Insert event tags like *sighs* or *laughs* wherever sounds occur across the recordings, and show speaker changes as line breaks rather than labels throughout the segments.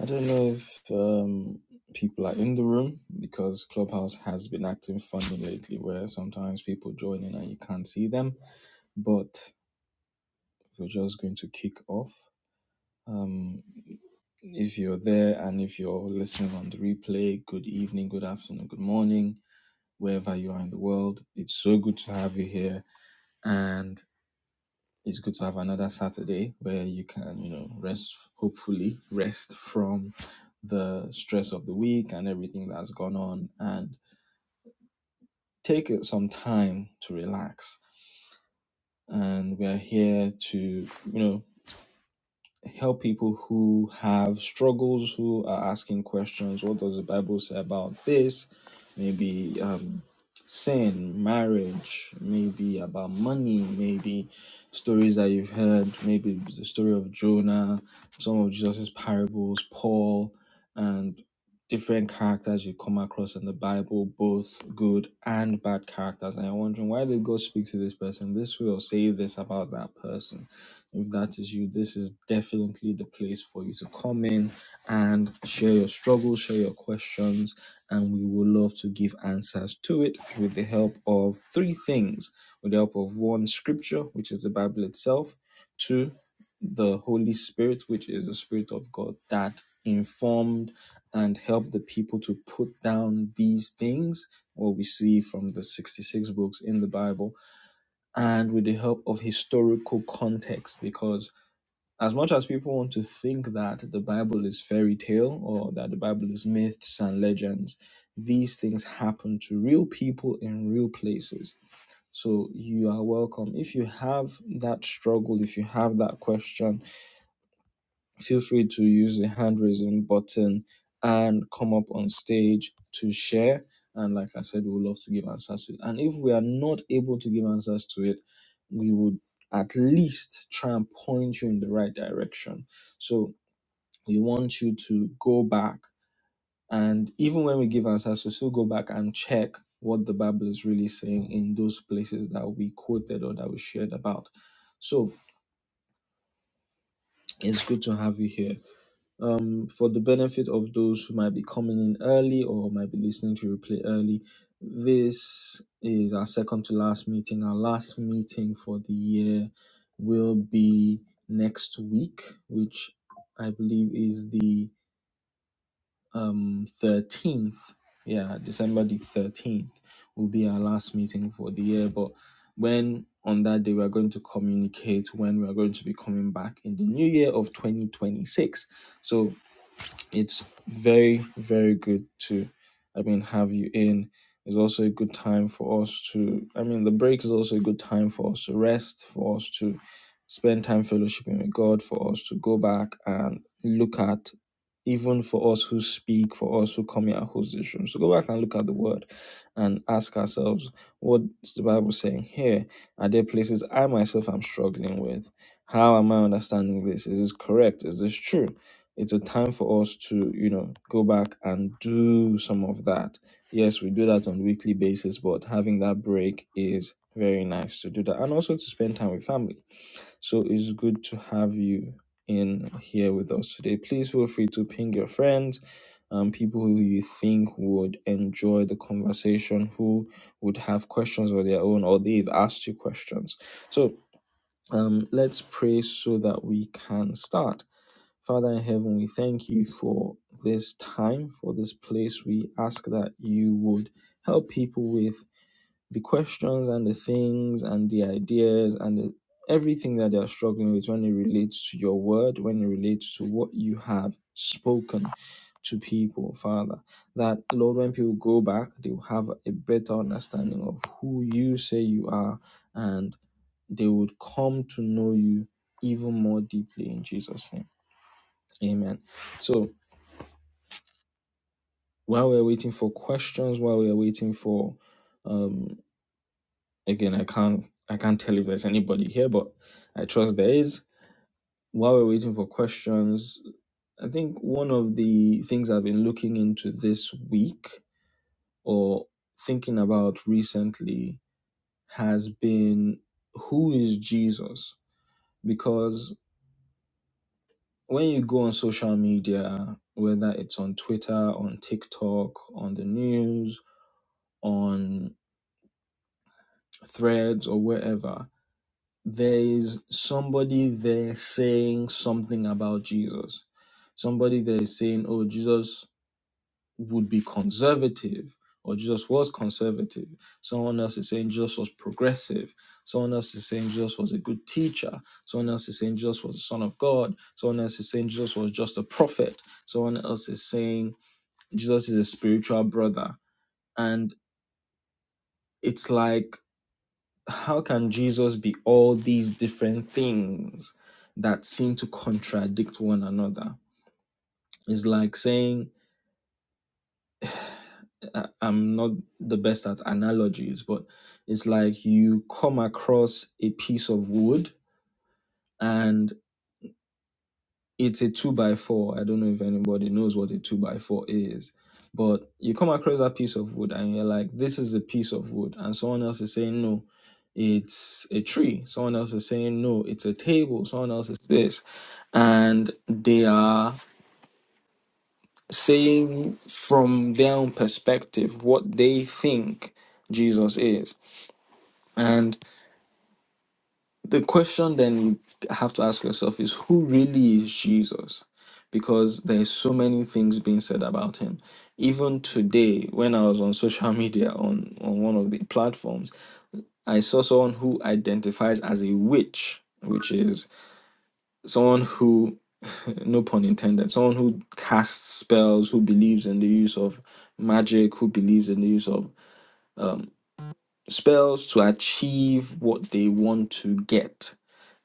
I don't know if um, people are in the room because Clubhouse has been acting funny lately, where sometimes people join in and you can't see them. But we're just going to kick off. Um, if you're there and if you're listening on the replay, good evening, good afternoon, good morning, wherever you are in the world. It's so good to have you here. and. it's good to have another Saturday where you can, you know, rest, hopefully, rest from the stress of the week and everything that's gone on and take it some time to relax. And we're here to, you know, help people who have struggles, who are asking questions. What does the Bible say about this? Maybe um, sin, marriage, maybe about money, maybe stories that you've heard, maybe the story of Jonah, some of Jesus's parables, Paul, and different characters you come across in the Bible, both good and bad characters. And you're wondering why did God speak to this person this way or say this about that person? If that is you, this is definitely the place for you to come in and share your struggles, share your questions, and we would love to give answers to it with the help of three things with the help of one scripture, which is the Bible itself, two, the Holy Spirit, which is the Spirit of God that informed and helped the people to put down these things, what we see from the 66 books in the Bible, and with the help of historical context, because as much as people want to think that the Bible is fairy tale or that the Bible is myths and legends, these things happen to real people in real places. So you are welcome. If you have that struggle, if you have that question, feel free to use the hand raising button and come up on stage to share. And like I said, we would love to give answers to it. And if we are not able to give answers to it, we would at least try and point you in the right direction. So we want you to go back and even when we give answers, we still go back and check what the Bible is really saying in those places that we quoted or that we shared about. So it's good to have you here. um, for the benefit of those who might be coming in early or might be listening to replay early, this is our second to last meeting. Our last meeting for the year will be next week, which I believe is the um, 13th. Yeah, December the 13th will be our last meeting for the year. But when on that day we are going to communicate when we are going to be coming back in the new year of 2026. So it's very very good to i mean have you in it's also a good time for us to i mean the break is also a good time for us to rest for us to spend time fellowshipping with god for us to go back and look at even for us who speak for us who come here and host this room so go back and look at the word and ask ourselves what's the bible saying here are there places i myself am struggling with how am i understanding this is this correct is this true it's a time for us to you know go back and do some of that yes we do that on weekly basis but having that break is very nice to do that and also to spend time with family so it's good to have you in here with us today please feel free to ping your friends um, people who you think would enjoy the conversation who would have questions of their own or they've asked you questions so um, let's pray so that we can start Father in heaven, we thank you for this time, for this place. We ask that you would help people with the questions and the things and the ideas and the, everything that they are struggling with when it relates to your word, when it relates to what you have spoken to people, Father. That, Lord, when people go back, they will have a better understanding of who you say you are and they would come to know you even more deeply in Jesus' name. Amen. So while we're waiting for questions, while we're waiting for, um, again, I can't, I can't tell if there's anybody here, but I trust there is. While we're waiting for questions, I think one of the things I've been looking into this week or thinking about recently has been who is Jesus? Because when you go on social media, whether it's on Twitter, on TikTok, on the news, on threads or wherever, there is somebody there saying something about Jesus. Somebody there is saying, oh, Jesus would be conservative or Jesus was conservative. Someone else is saying Jesus was progressive. Someone else is saying Jesus was a good teacher. Someone else is saying Jesus was the Son of God. Someone else is saying Jesus was just a prophet. Someone else is saying Jesus is a spiritual brother. And it's like how can Jesus be all these different things that seem to contradict one another? It's like saying, I- I'm not the best at analogies, but it's like you come across a piece of wood and. it's a two by four. I don't know if anybody knows what a two by four is, but you come across that piece of wood and you're like, this is a piece of wood, and someone else is saying no, it's a tree. Someone else is saying no, it's a table. Someone else is this, and they are saying from their own perspective what they think Jesus is. and. The question then you have to ask yourself is who really is Jesus? Because there's so many things being said about him. Even today, when I was on social *laughs* media on, on one of the platforms, I saw someone who identifies as a witch, which is someone who *laughs* no pun intended, someone who casts spells, who believes in the use of magic, who believes in the use of um, spells to achieve what they want to get.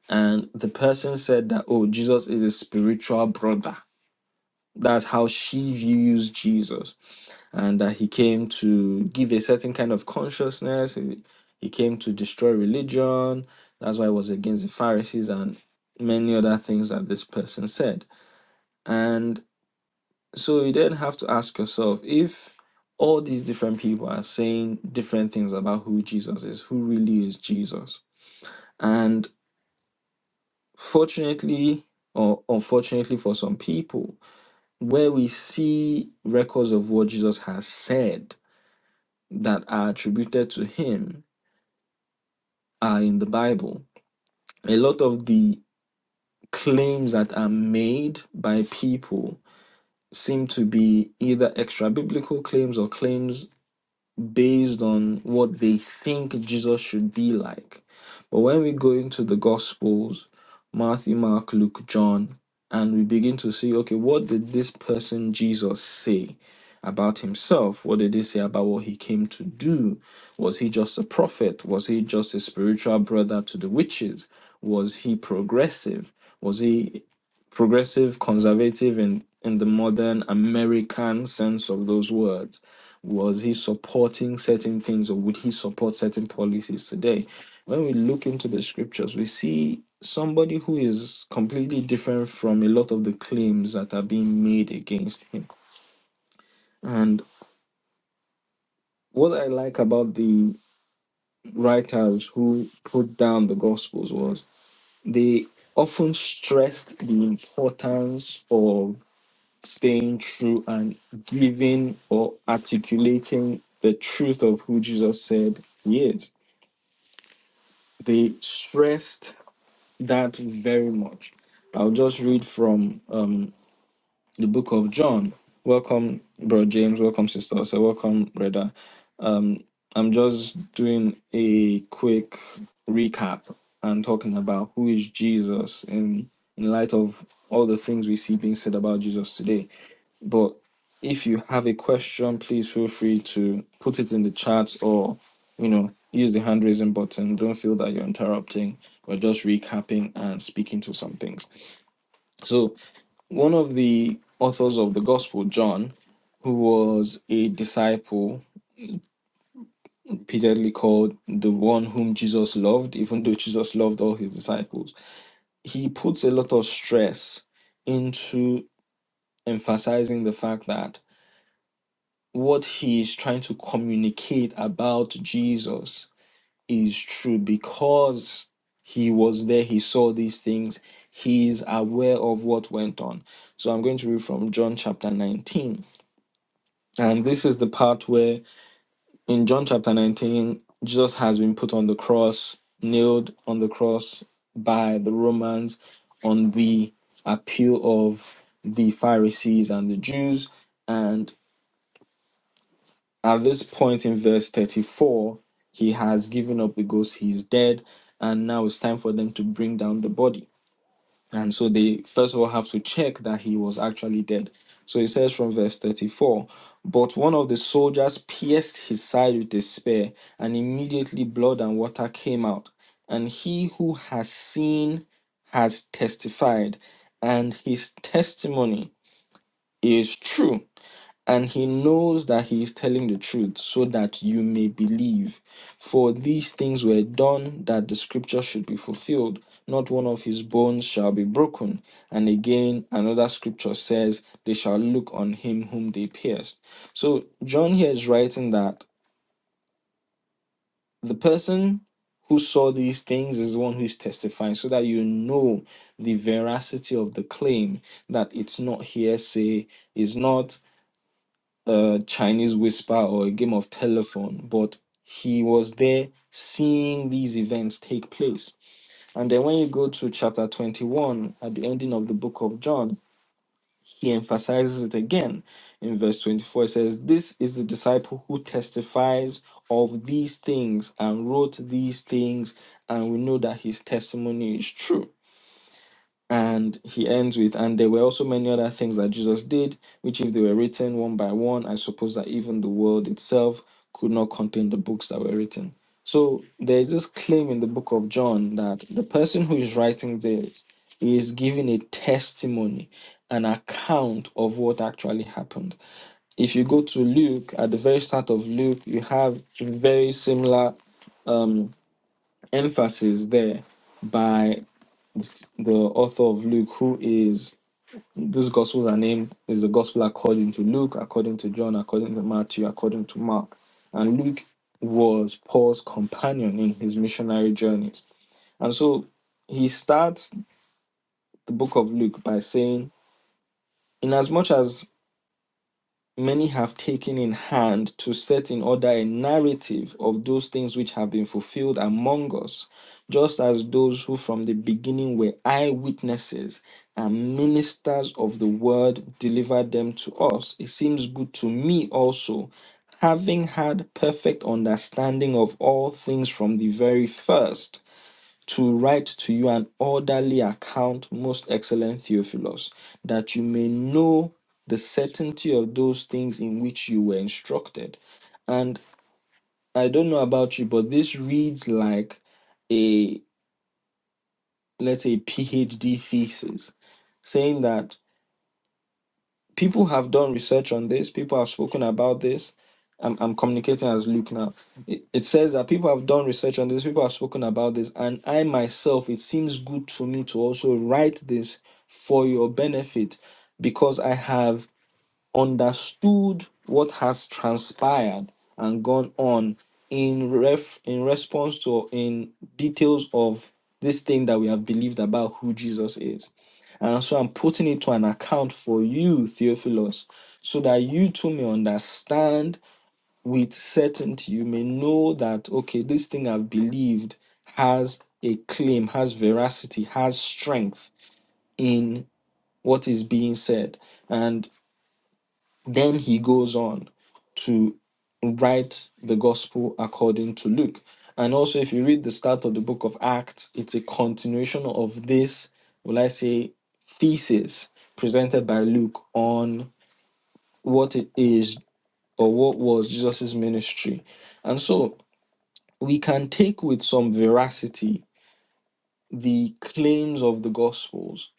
And the person said that, oh, Jesus is a spiritual brother. That's how she views Jesus. And that he came to give a certain kind of consciousness. He, he came to destroy religion. That's why he was against the Pharisees and many other things that this person said. And so you then have to ask yourself if all these different people are saying different things about who Jesus is, who really is Jesus? And Fortunately, or unfortunately for some people, where we see records of what Jesus has said that are attributed to him are in the Bible. A lot of the claims that are made by people seem to be either extra biblical claims or claims based on what they think Jesus should be like. But when we go into the Gospels, Matthew, Mark, Luke, John, and we begin to see, okay, what did this person Jesus say about himself? What did he say about what he came to do? Was he just a prophet? Was he just a spiritual brother to the witches? Was he progressive? Was he progressive, conservative in, in the modern American sense of those words? was he supporting certain things or would he support certain policies today when we look into the scriptures we see somebody who is completely different from a lot of the claims that are being made against him and what i like about the writers who put down the gospels was they often stressed the importance of staying true and giving or articulating the truth of who jesus said he is They stressed that very much. I'll just read from um, the book of John. Welcome, Bro James. Welcome, Sister. So, welcome, Brother. I'm just doing a quick recap and talking about who is Jesus in in light of all the things we see being said about Jesus today. But if you have a question, please feel free to put it in the chat or you know use the hand raising button. Don't feel that you're interrupting. We're just recapping and speaking to some things. So one of the authors of the Gospel, John, who was a disciple repeatedly called the one whom Jesus loved, even though Jesus loved all his disciples. He puts a lot of stress into emphasizing the fact that what he is trying to communicate about Jesus is true because he was there, he saw these things, he is aware of what went on. So I'm going to read from John chapter 19. And this is the part where in John chapter 19, Jesus has been put on the cross, nailed on the cross by the Romans on the appeal of the Pharisees and the Jews. And at this point in verse 34, he has given up the ghost, he is dead, and now it's time for them to bring down the body. And so they first of all have to check that he was actually dead. So it says from verse 34 But one of the soldiers pierced his side with a spear, and immediately blood and water came out. And he who has seen has testified, and his testimony is true and he knows that he is telling the truth so that you may believe. For these things were done that the scripture should be fulfilled. Not one of his bones shall be broken. And again, another scripture says, They shall look on him whom they pierced. So, John here is writing that the person who saw these things is the one who is testifying, so that you know the veracity of the claim that it's not hearsay, is not a Chinese whisper or a game of telephone, but he was there seeing these events take place. And then when you go to chapter 21 at the ending of the book of John, he emphasizes it again. In verse 24, it says, This is the disciple who testifies of these things and wrote these things, and we know that his testimony is true. And he ends with, and there were also many other things that Jesus did, which if they were written one by one, I suppose that even the world itself could not contain the books that were written. So there is this claim in the book of John that the person who is writing this is giving a testimony, an account of what actually happened. If you go to Luke, at the very start of Luke, you have a very similar um, emphasis there by the author of Luke, who is these gospels are named is the gospel according to Luke, according to John, according to Matthew, according to Mark. And Luke was Paul's companion in his missionary journeys. And so he starts the book of Luke by saying, Inasmuch as many have taken in hand to set in order a narrative of those things which have been fulfilled among us, just as those who from the beginning were eyewitnesses and ministers of the word delivered them to us. It seems good to me also. Having had perfect understanding of all things from the very first, to write to you an orderly account, most excellent Theophilus, that you may know the certainty of those things in which you were instructed. And I don't know about you, but this reads like a, let's say, PhD thesis, saying that people have done research on this. People have spoken about this. I'm, I'm communicating as Luke now. It, it says that people have done research on this. People have spoken about this. And I myself, it seems good to me to also write this for your benefit because I have understood what has transpired and gone on in ref in response to or in details of this thing that we have believed about who Jesus is. And so I'm putting it to an account for you, Theophilus, so that you too may understand with certainty. You may know that, okay, this thing I've believed has a claim, has veracity, has strength in what is being said. and. Then he goes on to write the gospel according to Luke. And also, if you read the start of the book of Acts, it's a continuation of this, will I say, thesis presented by Luke on what it is or what was Jesus' ministry. And so we can take with some veracity the claims of the gospels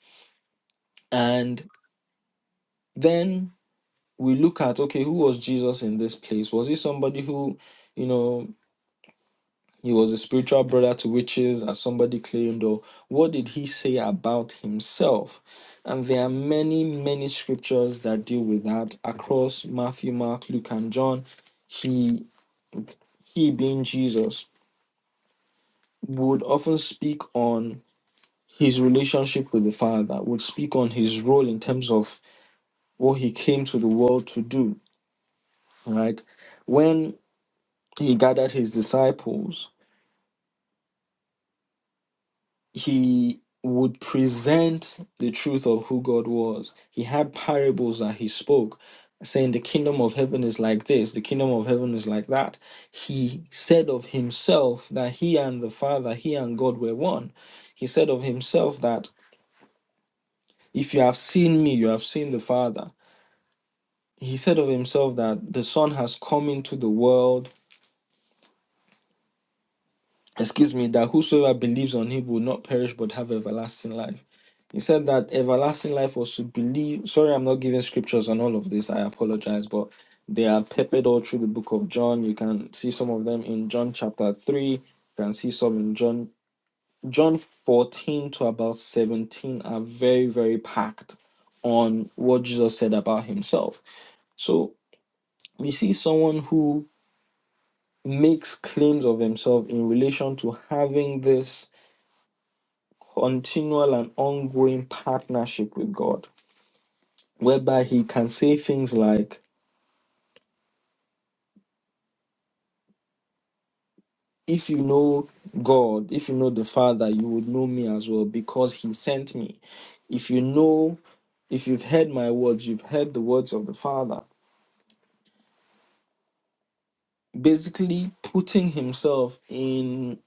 and then we look at okay who was jesus in this place was he somebody who you know He was a spiritual brother to witches, as somebody claimed, or what did he say about himself? And there are many, many scriptures that deal with that across Matthew, Mark, Luke, and John. He, he being Jesus, would often speak on his relationship with the Father, would speak on his role in terms of what he came to the world to do, right? When he gathered his disciples, he would present the truth of who God was. He had parables that he spoke, saying, The kingdom of heaven is like this, the kingdom of heaven is like that. He said of himself that he and the Father, he and God were one. He said of himself that if you have seen me, you have seen the Father. He said of himself that the Son has come into the world excuse me, that whosoever believes on him will not perish but have everlasting life. He said that everlasting life was to believe. Sorry, I'm not giving scriptures on all of this. I apologize, but they are peppered all through the book of John. You can see some of them in John chapter 3. You can see some in John John 14 to about 17 are very, very packed on what Jesus said about himself. So we see someone who makes claims of himself in relation to having this continual and ongoing partnership with God, whereby He can say things like, If you know God, if you know the Father, you would know me as well because He sent me. If you know, if you've heard my words, you've heard the words of the Father. Basically, putting Himself in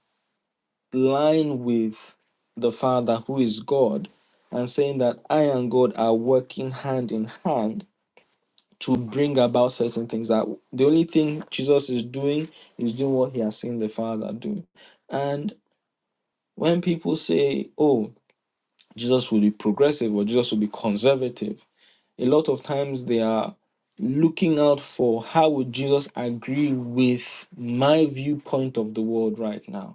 line with the Father, who is God, and saying that I and God are working hand in hand to bring about certain things that the only thing Jesus is doing is doing what he has seen the Father do. And when people say, oh, Jesus will be progressive or Jesus will be conservative, a lot of times they are looking out for how would Jesus agree with my viewpoint of the world right now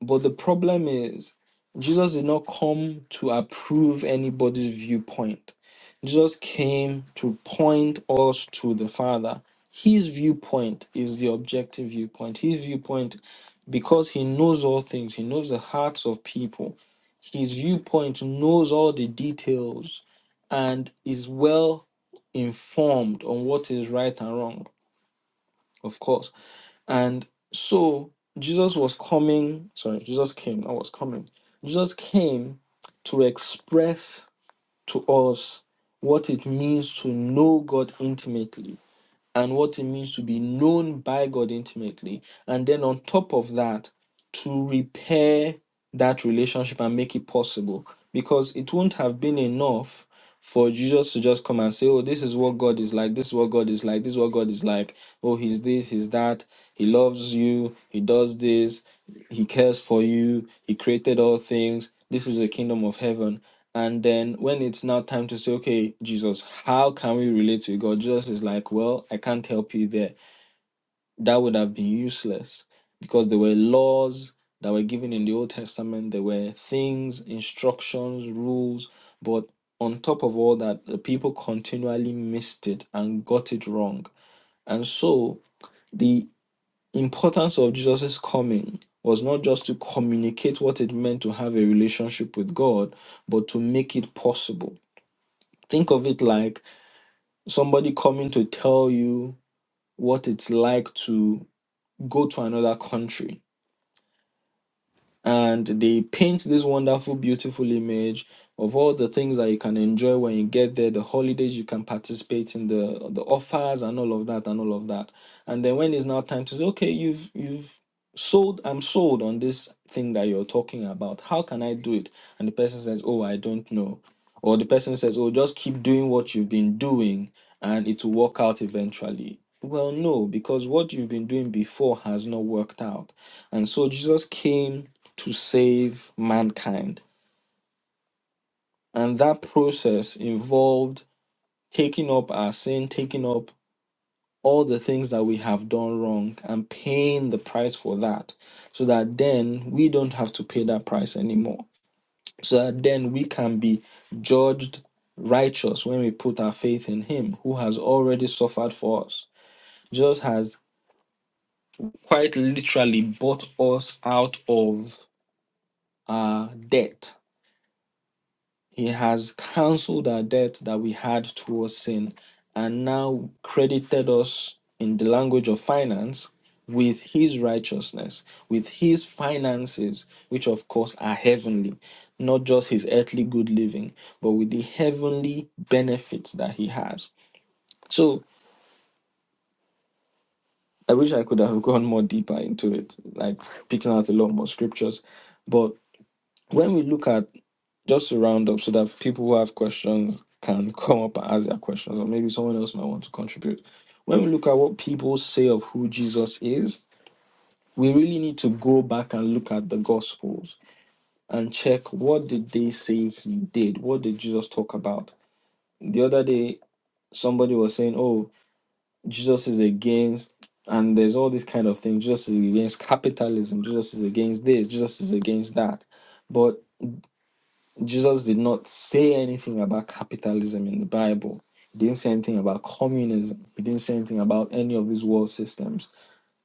but the problem is, Jesus did not come to approve anybody's viewpoint. Jesus came to point us to the Father. His viewpoint is the objective viewpoint. His viewpoint, because he knows all things, he knows the hearts of people, his viewpoint knows all the details and is well informed on what is right and wrong, of course. And so Jesus was coming, sorry, Jesus came, I was coming. Jesus came to express to us what it means to know God intimately and what it means to be known by God intimately. And then on top of that, to repair that relationship and make it possible. Because it wouldn't have been enough for Jesus to just come and say, Oh, this is what God is like, this is what God is like, this is what God is like. Oh, he's this, he's that, he loves you, he does this, he cares for you, he created all things, this is the kingdom of heaven. And then when it's now time to say, okay, Jesus, how can we relate to God? Jesus is like, well, I can't help you there. That would have been useless because there were laws that were given in the Old Testament, there were things, instructions, rules. But on top of all that, the people continually missed it and got it wrong. And so the importance of Jesus' coming was not just to communicate what it meant to have a relationship with God, but to make it possible Think of it like somebody coming to tell you what it's like to go to another country and they paint this wonderful, beautiful image of all the things that you can enjoy when you get there, the holidays you can participate in, the the offers and all of that and all of that. And then when it's now time to say, okay, you've you've sold, I'm sold on this thing that you're talking about. How can I do it? And the person says, oh, I don't know. Or the person says, oh, just keep doing what you've been doing and it will work out eventually. Well, no, because what you've been doing before has not worked out. And so Jesus came to save mankind. And that process involved taking up our sin, taking up all the things that we have done wrong, and paying the price for that, so that then we don't have to pay that price anymore. So that then we can be judged righteous when we put our faith in Him who has already suffered for us. Jesus has quite literally bought us out of our debt He has cancelled our debt that we had towards sin and now credited us in the language of finance with his righteousness, with his finances, which of course are heavenly, not just his earthly good living, but with the heavenly benefits that he has. So I wish I could have *laughs* gone more deeper into it, like picking out a lot more scriptures. But when we look at Just to round up so that people who have questions can *laughs* come up and ask their questions, or maybe someone else might want to contribute. When we look at what people say of who Jesus is, we really need to go back and look at the Gospels and check what did they say he did? What did Jesus talk about? The other day, somebody was saying, oh, Jesus is against, and there's all these kind of things. Jesus is against capitalism. Jesus is against this. Jesus is against that. But Jesus did not say anything about capitalism in the Bible. He didn't say anything about communism. He didn't say anything about any of these world systems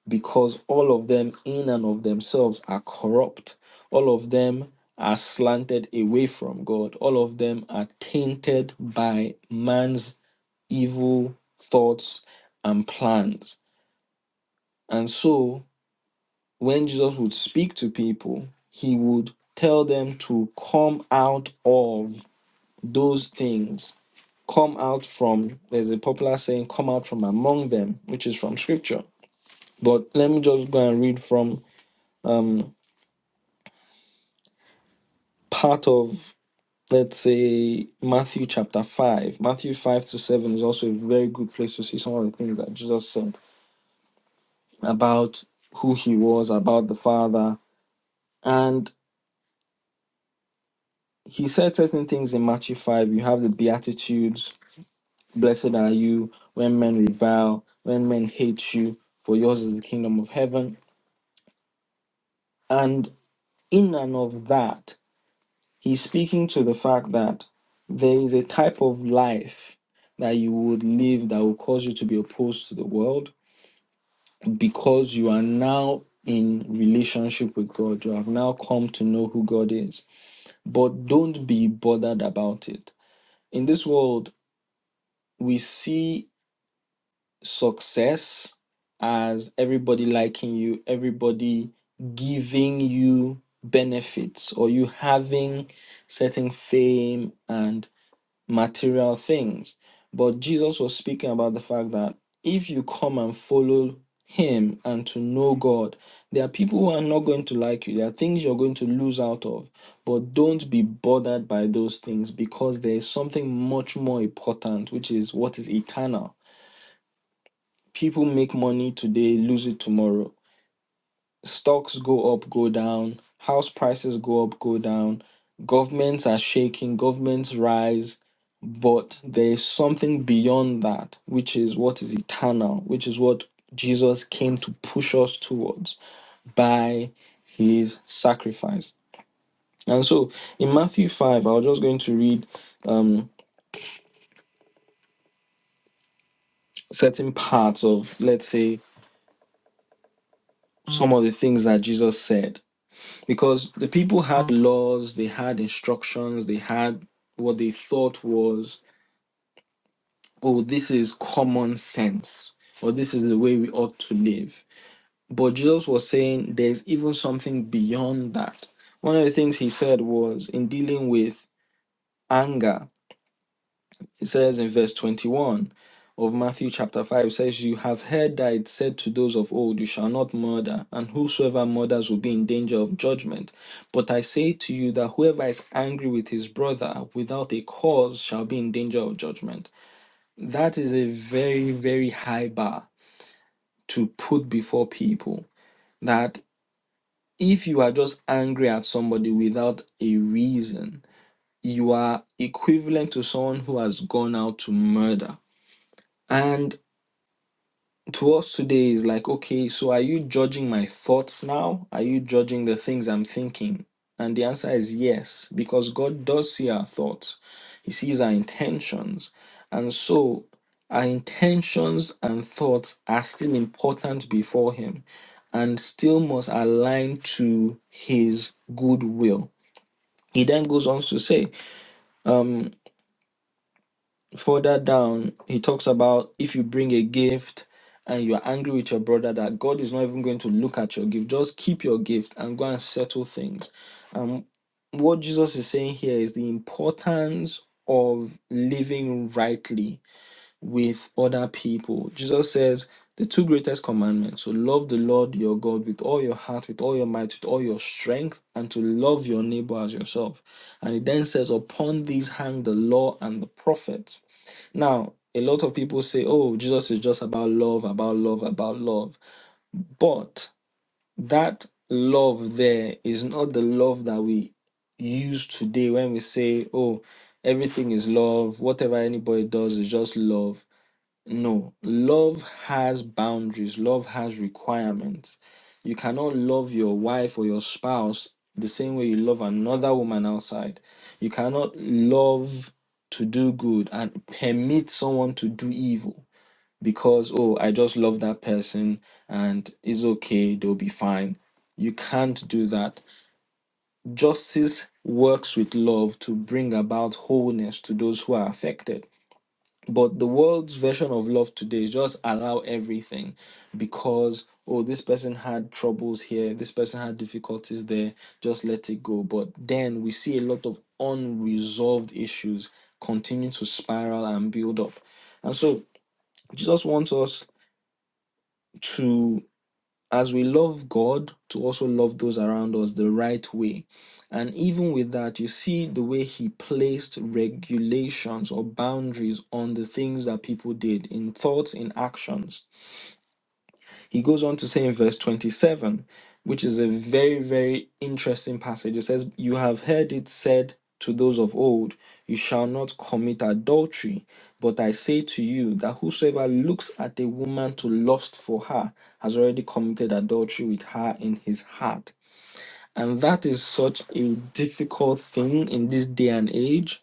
because all of them, in and of themselves, are corrupt. All of them are slanted away from God. All of them are tainted by man's evil thoughts and plans. And so, when Jesus would speak to people, he would tell them to come out of those things come out from there's a popular saying come out from among them which is from scripture but let me just go and read from um part of let's say matthew chapter 5 matthew 5 to 7 is also a very good place to see some of the things that jesus said about who he was about the father and he said certain things in matthew 5 you have the beatitudes blessed are you when men revile when men hate you for yours is the kingdom of heaven and in and of that, he's speaking to the fact that there is a type of life that you would live that will cause you to be opposed to the world because you are now in relationship with God. You have now come to know who God is. But don't be bothered about it. In this world, we see success as everybody liking you, everybody giving you benefits, or you having certain fame and material things. But Jesus was speaking about the fact that if you come and follow Him and to know God, there are people who are not going to like you. There are things you're going to lose out of. But don't be bothered by those things because there is something much more important, which is what is eternal people make money today, lose it tomorrow. Stocks go up, go down. House prices go up, go down. Governments are shaking, governments rise. But there is something beyond that, which is what is eternal, which is what Jesus came to push us towards by his sacrifice. And so in Matthew 5, I was just going to read um, certain parts of, let's say, some of the things that Jesus said because the people had laws, they had instructions, they had what they thought was, oh, this is common sense, or this is the way we ought to live. But Jesus was saying there's even something beyond that. One of the things he said was in dealing with anger, It says in verse 21 of Matthew chapter 5 it says, You have heard that it said to those of old, You shall not murder, and whosoever murders will be in danger of judgment. But I say to you that whoever is angry with his brother without a cause shall be in danger of judgment. That is a very, very high bar to put before people. That if you are just angry at somebody without a reason, you are equivalent to someone who has gone out to murder. and to us today is like, okay, so are you judging my thoughts now? Are you judging the things I'm thinking? And the answer is yes, because God does see our thoughts, He sees our intentions. And so our intentions and thoughts are still important before Him and still must align to His good will. He then goes on to say, um, further down, he talks about if you bring a gift and you are angry with your brother, that God is not even going to look at your gift. Just keep your gift and go and settle things. Um, what Jesus is saying here is the importance of living rightly with other people. Jesus says the two greatest commandments to love the Lord your God with all your heart, with all your might, with all your strength, and to love your neighbor as yourself. And he then says, Upon these hang the law and the prophets. Now, a lot of people say, Oh, Jesus is just about love, about love, about love. But that love there is not the love that we use today when we say, Oh, everything is love, whatever anybody does is just love no, love has boundaries, love has requirements. You cannot love your wife or your spouse the same way you love another woman outside. You cannot love to do good and permit someone to do evil because, oh, I just love that person and it's okay, they'll be fine. You can't do that. Justice works with love to bring about wholeness to those who are affected. But the world's version of love today is just allow everything because, oh, this person had troubles here, this person had difficulties there, just let it go. But then we see a lot of unresolved issues continue to spiral and build up. And so Jesus wants us to as we love God, to also love those around us the right way. And even with that, you see the way he placed regulations or boundaries on the things that people did in thoughts, in actions. He goes on to say in verse 27, which is a very, very interesting passage. It says, You have heard it said to those of old, You shall not commit adultery. But I say to you that whosoever looks at a woman to lust for her has already committed adultery with her in his heart. And that is such a difficult thing in this day and age.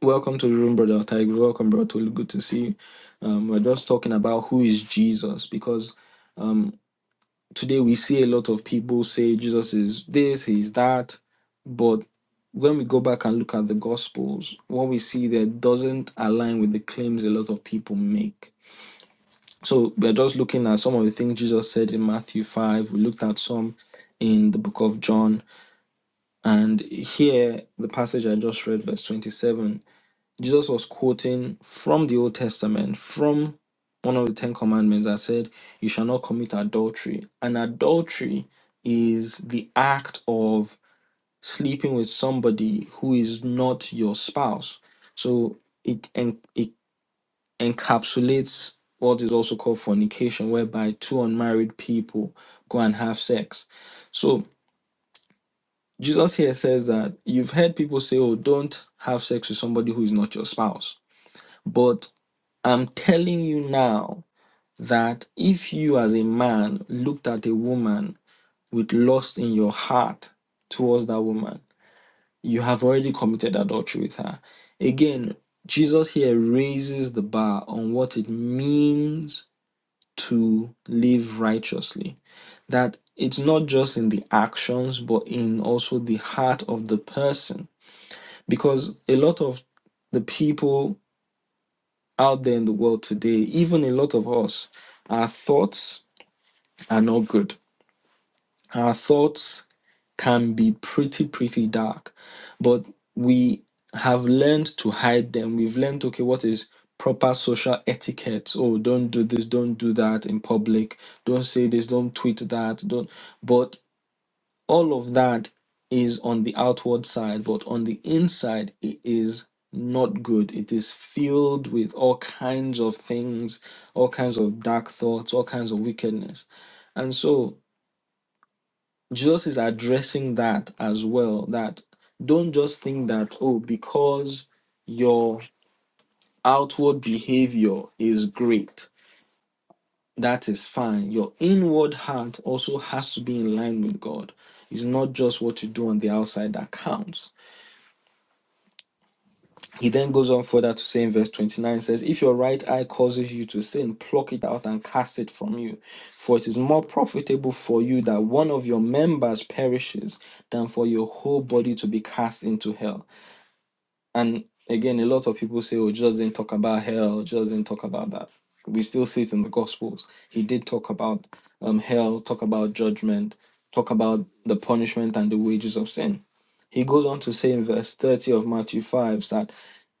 Welcome to the room, Brother Tiger. Welcome, Brother Tolu. Good to see you. Um, we're just talking about who is Jesus because Today we see a lot of people say Jesus is this, he's that, but when we go back and look at the gospels, what we see there doesn't align with the claims a lot of people make. So we're just looking at some of the things Jesus said in Matthew 5. We looked at some in the book of John. And here, the passage I just read, verse 27, Jesus was quoting from the Old Testament, from one of the Ten Commandments that said, You shall not commit adultery. And adultery is the act of sleeping with somebody who is not your spouse. So it, en- it encapsulates what is also called fornication, whereby two unmarried people go and have sex. So Jesus here says that you've heard people say, Oh, don't have sex with somebody who is not your spouse. but I'm telling you now that if you, as a man, looked at a woman with lust in your heart towards that woman, you have already committed adultery with her. Again, Jesus here raises the bar on what it means to live righteously. That it's not just in the actions, but in also the heart of the person. Because a lot of the people out there in the world today, even a lot of us, our thoughts are not good. Our thoughts can be pretty, pretty dark, but we have learned to hide them. We've learned, okay, what is proper social etiquette? Oh, don't do this, don't do that in public. Don't say this, don't tweet that. Don't. but all of that is on the outward side, but on the inside, it is not good. It is filled with all kinds of things, all kinds of dark thoughts, all kinds of wickedness. And so Jesus is addressing that as well that don't just think that, oh, because your outward behavior is great, that is fine. Your inward heart also has to be in line with God. It's not just what you do on the outside that counts. He then goes on further to say in verse 29 says, If your right eye causes you to sin, pluck it out and cast it from you. For it is more profitable for you that one of your members perishes than for your whole body to be cast into hell. And again, a lot of people say, oh, Jesus didn't talk about hell, Jesus didn't talk about that. We still see it in the Gospels. He did talk about um, hell, talk about judgment, talk about the punishment and the wages of sin. He goes on to say in verse 30 of Matthew 5 that,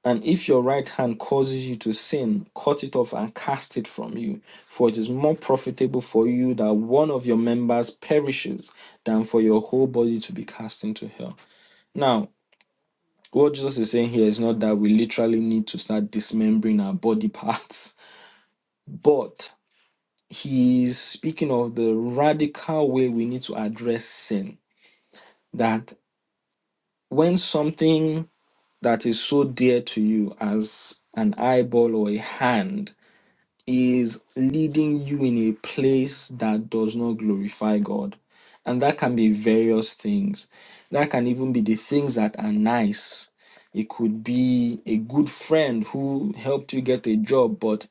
and if your right hand causes you to sin, cut it off and cast it from you. For it is more profitable for you that one of your members perishes than for your whole body to be cast into hell. Now, what Jesus is saying here is not that we literally need to start dismembering our body parts, but he's speaking of the radical way we need to address sin. That when something that is so dear to you as an eyeball or a hand is leading you in a place that does not glorify God. And that can be various things. That can even be the things that are nice. It could be a good friend who helped you get a job, but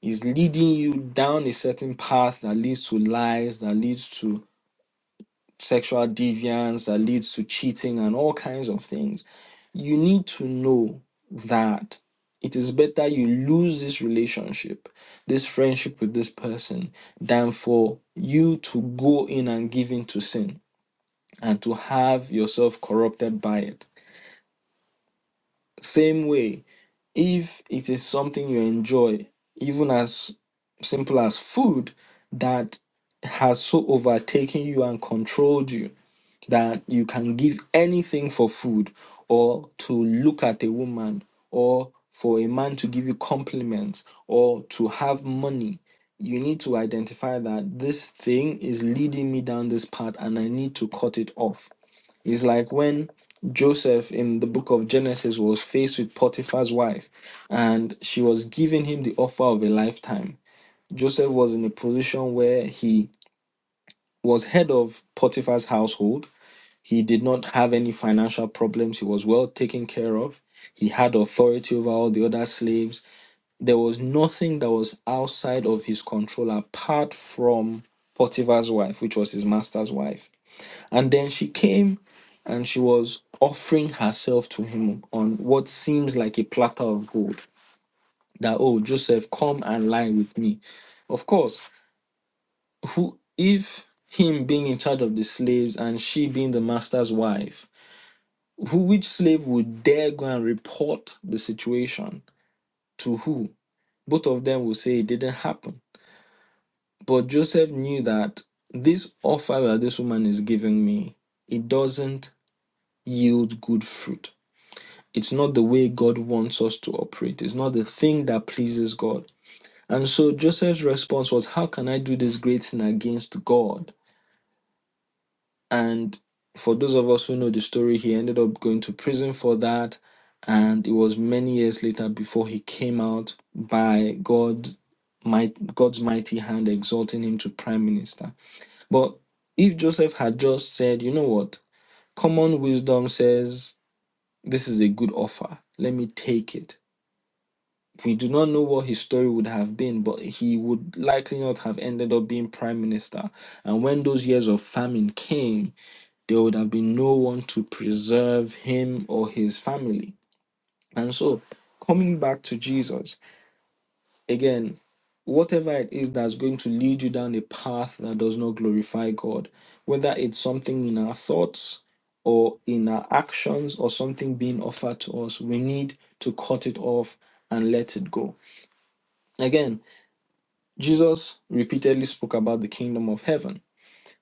is leading you down a certain path that leads to lies, that leads to sexual deviance that leads to cheating and all kinds of things. You need to know that it is better you lose this relationship, this friendship with this person, than for you to go in and give in to sin and to have yourself corrupted by it. Same way, if it is something you enjoy, even as simple as food, that has so overtaken you and controlled you that you can give anything for food or to look at a woman or for a man to give you compliments or to have money you need to identify that this thing is leading me down this path and i need to cut it off it's like when joseph in the book of genesis was faced with potiphar's wife and she was giving him the offer of a lifetime joseph was in a position where he was head of potiphar's household he did not have any financial problems. He was well taken care of. He had authority over all the other slaves. There was nothing that was outside of his control apart from Potiphar's wife, which was his master's wife. And then she came and she was offering herself to him on what seems like a platter of gold. That, oh, Joseph, come and lie with me. Of course, who if him being in charge of the slaves and she being the master's wife, Who which slave would dare go and report the situation to who? Both of them will say it didn't happen. But Joseph knew that this offer that this woman is giving me, it doesn't yield good fruit. It's not the way God wants us to operate. It's not the thing that pleases God. And so Joseph's response was, How can I do this great sin against God? And for those of us who know the story, he ended up going to prison for that. And it was many years later before he came out by God, might, God's mighty hand exalting him to prime minister. But if Joseph had just said, you know what, common wisdom says this is a good offer, let me take it. We do not know what his story would have been, but he would likely not have ended up being prime minister. And when those years of famine came, there would have been no one to preserve him or his family. And so, coming back to Jesus, again, whatever it is that's going to lead you down a path that does not glorify God, whether it's something in our thoughts or in our actions or something being offered to us, we need to cut it off and let it go. Again, Jesus repeatedly spoke about the kingdom of heaven.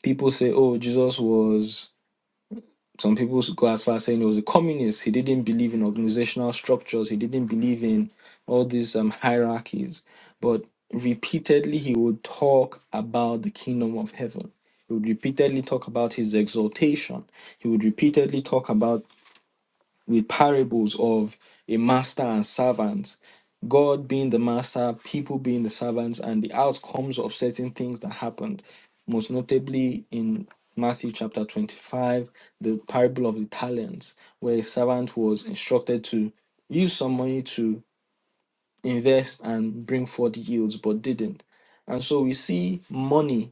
People say, oh, Jesus was Some people would go as far as saying he was a communist. He didn't believe in organizational structures. He didn't believe in all these um, hierarchies. But repeatedly, he would talk about the kingdom of heaven. He would repeatedly talk about his exaltation. He would repeatedly talk about with parables of a master and servant, God being the master, people being the servants, and the outcomes of certain things that happened. Most notably in Matthew chapter 25, the parable of the talents, where a servant was instructed to use some money to invest and bring forth yields, but didn't. And so we see money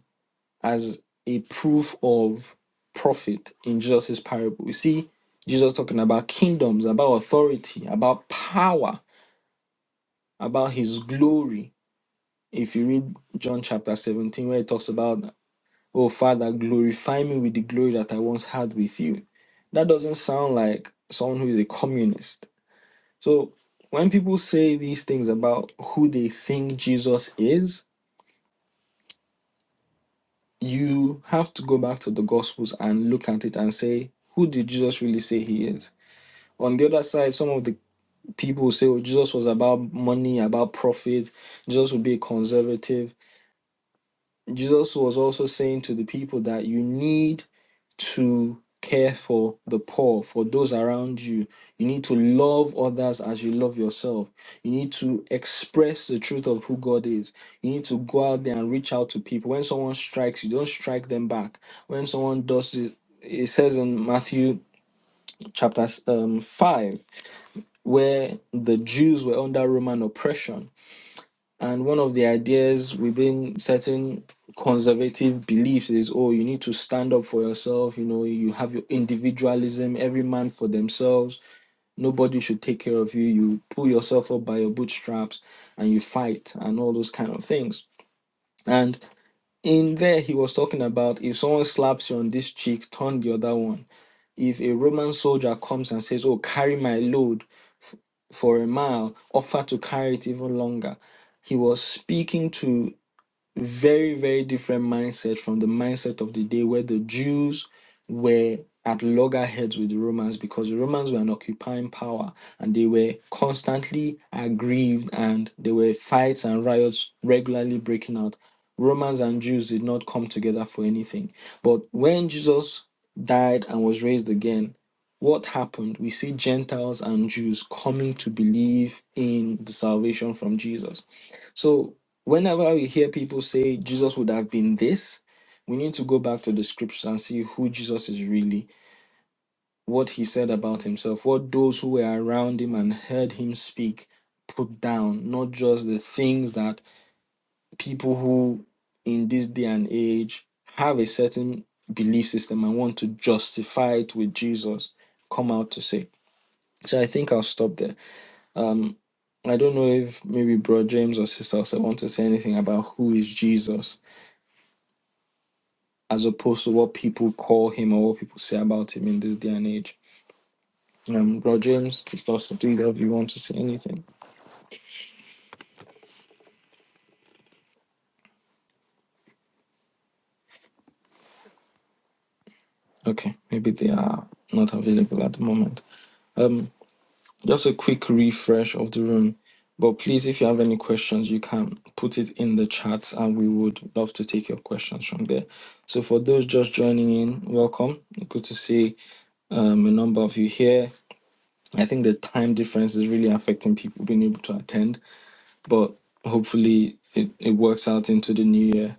as a proof of profit in Jesus' parable. You see, Jesus talking about kingdoms, about authority, about power, about his glory. If you read John chapter 17, where it talks about, oh, Father, glorify me with the glory that I once had with you. That doesn't sound like someone who is a communist. So when people say these things about who they think Jesus is, you have to go back to the gospels and look at it and say who did jesus really say he is on the other side some of the people say oh jesus was about money about profit jesus would be a conservative Jesus was also saying to the people that you need to care for the poor, for those around you. You need to love others as you love yourself. You need to express the truth of who God is. You need to go out there and reach out to people. When someone strikes, you don't strike them back. When someone does it, it says in Matthew chapter um, 5, where the Jews were under Roman oppression and one of the ideas within certain conservative beliefs is oh, you need to stand up for yourself. You know, you have your individualism, every man for themselves. Nobody should take care of you. You pull yourself up by your bootstraps and you fight and all those kind of things. And in there, he was talking about if someone slaps you on this cheek, turn the other one. If a Roman soldier comes and says, Oh, carry my load f- for a mile, offer to carry it even longer he was speaking to very very different mindset from the mindset of the day where the jews were at loggerheads with the romans because the romans were an occupying power and they were constantly aggrieved and there were fights and riots regularly breaking out romans and jews did not come together for anything but when jesus died and was raised again what happened we see gentiles and jews coming to believe in the salvation from jesus so whenever we hear people say Jesus would have been this, we need to go back to the scriptures and see who Jesus is really, what he said about himself, what those who were around him and heard him speak put down, not just the things that people who in this day and age have a certain belief system and want to justify it with Jesus come out to say. So I think I'll stop there. Um I don't know if maybe Bro James or Sister also want to say anything about who is Jesus as opposed to what people call him or what people say about him in this day and age. Um, Bro James, Sister Sotinga, if you want to say anything. Okay, maybe they are not available at the moment. Um, just a quick refresh of the room. But please, if you have any questions, you can put it in the chat and we would love to take your questions from there. So, for those just joining in, welcome. Good to see um, a number of you here. I think the time difference is really affecting people being able to attend but hopefully it, it works out into the new year.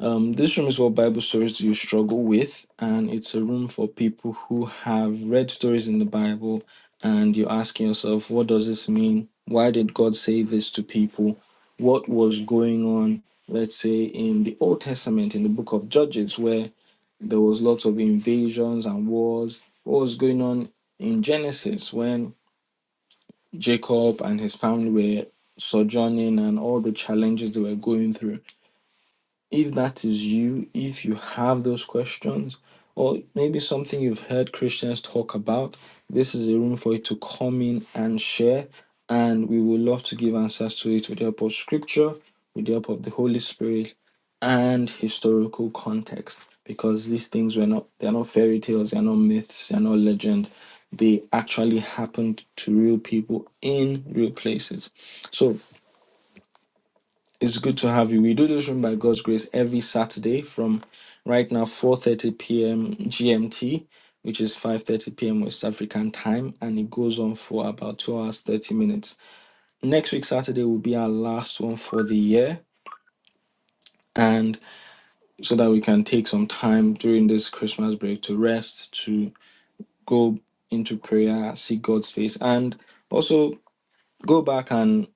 Um, this room is for Bible stories do you struggle with, and it's a room for people who have read stories in the Bible and you're asking yourself, what does this mean? Why did God say this to people? What was going on, let's say, in the Old Testament, in the book of Judges, where there was lots of invasions and wars? What was going on in Genesis when Jacob and his family were sojourning and all the challenges they were going through if that is you, if you have those questions, or maybe something you've heard Christians talk about, this is a room for you to come in and share. And we would love to give answers to it with the help of scripture, with the help of the Holy Spirit, and historical context. Because these things were not they're not fairy tales, they're not myths, they're not legend. They actually happened to real people in real places. So. It's good to have you. We do this room by God's grace every Saturday from right now 4:30 p.m. GMT, which is 5:30 p.m. West African time, and it goes on for about 2 hours 30 minutes. Next week Saturday will be our last one for the year, and so that we can take some time during this Christmas break to rest, to go into prayer, see God's face, and also go back and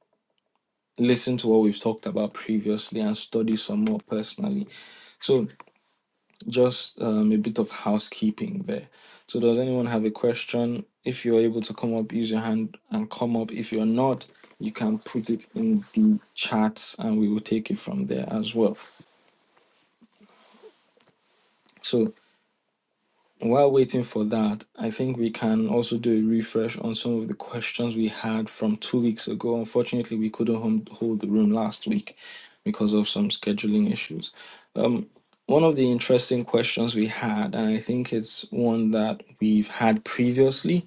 listen to what we've talked about previously and study some more personally. So Just um, a bit of housekeeping there. So, does anyone have a question? If you're able to come up, use your hand and come up. If you're not, you can put it in the chat and we will take it from there as well. So, while waiting for that, I think we can also do a refresh on some of the questions we had from two weeks ago. Unfortunately, we couldn't hold the room last week because of some scheduling issues. Um, one of the interesting questions we had, and I think it's one that we've had previously,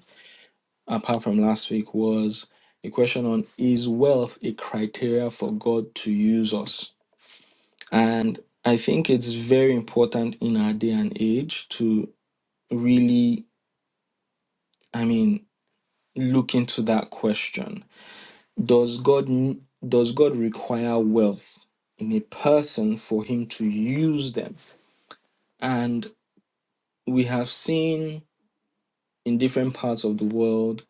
apart from last week, was a question on is wealth a criteria for God to use us? And I think it's very important in our day and age to really, I mean, look into that question. Does God does God require wealth in a person for him to use them? And we have seen in different parts of the world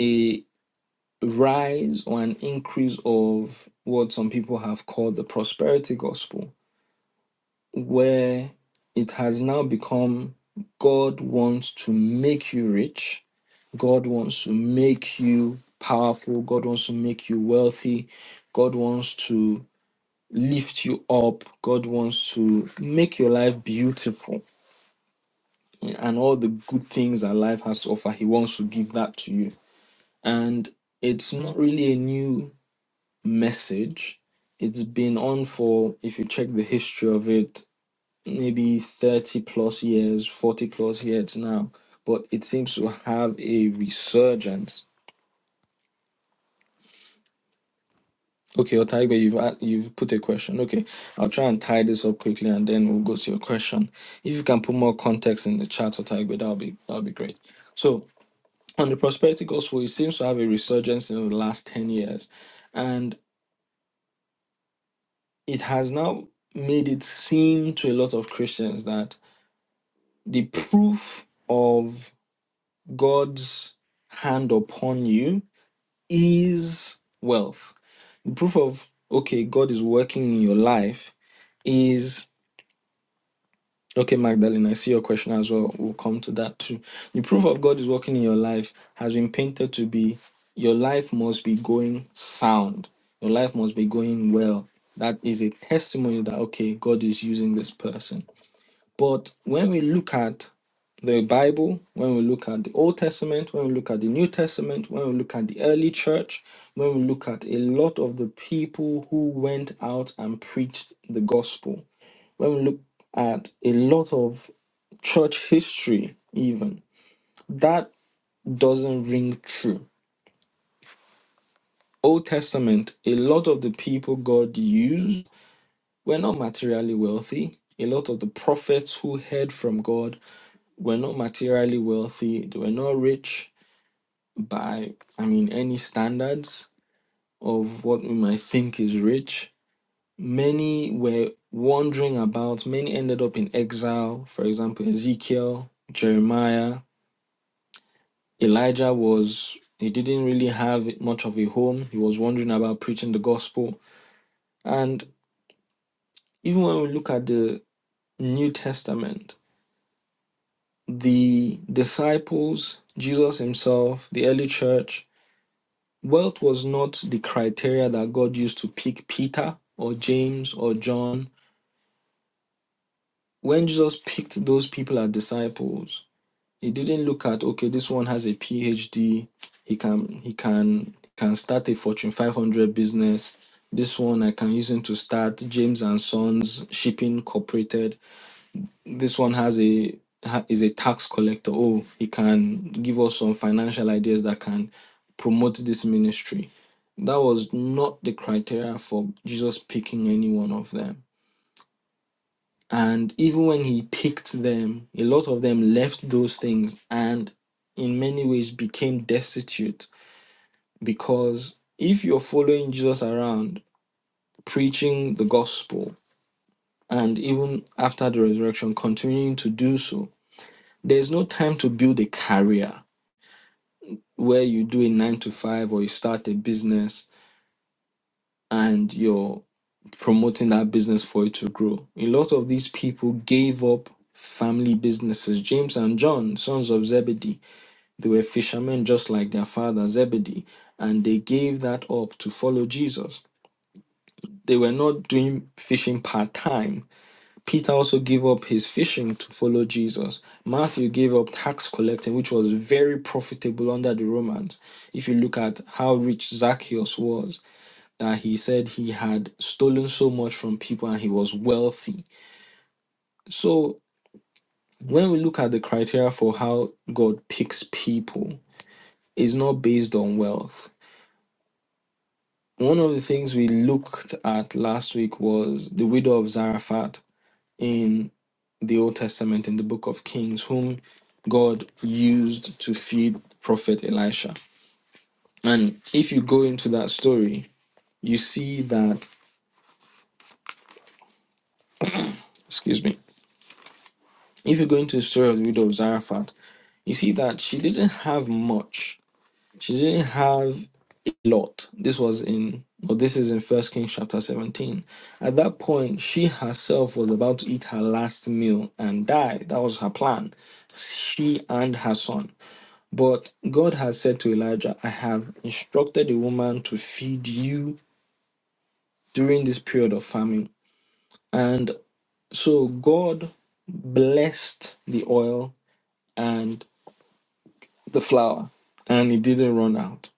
a rise or an increase of what some people have called the prosperity gospel, where it has now become God wants to make you rich, God wants to make you powerful, God wants to make you wealthy, God wants to lift you up, God wants to make your life beautiful. And all the good things that life has to offer, He wants to give that to you and it's not really a new message. It's been on for, if you check the history of it, maybe 30 plus years, 40 plus years now, but it seems to have a resurgence. Okay, Otaibe, you've a- you've put a question. Okay, I'll try and tie this up quickly, and then we'll go to your question. If you can put more context in the chat, Otaibe, that'll be that'll be great. So on the prosperity gospel, it seems to have a resurgence in the last ten years, and. it has now made it seem to a lot of Christians that the proof of God's hand upon you is wealth. The proof of, okay, God is working in your life is, okay, Magdalene, I see your question as well. We'll come to that too. The proof of God is working in your life has been painted to be your life must be going sound, your life must be going well. That is a testimony that, okay, God is using this person But when we look at the Bible, when we look at the Old Testament, when we look at the New Testament, when we look at the early church, when we look at a lot of the people who went out and preached the gospel, when we look at a lot of church history, even, that doesn't ring true. Old Testament, a lot of the people God used were not materially wealthy. A lot of the prophets who heard from God We're not materially wealthy. they We're not rich by, I mean, any standards of what we might think is rich. Many were wandering about. Many ended up in exile. For example, Ezekiel, Jeremiah, Elijah was, he didn't really have much of a home. He was wandering about preaching the gospel. And even when we look at the New Testament, the disciples, Jesus himself, the early church, Wealth was not the criteria that God used to pick Peter or James or John. When Jesus picked those people as disciples, he didn't look at okay, this one has a PhD, he can he can can start a Fortune 500 business. This one I can use him to start James and Sons shipping Incorporated. this one has a ha- is a tax collector. Oh, he can give us some financial ideas that can promote this ministry. That was not the criteria for Jesus picking any one of them. And even when he picked them, a lot of them left those things and in many ways became destitute because if you're following Jesus around, preaching the gospel, and even after the resurrection, continuing to do so, There's no time to build a career where you do a nine to five or you start a business and you're promoting that business for it to grow. A lot of these people gave up family businesses. James and John, sons of Zebedee, they were fishermen just like their father Zebedee, and they gave that up to follow Jesus. They were not doing fishing part time Peter also gave up his fishing to follow Jesus. Matthew gave up tax collecting, which was very profitable under the Romans. If you look at how rich Zacchaeus was, that he said he had stolen so much from people and he was wealthy. So when we look at the criteria for how God picks people, it's not based on wealth. One of the things we looked at last week was the widow of Zarephath in. the Old Testament in the book of Kings, whom God used to feed prophet Elisha. And if you go into that story, you see that, excuse me, if you go into the story of the widow of Zarephath, you see that she didn't have much. She didn't have a lot. This was in, or this is in First Kings chapter 17. At that point, she herself was about to eat her last meal and die. That was her plan. She and her son. But God has said to Elijah, I have instructed the woman to feed you during this period of famine. And so God blessed the oil and the flour, and it didn't run out.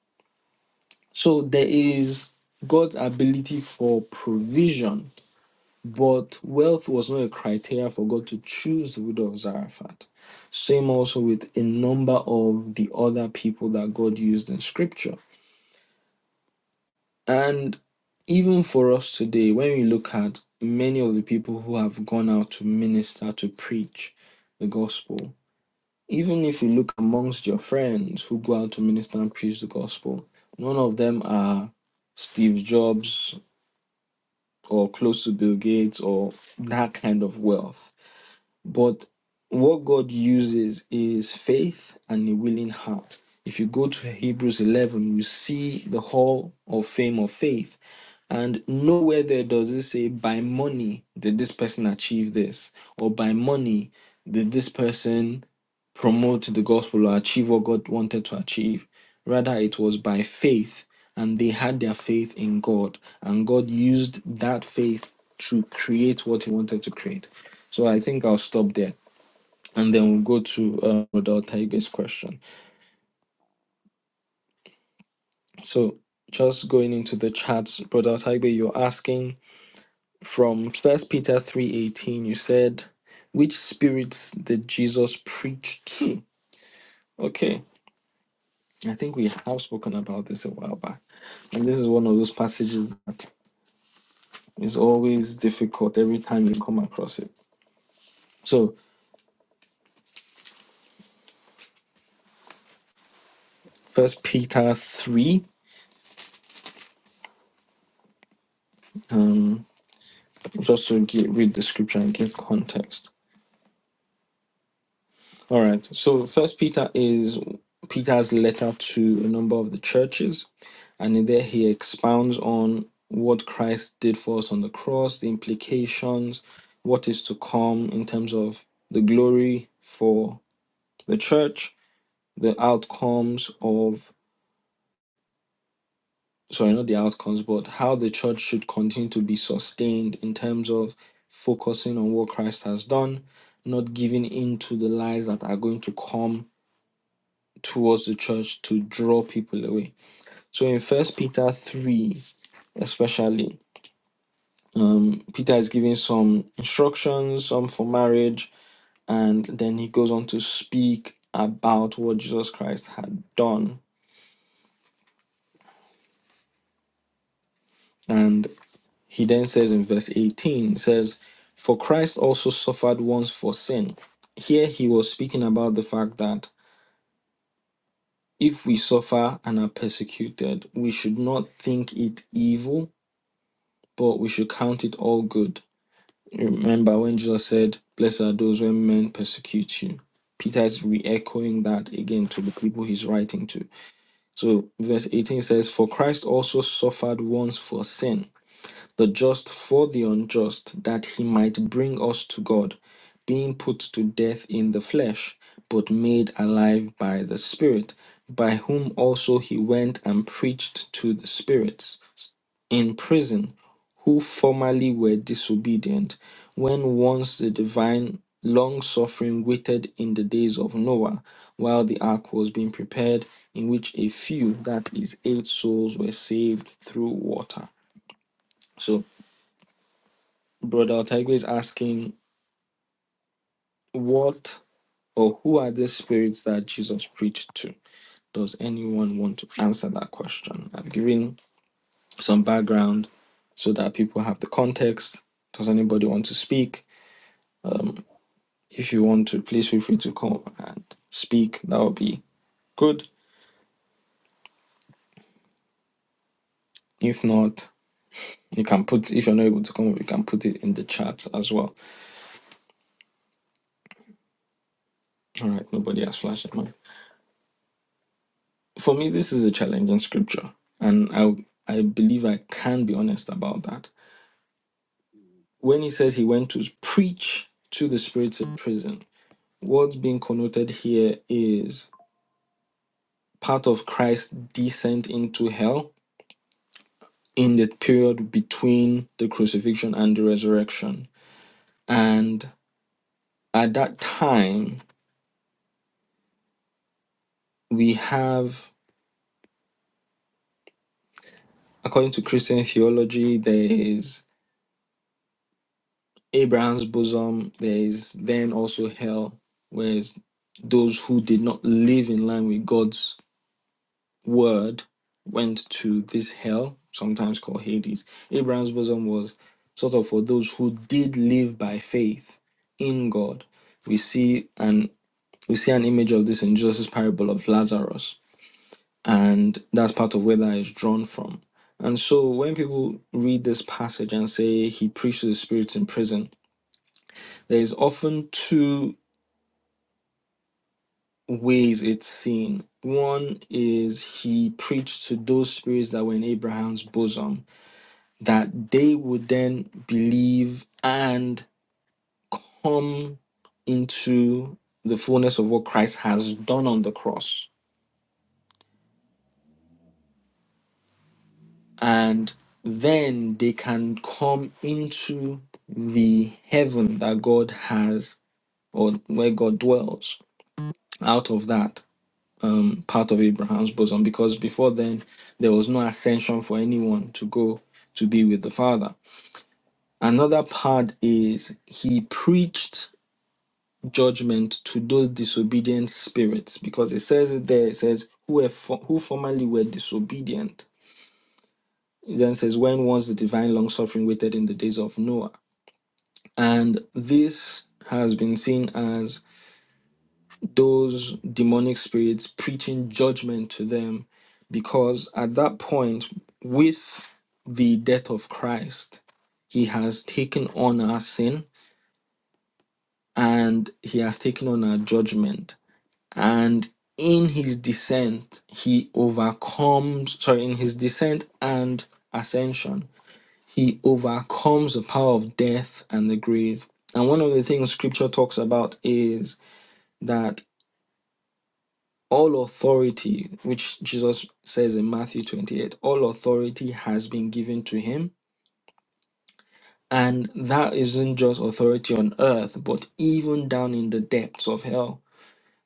So there is God's ability for provision, but wealth was not a criteria for God to choose the widow of Zarephath. Same also with a number of the other people that God used in scripture. And even for us today, when we look at many of the people who have gone out to minister, to preach the gospel, even if you look amongst your friends who go out to minister and preach the gospel, none of them are Steve Jobs or close to Bill Gates or that kind of wealth but what God uses is faith and a willing heart. If you go to Hebrews 11, you see the hall of fame of faith. And nowhere there does it say, by money did this person achieve this, or by money did this person promote the gospel or achieve what God wanted to achieve. Rather, it was by faith, and they had their faith in God, and God used that faith to create what He wanted to create. So I think I'll stop there, and then we'll go to uh, Brother Taibe's question. So just going into the chats, Brother Taibe, you're asking from First Peter three eighteen. You said, "Which spirits did Jesus preach to?" Okay, I think we have spoken about this a while back. And this is one of those passages that is always difficult every time you come across it. So, First Peter 3, um, just to get, read the scripture and give context. All right. So, First Peter is Peter's letter to a number of the churches. And in there, he expounds on what Christ did for us on the cross, the implications, what is to come in terms of the glory for the church the outcomes of sorry not the outcomes but how the church should continue to be sustained in terms of focusing on what christ has done not giving in to the lies that are going to come towards the church to draw people away so in first peter 3 especially um, peter is giving some instructions some for marriage and then he goes on to speak about what jesus christ had done and. He then says in verse 18, says, For Christ also suffered once for sin. Here he was speaking about the fact that if we suffer and are persecuted, we should not think it evil, but we should count it all good. Remember when Jesus said, Blessed are those when men persecute you. Peter is re echoing that again to the people he's writing to. So, verse 18 says, For Christ also suffered once for sin the just for the unjust, that he might bring us to God, being put to death in the flesh, but made alive by the Spirit, by whom also he went and preached to the spirits in prison, who formerly were disobedient, when once the divine long suffering waited in the days of Noah, while the ark was being prepared, in which a few, that is, eight souls, were saved through water. So Brother Otaigwe is asking, what or who are the spirits that Jesus preached to? Does anyone want to answer that question? I've given some background so that people have the context. Does anybody want to speak? If you want to, please feel free to come and speak. That would be good. If not, you can put if you're not able to come up, you can put it in the chat as well. All right, nobody has flashed. it. for me this is a challenging scripture and i i believe i can be honest about that when he says he went to preach to the spirits in prison what's being connoted here is part of christ's descent into hell in the period between the crucifixion and the resurrection and at that time we have according to christian theology there is Abraham's bosom, there is then also hell, whereas those who did not live in line with God's word went to this hell, sometimes called Hades. Abraham's bosom was sort of for those who did live by faith in God. We see an we see an image of this in Jesus' parable of Lazarus, and that's part of where that is drawn from. And so when people read this passage and say he preached to the spirits in prison, there's often two ways it's seen. One is he preached to those spirits that were in Abraham's bosom that they would then believe and come into the fullness of what Christ has done on the cross. And then they can come into the heaven that God has or where God dwells out of that. um, part of Abraham's bosom because before then there was no ascension for anyone to go to be with the Father. Another part is he preached judgment to those disobedient spirits because it says it there, it says, who, fo- who formerly were disobedient. It then says, when was the divine long suffering waited in the days of Noah? And this has been seen as those demonic spirits, preaching judgment to them, because at that point, with the death of Christ, he has taken on our sin and he has taken on our judgment. And in his descent, he overcomes, sorry, in his descent and ascension, he overcomes the power of death and the grave. And one of the things scripture talks about is that All authority, which Jesus says in Matthew 28, all authority has been given to him. And that isn't just authority on earth, but even down in the depths of hell,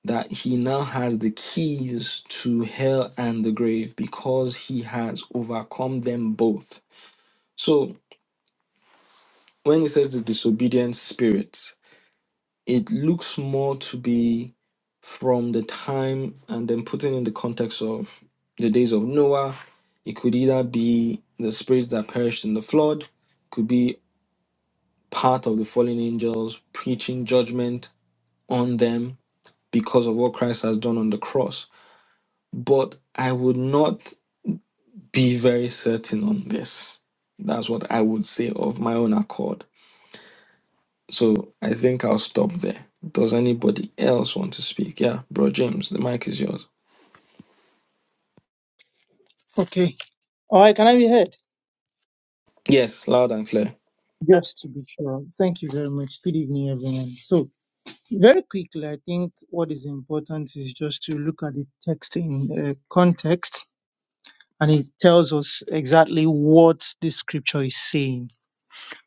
that he now has the keys to hell and the grave because he has overcome them both. So when he says the disobedient spirit, it looks more to be from the time and then putting in the context of the days of Noah. It could either be the spirits that perished in the flood, could be part of the fallen angels preaching judgment on them because of what Christ has done on the cross. But I would not be very certain on this. That's what I would say of my own accord So I think I'll stop there. Does anybody else want to speak? Yeah, bro James, the mic is yours.
Okay. All right, can I be heard?
Yes, loud and clear.
Just to be sure. Thank you very much. Good evening, everyone. So, very quickly, I think what is important is just to look at the text in uh, context, and it tells us exactly what the scripture is saying.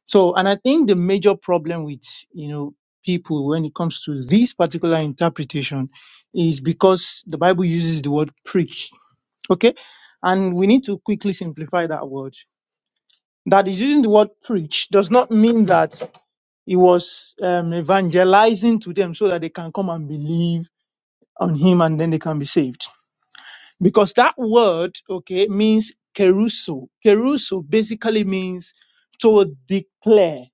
So, and I think the major problem with, you know, people when it comes to this particular interpretation is because the Bible uses the word preach. Okay. And we need to quickly simplify that word. that is using the word preach does not mean that he was um, evangelizing to them so that they can come and believe on him and then they can be saved. Because that word, okay, means keruso. Keruso basically means to declare.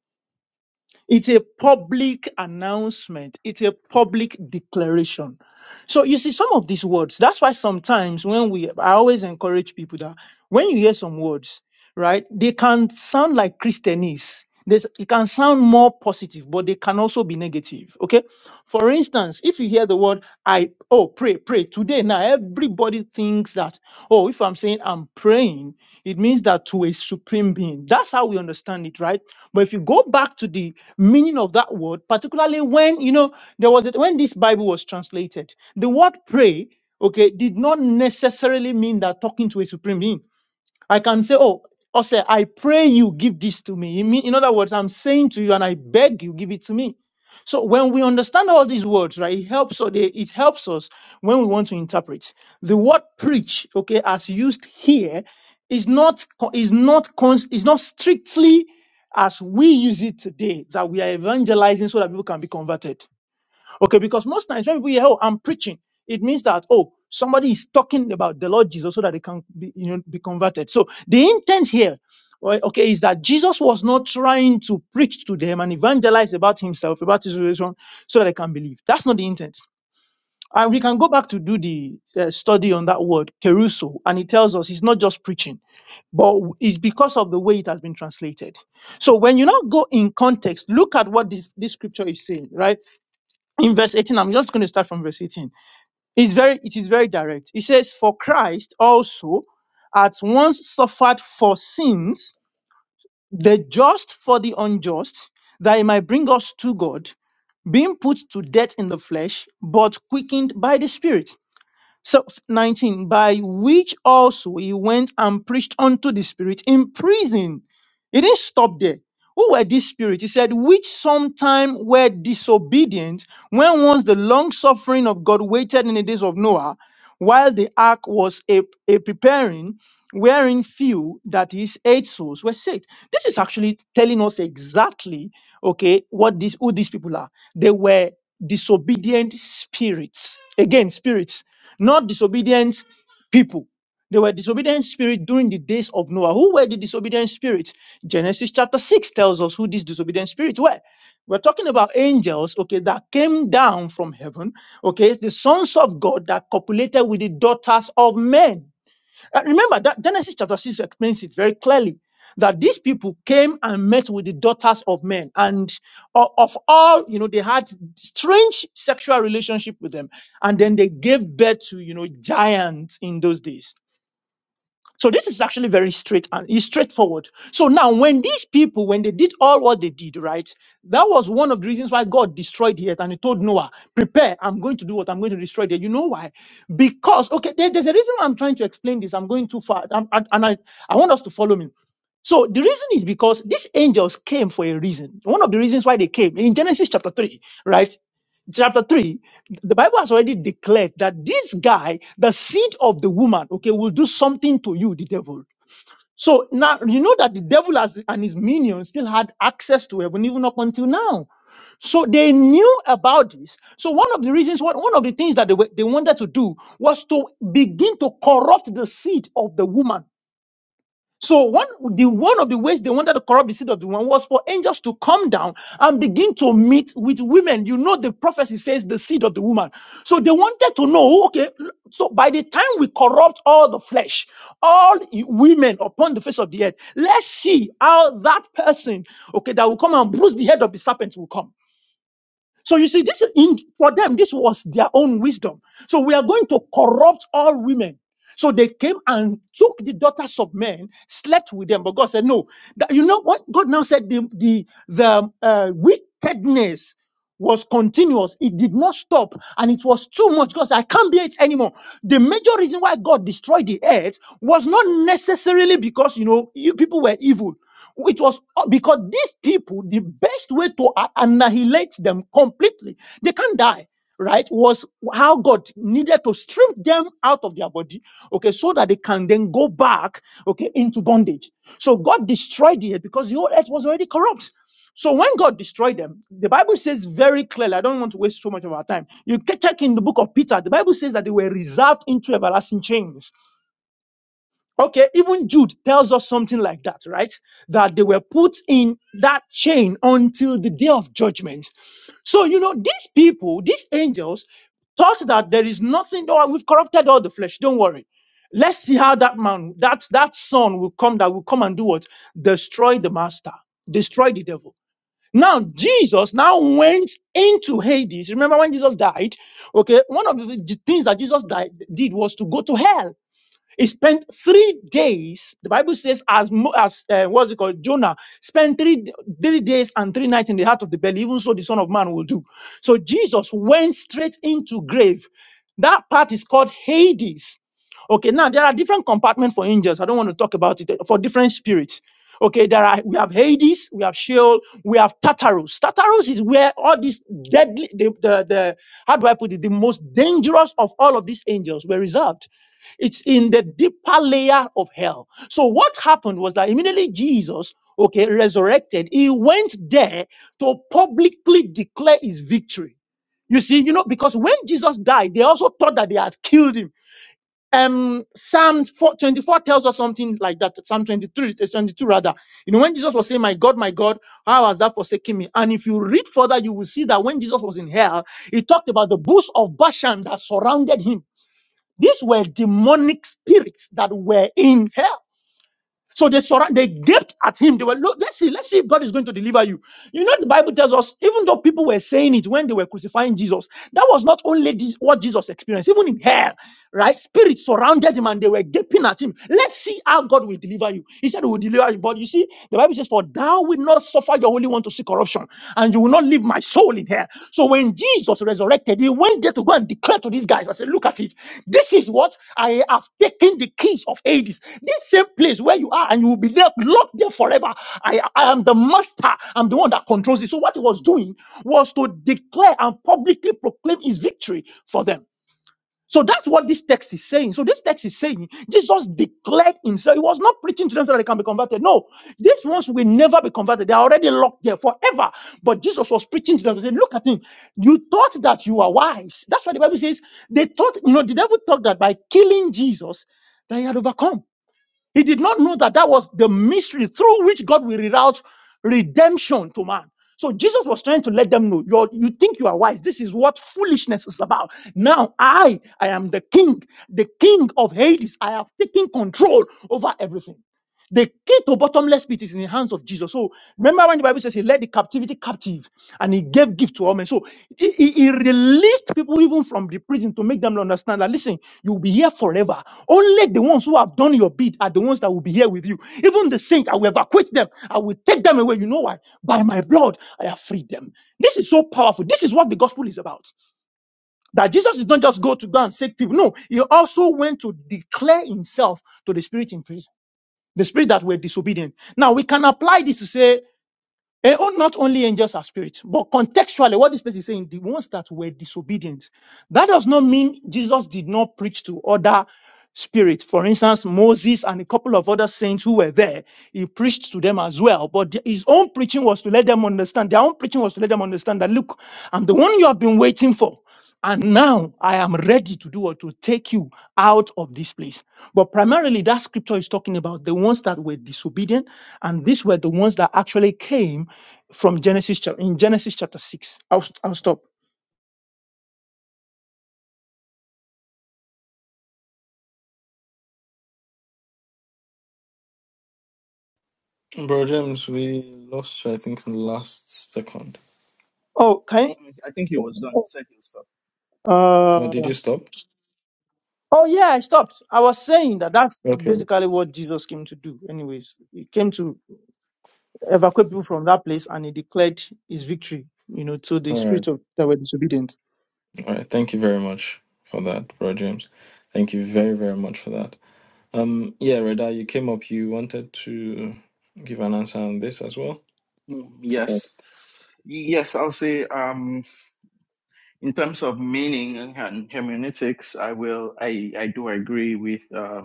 It's a public announcement. It's a public declaration. So you see some of these words. That's why sometimes when we, I always encourage people that when you hear some words, right? They can sound like Christianese. This it can sound more positive, but they can also be negative. Okay. For instance, if you hear the word I oh pray, pray today. Now everybody thinks that, oh, if I'm saying I'm praying, it means that to a supreme being. That's how we understand it, right? But if you go back to the meaning of that word, particularly when you know there was a, when this Bible was translated, the word pray okay, did not necessarily mean that talking to a supreme being. I can say, Oh, Ose, I pray you give this to me. In, mean, in other words, I'm saying to you and I beg you, give it to me. So when we understand all these words, right, it helps us, they- it helps us when we want to interpret. The word preach, okay, as used here, is not co- is not cons- is not strictly as we use it today that we are evangelizing so that people can be converted Okay, because most times when people hear, oh, I'm preaching, it means that, oh, somebody is talking about the Lord Jesus so that they can be, you know, be converted. So the intent here, right, okay, is that Jesus was not trying to preach to them and evangelize about himself, about his resurrection, so that they can believe. That's not the intent. And we can go back to do the uh, study on that word, keruso, and it tells us it's not just preaching, but it's because of the way it has been translated. So when you now go in context, look at what this, this scripture is saying, right? in verse 18 i'm just going to start from verse 18 it's very it is very direct it says for christ also at once suffered for sins the just for the unjust that he might bring us to god being put to death in the flesh but quickened by the spirit so, f- 19, by which also he went and preached unto the spirit in prison. He didn't stop there. Who were these spirits? He said, which sometime were disobedient when once the long suffering of God waited in the days of Noah, while the ark was a, a preparing, wherein few, that is, eight souls, were saved. This is actually telling us exactly, okay, what these who these people are. They were disobedient spirits. Again, spirits not disobedient people. They were disobedient spirits during the days of Noah. Who were the disobedient spirits? Genesis chapter 6 tells us who these disobedient spirits were. We're talking about angels, okay, that came down from heaven, okay, the sons of God that copulated with the daughters of men. And remember that Genesis chapter 6 explains it very clearly that these people came and met with the daughters of men and o- of all, you know, they had strange sexual relationship with them. And then they gave birth to, you know, giants in those days. So this is actually very straight and it's straightforward. So now, when these people, when they did all what they did, right, that was one of the reasons why God destroyed the earth and he told Noah, prepare, I'm going to do what I'm going to destroy the earth. You know why? Because, okay, there- there's a reason why I'm trying to explain this. I'm going too far. I'm- and and I, I want us to follow me. So the reason is because these angels came for a reason. One of the reasons why they came in Genesis chapter 3, right? chapter 3, the Bible has already declared that this guy, the seed of the woman, okay, will do something to you, the devil. So now you know that the devil has, and his minions still had access to heaven even up until now. So they knew about this. So one of the reasons, one, one of the things that they, were, they wanted to do was to begin to corrupt the seed of the woman so one the one of the ways they wanted to corrupt the seed of the woman was for angels to come down and begin to meet with women. You know the prophecy says the seed of the woman. So they wanted to know, okay, so by the time we corrupt all the flesh, all i- women upon the face of the earth, let's see how that person, okay, that will come and bruise the head of the serpent will come. So you see, this in for them, this was their own wisdom. So we are going to corrupt all women. So they came and took the daughters of men, slept with them. But God said, No. That, you know what? God now said the the, the uh, wickedness was continuous. It did not stop, and it was too much. God said, I can't bear it anymore. The major reason why God destroyed the earth was not necessarily because you know you people were evil. It was uh, because these people, the best way to a- annihilate them completely, they can't die, right? Was how God needed to strip them out of their body, okay, so that they can then go back, okay, into bondage. So God destroyed it because the whole earth was already corrupt. So when God destroyed them, the Bible says very clearly, I don't want to waste so much of our time. You can check in the book of Peter, the Bible says that they were reserved into everlasting chains. Okay, even Jude tells us something like that, right? That they were put in that chain until the day of judgment. So, you know, these people, these angels, thought that there is nothing, oh, we've corrupted all the flesh. Don't worry. Let's see how that man, that, that son will come, that will come and do what? Destroy the master, destroy the devil. Now, Jesus now went into Hades. Remember when Jesus died? Okay, one of the things that Jesus died, did was to go to hell he spent three days. The Bible says, as mo- as uh, what's it called? Jonah spent three d- three days and three nights in the heart of the belly. Even so, the Son of Man will do. So Jesus went straight into grave. That part is called Hades. Okay, now there are different compartments for angels. I don't want to talk about it eh, for different spirits. Okay, there are we have Hades, we have Sheol, we have Tartarus. Tartarus is where all these deadly, the, the, the how do I put it, the most dangerous of all of these angels were reserved. It's in the deeper layer of hell. So what happened was that immediately Jesus, okay, resurrected, he went there to publicly declare his victory. You see, you know, because when Jesus died, they also thought that they had killed him. Um, Psalm 4, 24 tells us something like that. Psalm 23, uh, 22 rather. You know, when Jesus was saying, "My God, my God, how has that forsaken me?" And if you read further, you will see that when Jesus was in hell, he talked about the bush of Bashan that surrounded him. These were demonic spirits that were in hell. So they surround, they gaped at him. They were, look, let's see, let's see if God is going to deliver you. You know, the Bible tells us, even though people were saying it when they were crucifying Jesus, that was not only this, what Jesus experienced, even in hell right? Spirits surrounded him and they were gaping at him. Let's see how God will deliver you. He said, He will deliver you. But you see, the Bible says, For thou will not suffer your Holy One to see corruption, and you will not leave my soul in hell. So when Jesus resurrected, he went there to go and declare to these guys, I said, Look at it. This is what I have taken the keys of Hades. This same place where you are, and you will be there, locked there forever. I, I am the master, I'm the one that controls it. So what he was doing was to declare and publicly proclaim his victory for them. So that's what this text is saying. So this text is saying Jesus declared himself. He was not preaching to them so that they can be converted. No, these ones will never be converted. They are already locked there forever. But Jesus was preaching to them to say, look at him. You thought that you were wise. That's why the Bible says they thought, you know, the devil thought that by killing Jesus, that he had overcome. He did not know that that was the mystery through which God will reroute redemption to man. So Jesus was trying to let them know, you you think you are wise. This is what foolishness is about. Now I, I am the king, the king of Hades. I have taken control over everything. The key to bottomless pit is in the hands of Jesus. So remember when the Bible says he led the captivity captive and he gave gift to all men. So he, he- he released people even from the prison to make them understand that listen, you'll be here forever. Only the ones who have done your bid are the ones that will be here with you. Even the saints, I will evacuate them. I will take them away. You know why? By my blood, I have freed them. This is so powerful. This is what the gospel is about. That Jesus did not just go to go and save people. No, he also went to declare himself to the spirit in prison the spirit that were disobedient. Now we can apply this to say, eh, oh, not only angels are spirits, but contextually, what this person is saying, the ones that were disobedient. That does not mean Jesus did not preach to other spirits. For instance, Moses and a couple of other saints who were there, he preached to them as well. But the- his own preaching was to let them understand, their own preaching was to let them understand that, look, I'm the one you have been waiting for. And now I am ready to do what to take you out of this place. But primarily, that scripture is talking about the ones that were disobedient, and these were the ones that actually came from Genesis chapter in Genesis chapter six. I'll, st- I'll stop.
Bro James, we lost you, I think, in the last second.
Oh, can
I think he was done second stuff.
I?
Oh,
Uh,
did you stop?
oh yeah, I stopped. I was saying that that's
Okay.
basically what Jesus came to do. Anyways, he came to evacuate people from that place, and he declared his victory. You know, to the
All right.
spirit of that were disobedient.
All right. Thank you very much for that, bro James. Thank you very, very much for that. Um, yeah, Reda, you came up, you wanted to give an answer on this as well.
Mm, Yes. Yes, I'll say um in terms of meaning and hermeneutics, I will I I do agree with uh,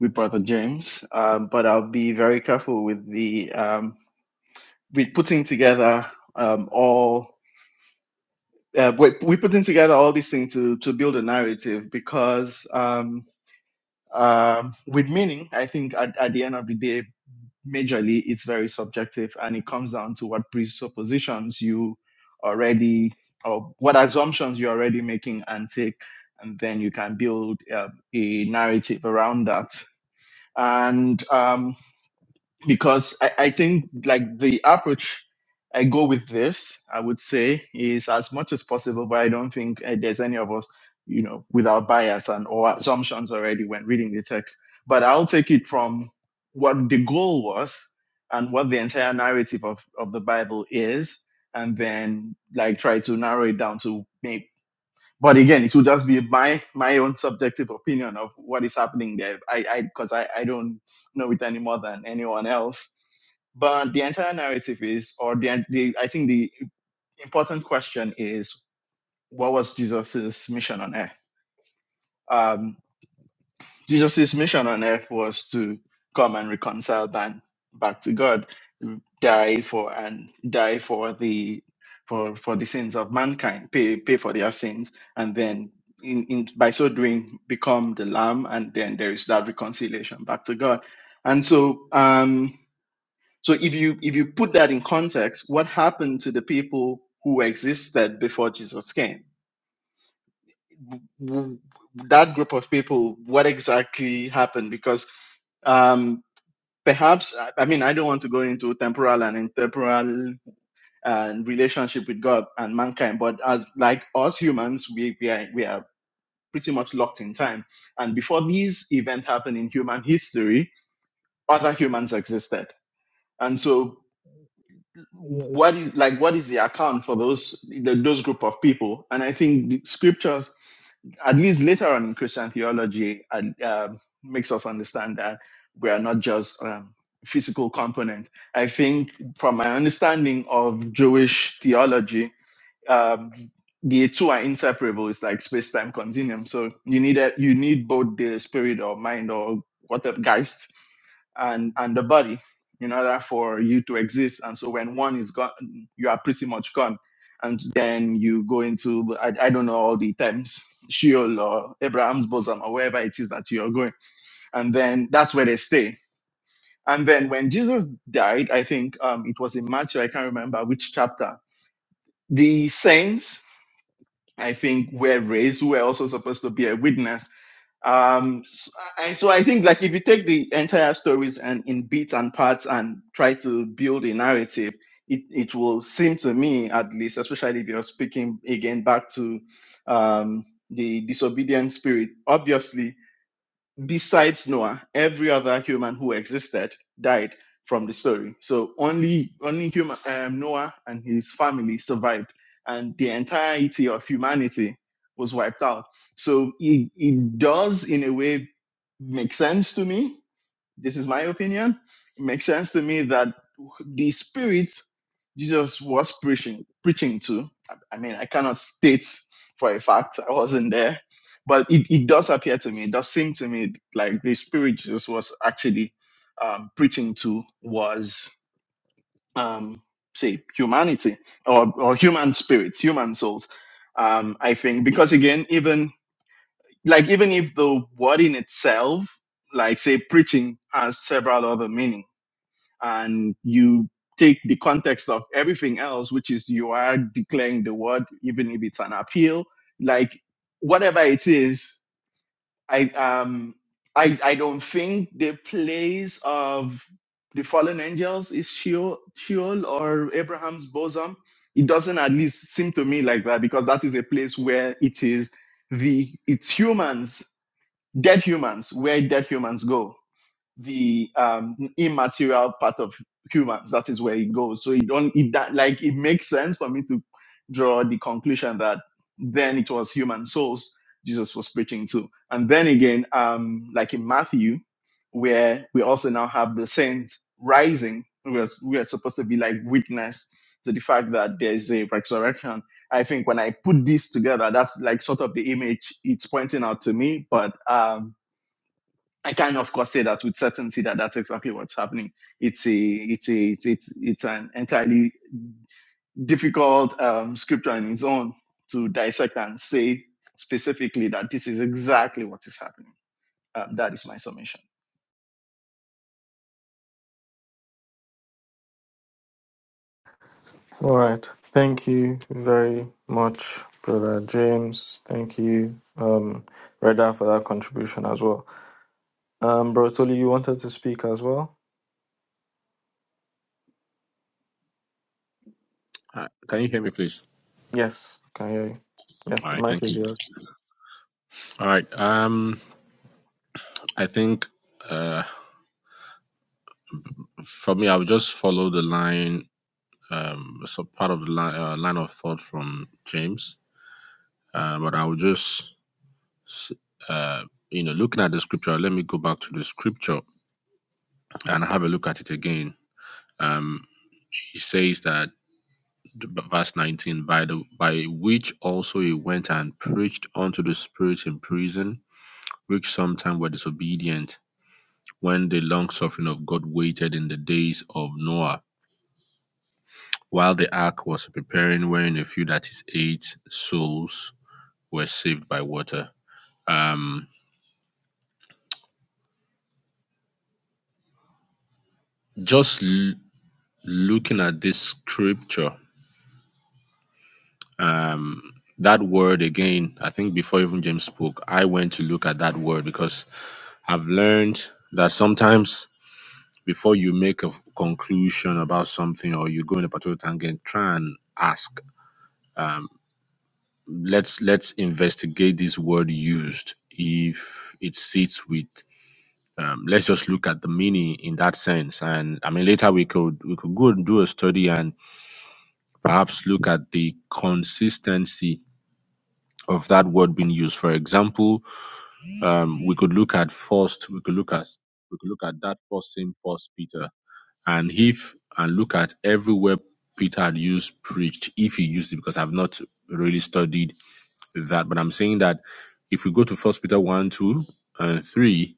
with Brother James, um, but I'll be very careful with the um with putting together um all uh, we're, we putting together all these things to to build a narrative because um um with meaning, I think at, at the end of the day majorly it's very subjective and it comes down to what presuppositions you already or what assumptions you're already making and take and then you can build uh, a narrative around that and um, because I, I think like the approach I go with this, I would say, is as much as possible, but I don't think uh, there's any of us, you know, without bias and or assumptions already when reading the text. But I'll take it from what the goal was and what the entire narrative of, of the Bible is, and then like try to narrow it down to maybe. But again, it would just be my my own subjective opinion of what is happening there. I I because I, I don't know it any more than anyone else but the entire narrative is, or the, the I think the important question is, what was Jesus's mission on earth? Um, Jesus's mission on earth was to come and reconcile man back to God, die for and die for the for for the sins of mankind, pay pay for their sins, and then in, in by so doing become the lamb, and then there is that reconciliation back to God. And so, um So if you if you put that in context, what happened to the people who existed before Jesus came? That group of people, what exactly happened? Because um, perhaps I I mean I don't want to go into temporal and intertemporal and relationship with God and mankind, but as like us humans, we we are we are pretty much locked in time. And before these events happened in human history, other humans existed. And so what is like what is the account for those the, those group of people and i think the scriptures at least later on in christian theology and um makes us understand that we are not just um, physical component i think from my understanding of jewish theology um, the two are inseparable it's like space-time continuum so you need a, you need both the spirit or mind or whatever geist and and the body in order for you to exist. And so when one is gone, you are pretty much gone. And then you go into I, I don't know all the terms, Sheol or Abraham's bosom or wherever it is that you're going. And then that's where they stay. And then when Jesus died, I think um, it was in Matthew, I can't remember which chapter. The saints, I think, were raised, who were also supposed to be a witness um and so i think like if you take the entire stories and in bits and parts and try to build a narrative it, it will seem to me at least especially if you're speaking again back to um the disobedient spirit obviously besides Noah, every other human who existed died from the story. So only only human um, Noah and his family survived, and the entirety of humanity was wiped out. So it, it does in a way make sense to me this is my opinion. It makes sense to me that the spirit Jesus was preaching preaching to. I mean, I cannot state for a fact I wasn't there, but it, it does appear to me, it does seem to me like the spirit Jesus was actually um, preaching to was um, say humanity or or human spirits, human souls. Um, I think because again, even like even if the word in itself, like say preaching, has several other meanings and you take the context of everything else, which is you are declaring the word, even if it's an appeal, like whatever it is, I um I I don't think the place of the fallen angels is Sheol, Sheol or Abraham's bosom. It doesn't at least seem to me like that because that is a place where it is the it's humans, dead humans, where dead humans go the um, immaterial part of humans. That is where it goes. So it don't it that like it makes sense for me to draw the conclusion that then it was human souls Jesus was preaching to. And then again, um, like in Matthew, where we also now have the saints rising, we are, we are supposed to be like witness to the fact that there is a resurrection. I think when I put this together, that's like sort of the image it's pointing out to me. But um, I can of course say that with certainty that that's exactly what's happening. It's a it's a it's it's, it's an entirely difficult um, scripture in its own to dissect and say specifically that this is exactly what is happening. Um, that is my summation.
All right. Thank you very much, Brother James. Thank you, um, Reda, for that contribution as well. Um, Bro Tolly, you wanted to speak as well?
Hi, Can you hear me, please?
Yes, can hear you. Yeah,
All right,
mic
thank
is
you.
yours.
All right. Um, I think uh, for me, I'll just follow the line, um, so part of the line, uh, line of thought from James. Uh, but I will just, uh, you know, looking at the scripture. Let me go back to the scripture and have a look at it again. Um, he says that verse 19 by the by which also he went and preached unto the spirits in prison which sometime were disobedient when the long suffering of God waited in the days of Noah, while the ark was preparing, wherein a few, that is eight souls, were saved by water. Um, just l- looking at this scripture, that word again, I think before even James spoke, I went to look at that word because I've learned that sometimes before you make a f- conclusion about something or you go in a particular tangent, try and ask let's let's investigate this word used if it sits with um, let's just look at the meaning in that sense and i mean later we could we could go and do a study and perhaps look at the consistency of that word being used for example um, we could look at first we could look at we could look at that first same first peter and if and look at everywhere peter had used preached if he used it because i've not really studied that, but I'm saying that if we go to First Peter one, two, and three,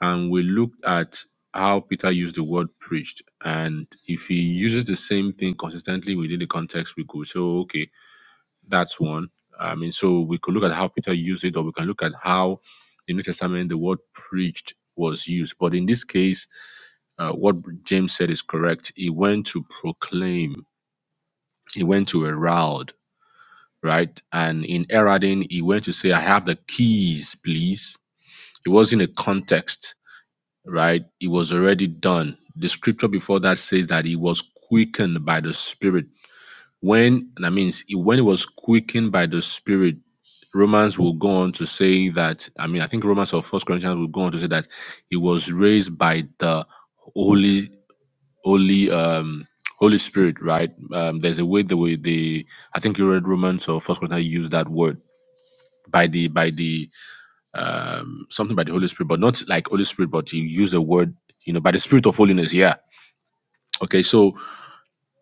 and we look at how Peter used the word preached, and if he uses the same thing consistently within the context, we could say, "Oh, okay, that's one. I mean, so we could look at how Peter used it, or we can look at how in the New Testament the word preached was used. But in this case, uh, what James said is correct. He went to proclaim. He went to herald right? And in Eradin, he went to say, I have the keys, please. It wasn't a context, right? It was already done. The scripture before that says that he was quickened by the Spirit. When that means he- when he was quickened by the Spirit, Romans will go on to say that. I mean, I think Romans or First Corinthians will go on to say that he was raised by the Holy, Holy, um, Holy Spirit, right? Um, there's a way the way the I think you read Romans or First Corinthians use that word by the by the um something by the Holy Spirit, but not like Holy Spirit, but you use the word, you know, by the Spirit of holiness. Yeah. Okay. So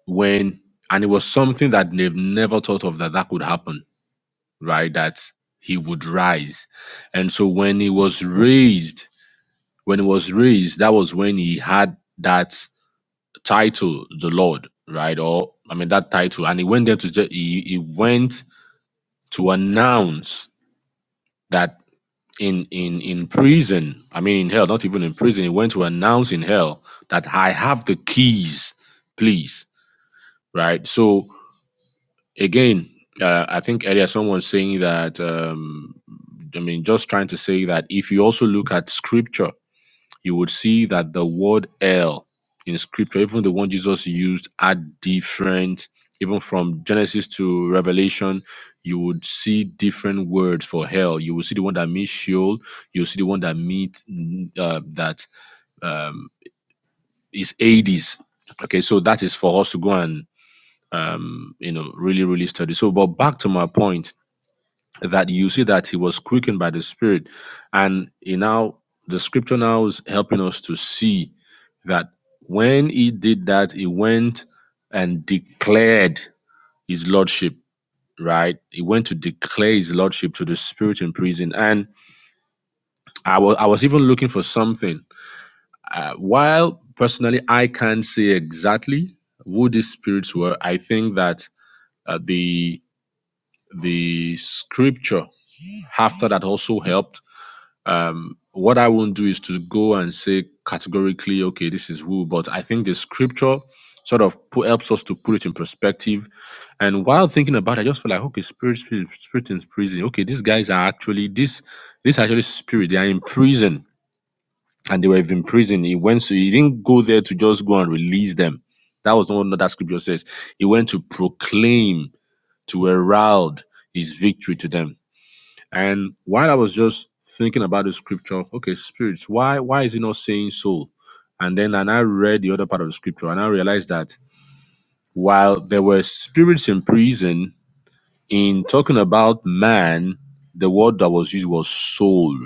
when and it was something that they've never thought of that that could happen, right? That he would rise, and so when he was raised, when he was raised, that was when he had that title, the Lord, right? Or I mean that title, and he went there to ju- he, he went to announce that. in in in prison i mean in hell not even in prison he went to announce in hell that i have the keys please right so again uh, i think earlier someone saying that um i mean just trying to say that if you also look at scripture you would see that the word hell in scripture, even the one Jesus used, are different. Even from Genesis to Revelation, you would see different words for hell. You will see the one that means Sheol. You'll see the one that means uh, that um, is Hades. Okay, so that is for us to go and um, you know really really study. So, but back to my point that you see that he was quickened by the spirit and he now the scripture now is helping us to see that when he did that he went and declared his lordship right he went to declare his lordship to the spirit in prison and i was i was even looking for something uh, while personally i can't say exactly who these spirits were i think that uh, the the scripture after that also helped um what i won't do is to go and say categorically okay this is who but i think the scripture sort of pu- helps us to put it in perspective and while thinking about it i just feel like okay spirit spirit, spirit in prison okay these guys are actually this this actually spirit they are in prison and they were in prison he went so he didn't go there to just go and release them that was not what that scripture says he went to proclaim to herald his victory to them and while I was just thinking about the scripture, okay, spirits, why why is he not saying soul? And then and I read the other part of the scripture and I realized that while there were spirits in prison, in talking about man, the word that was used was soul.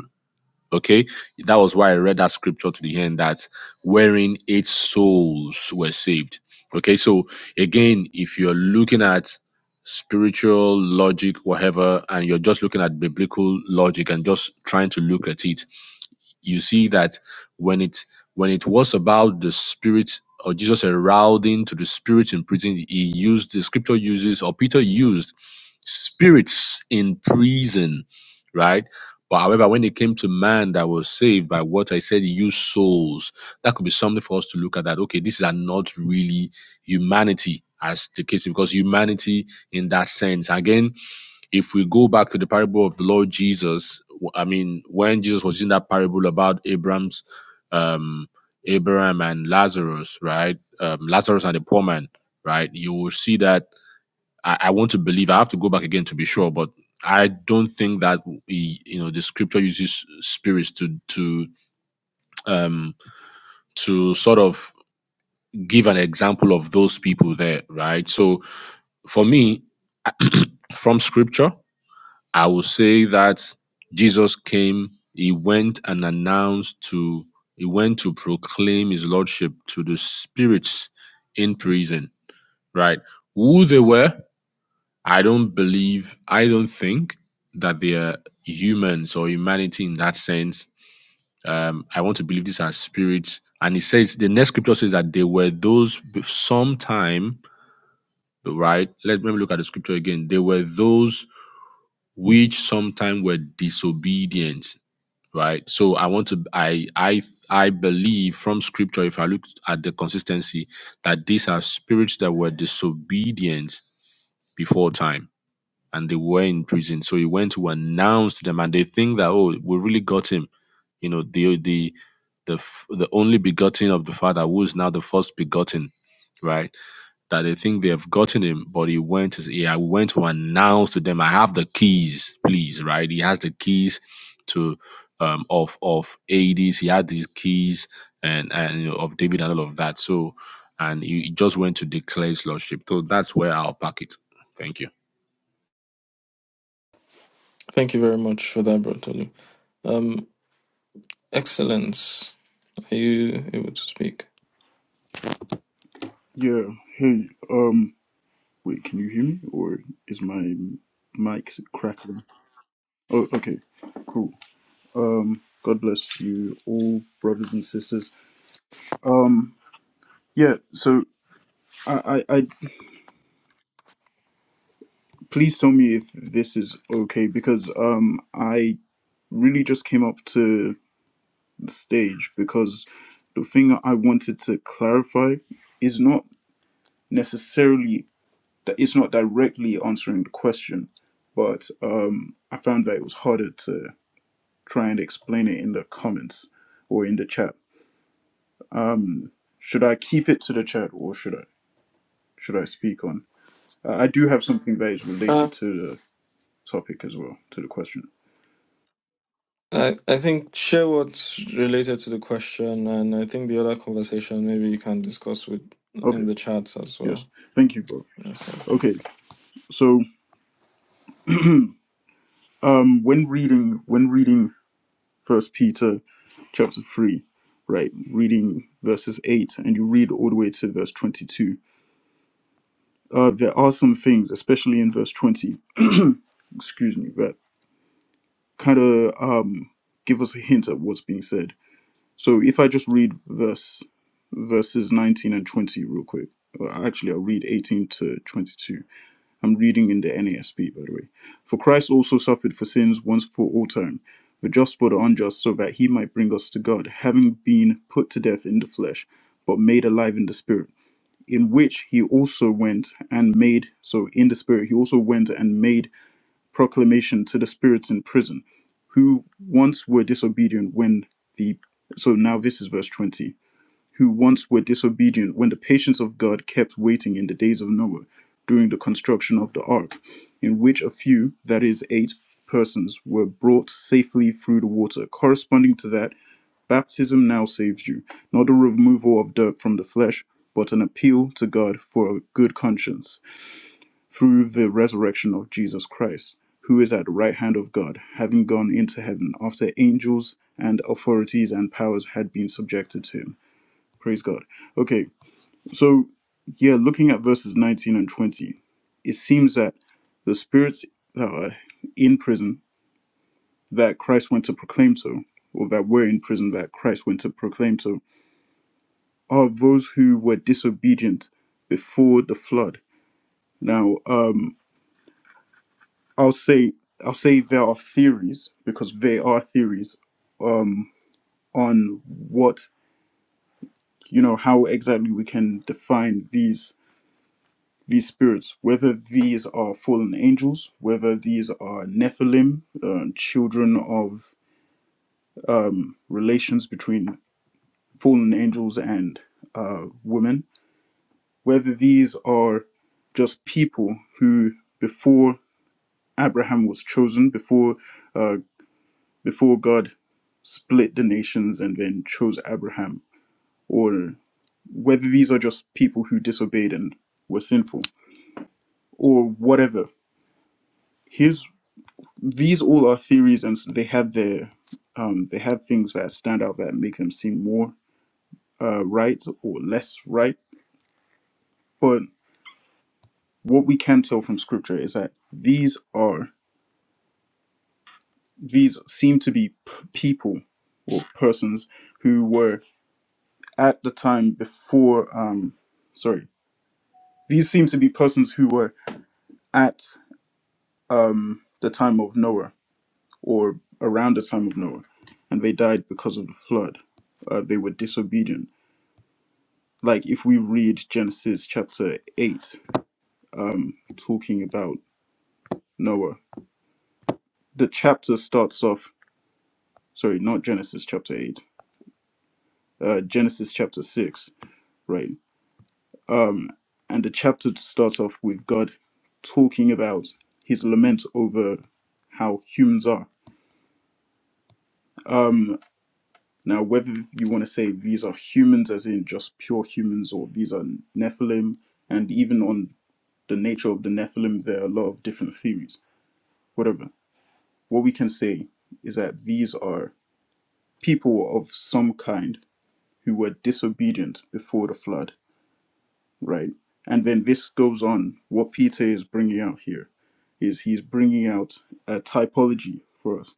Okay, that was why I read that scripture to the end that wherein eight souls were saved. Okay, so again, if you're looking at spiritual logic, whatever, and you're just looking at biblical logic and just trying to look at it, you see that when it when it was about the spirit or Jesus arousing to the spirit in prison, he used the scripture uses or Peter used spirits in prison, right? But however, when it came to man that was saved by what I said, he used souls. That could be something for us to look at that. Okay, these are not really humanity as the case because humanity in that sense. Again, if we go back to the parable of the Lord Jesus, I mean, when Jesus was in that parable about Abraham's, um, Abraham and Lazarus, right? Um, Lazarus and the poor man, right? You will see that I, I want to believe. I have to go back again to be sure, but I don't think that we, you know the scripture uses spirits to to um to sort of give an example of those people there, right? So for me, from scripture. I will say that Jesus came, he went and announced to, he went to proclaim his lordship to the spirits in prison, right? Who they were, I don't believe, I don't think that they are humans or humanity in that sense. Um, I want to believe these are spirits. And he says, the next scripture says that they were those be- sometime, right? Let, let me look at the scripture again. They were those which sometime were disobedient right so i want to i i i believe from scripture if i look at the consistency that these are spirits that were disobedient before time and they were in prison so he went to announce to them and they think that oh we really got him you know the the the f- the only begotten of the father who is now the first begotten right that they think they have gotten him, but he went to he I went to announce to them, I have the keys, please, right? He has the keys to um of of Hades. He had these keys and and you know, of David and all of that. So and he he just went to declare his lordship. So that's where I'll pack it. Thank you.
Thank you very much for that, Bro Tolly. Um, Excellence, are you able to speak?
Yeah, hey, um, wait, can you hear me or is my mic crackling? Oh, okay, cool. Um, God bless you all, brothers and sisters. Um, yeah, so I, I, I please tell me if this is okay because, um, I really just came up to the stage because the thing I wanted to clarify is not necessarily that it's not directly answering the question, but um, I found that it was harder to try and explain it in the comments or in the chat. Um, should I keep it to the chat or should I should I speak on? Uh, I do have something that is
Uh,
related to the topic as well to the question.
I, I think share what's related to the question, and I think the other conversation maybe you can discuss with
Okay,
in the chats as
yes,
well.
thank you, bro.
That's helpful.
Okay, so um, when reading when reading First Peter chapter three, right, reading verses eight and you read all the way to verse twenty two uh, there are some things, especially in verse 20, *clears throat* excuse me, that kind of um, give us a hint at what's being said. So if I just read verse verses 19 and 20 real quick, or actually I'll read 18 to 22. I'm reading in the NASB, by the way. For Christ also suffered for sins once for all time, the just for the unjust, so that he might bring us to God, having been put to death in the flesh, but made alive in the spirit in which he also went and made, so in the spirit, he also went and made proclamation to the spirits in prison, who once were disobedient when the, so now this is verse 20, who once were disobedient when the patience of God kept waiting in the days of Noah during the construction of the ark, in which a few, that is, eight persons, were brought safely through the water, corresponding to that. Baptism now saves you, not a removal of dirt from the flesh, but an appeal to God for a good conscience through the resurrection of Jesus Christ, who is at the right hand of God, having gone into heaven after angels and authorities and powers had been subjected to him. Praise God. Okay, so yeah, looking at verses 19 and 20, it seems that the spirits that are in prison that Christ went to proclaim to, or that were in prison that Christ went to proclaim to, are those who were disobedient before the flood. Now, um, I'll say I'll say there are theories because there are theories um, on what you know how exactly we can define these these spirits, whether these are fallen angels, whether these are Nephilim, uh, children of um, relations between fallen angels and uh, women, whether these are just people who, before Abraham was chosen before uh, before God split the nations and then chose Abraham, or whether these are just people who disobeyed and were sinful, or whatever. Here's these all are theories, and they have their um, they have things that stand out that make them seem more uh, right or less right. But what we can tell from scripture is that these are these seem to be p- people or persons who were at the time before um sorry these seem to be persons who were at um the time of noah or around the time of noah and they died because of the flood uh, they were disobedient like if we read genesis chapter 8 um talking about noah the chapter starts off sorry not genesis chapter 8 uh genesis chapter 6 right Um, and the chapter starts off with God talking about his lament over how humans are. Um, now, whether you want to say these are humans, as in just pure humans, or these are Nephilim, and even on the nature of the Nephilim, there are a lot of different theories. Whatever. What we can say is that these are people of some kind who were disobedient before the flood right? And then this goes on. What Peter is bringing out here is he's bringing out a typology for us.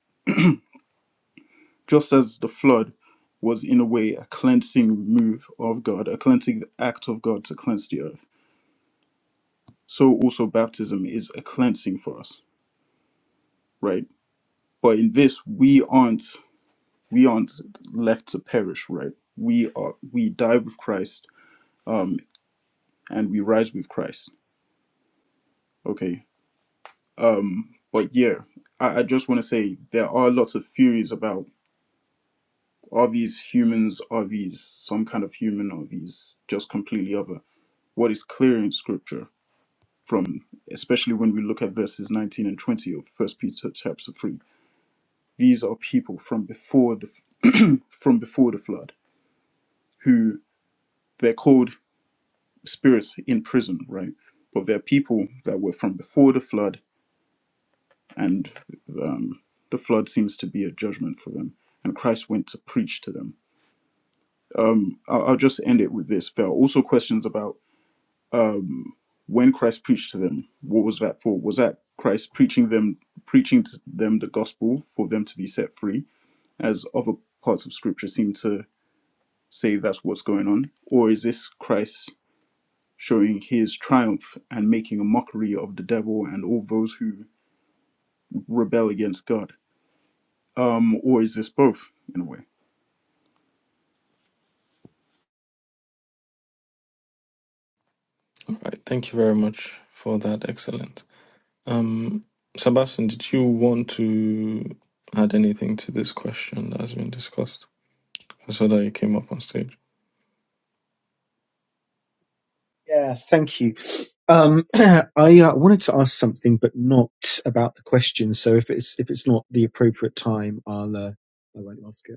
Just as the flood was, in a way, a cleansing move of God, a cleansing act of God to cleanse the earth, so also baptism is a cleansing for us, right? But in this, we aren't we aren't left to perish, right? We are we die with Christ, um, and we rise with Christ. Okay, Um, but yeah, I, I just want to say there are lots of theories about are these humans, are these some kind of human, are these just completely other? What is clear in scripture from, especially when we look at verses 19 and 20 of First Peter chapter 3, these are people from before the *clears throat* from before the flood who they're called spirits in prison, right? But they're people that were from before the flood and um, the flood seems to be a judgment for them. And Christ went to preach to them. Um, I'll, I'll just end it with this. There are also questions about um, when Christ preached to them. What was that for? Was that Christ preaching them, preaching to them the gospel for them to be set free, as other parts of Scripture seem to say that's what's going on, or is this Christ showing his triumph and making a mockery of the devil and all those who rebel against God? Um, or is this both in a way?
Right. Thank you very much for that. Excellent. Um, Sebastian, did you want to add anything to this question that has been discussed? I saw that you came up on stage.
Yeah, thank you. Um, *clears throat* I uh, wanted to ask something, but not about the question. So if it's if it's not the appropriate time, I'll uh, I won't ask it.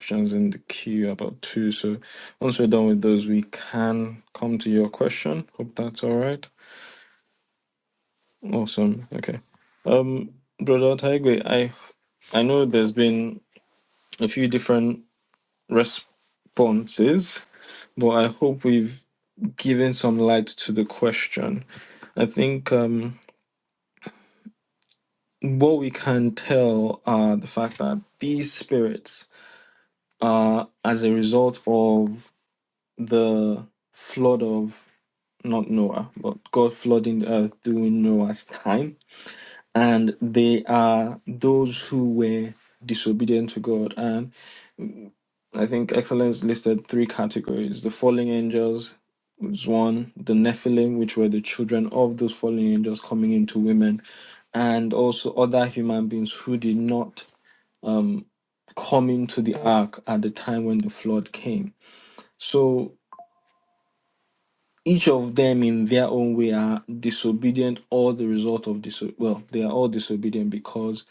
Questions in the queue about two. So once we're done with those, we can come to your question. Hope that's all right. Awesome. Okay. Um, Brother Taigwe, I I know there's been a few different responses, but I hope we've given some light to the question I think um, what we can tell are the fact that these spirits are, as a result of the flood of not Noah, but God flooding the earth during Noah's time, and they are those who were disobedient to God. And I think excellence listed three categories. The fallen angels was one, the Nephilim, which were the children of those fallen angels coming into women, and also other human beings who did not um, come into the ark at the time when the flood came. So each of them, in their own way, are disobedient or the result of disobedience. Well, they are all disobedient because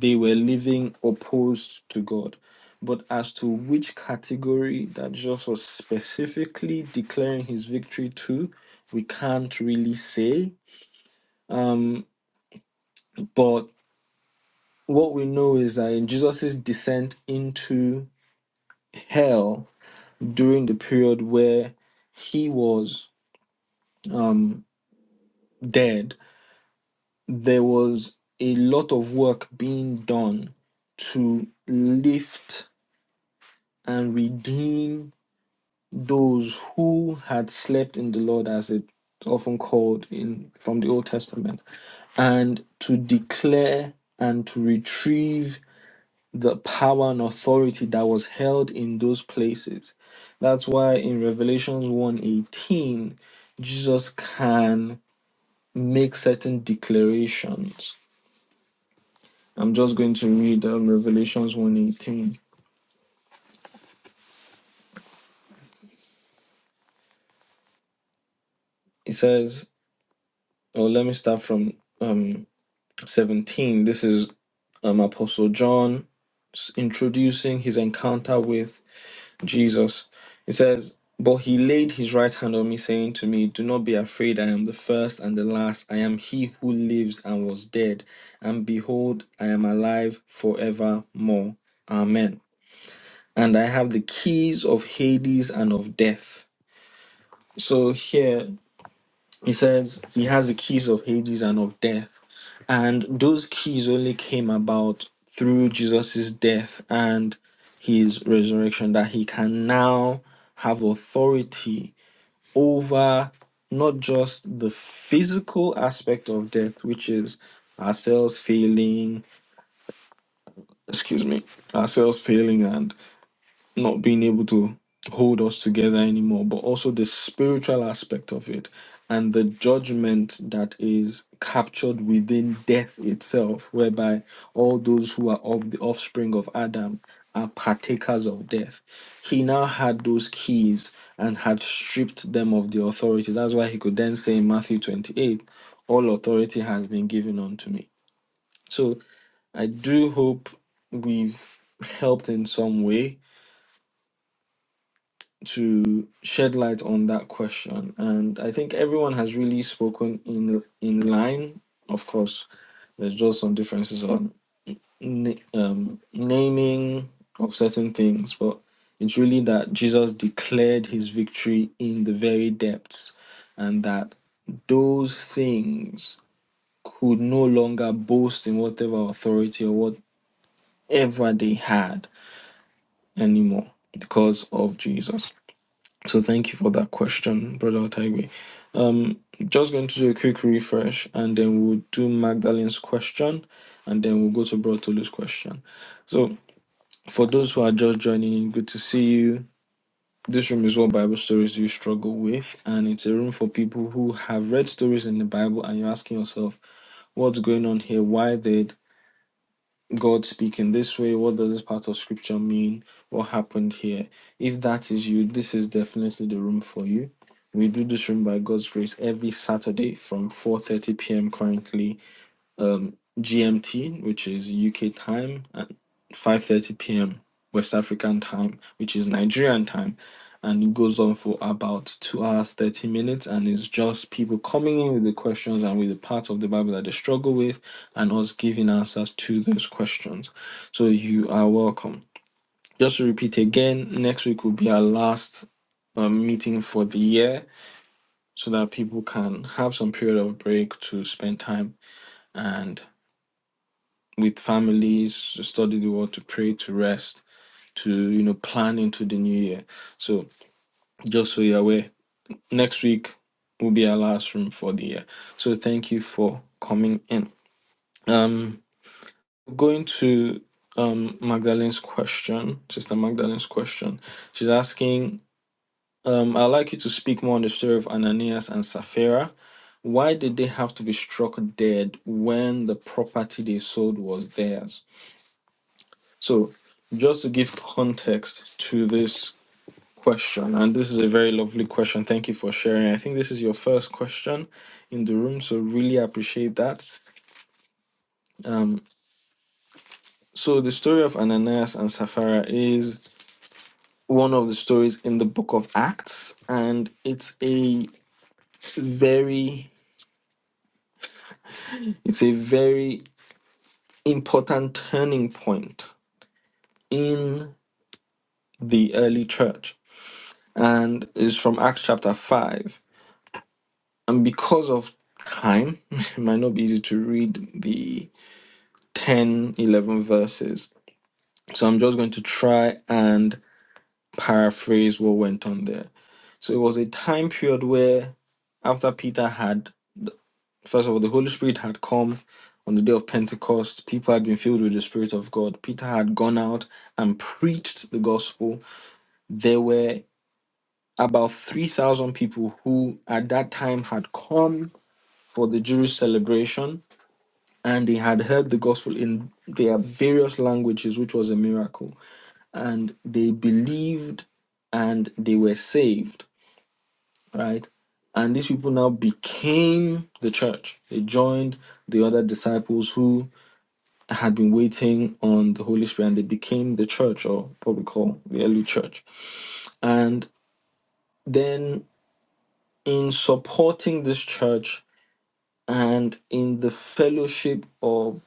they were living opposed to God. But as to which category that Jesus was specifically declaring his victory to, we can't really say. Um, but what we know is that in Jesus' descent into hell during the period where he was um, dead, there was a lot of work being done to lift and redeem those who had slept in the Lord, as it often called in from the Old Testament, and to declare and to retrieve the power and authority that was held in those places. That's why in Revelations one eighteen, Jesus can make certain declarations. I'm just going to read um, Revelations one eighteen. It says, "Oh, let me start from um, 17. This is um, Apostle John introducing his encounter with Jesus. It says, But he laid his right hand on me, saying to me, 'Do not be afraid, I am the first and the last. I am he who lives and was dead. And behold, I am alive forevermore. Amen. And I have the keys of Hades and of death. So here He says he has the keys of Hades and of death. And those keys only came about through Jesus' death and his resurrection, that he can now have authority over not just the physical aspect of death, which is ourselves failing, excuse me, ourselves failing and not being able to hold us together anymore, but also the spiritual aspect of it and the judgment that is captured within death itself, whereby all those who are of the offspring of Adam are partakers of death. He now had those keys and had stripped them of the authority. That's why he could then say in Matthew 28, All authority has been given unto me. So I do hope we've helped in some way to shed light on that question. And I think everyone has really spoken in in line. Of course, there's just some differences on na- um, naming of certain things, but it's really that Jesus declared his victory in the very depths, and that those things could no longer boast in whatever authority or whatever they had anymore because of Jesus. So thank you for that question, Brother Otaigwe. Um, just going to do a quick refresh, and then we'll do Magdalene's question, and then we'll go to Brother Tolu's question. So for those who are just joining in, good to see you. This room is what Bible stories do you struggle with, and it's a room for people who have read stories in the Bible, and you're asking yourself, what's going on here? Why did God speaking this way? What does this part of scripture mean? What happened here? If that is you, this is definitely the room for you. We do this room by God's grace every Saturday from 4:30 p.m. currently um, GMT, which is UK time, at 5:30 p.m. West African time, which is Nigerian time, and it goes on for about two hours 30 minutes, and it's just people coming in with the questions and with the parts of the Bible that they struggle with, and us giving answers to those questions. So you are welcome. Just to repeat again, next week will be our last um, meeting for the year, so that people can have some period of break to spend time and with families, study the word, to pray, to rest, to you know plan into the new year. So just so you're aware, next week will be our last room for the year. So thank you for coming in. Um, going to um Magdalene's question, Sister Magdalene's question. She's asking, um, I'd like you to speak more on the story of Ananias and Sapphira. Why did they have to be struck dead when the property they sold was theirs? So, just to give context to this question, and this is a very lovely question. Thank you for sharing. I think this is your first question in the room, so really appreciate that. Um, so, the story of Ananias and Sapphira is one of the stories in the book of Acts, and it's a very, it's a very important turning point in the early church, and is from Acts chapter five. and because of time *laughs* it might not be easy to read the 10, 11 verses so i'm just going to try and paraphrase what went on there so it was a time period where after peter had first of all the holy spirit had come on the day of pentecost people had been filled with the spirit of god peter had gone out and preached the gospel there were about 3000 people who at that time had come for the jewish celebration and they had heard the gospel in their various languages, which was a miracle. And they believed and they were saved, right? And these people now became the church. They joined the other disciples who had been waiting on the Holy Spirit and they became the church, or what we call the early church. And then in supporting this church and in the fellowship of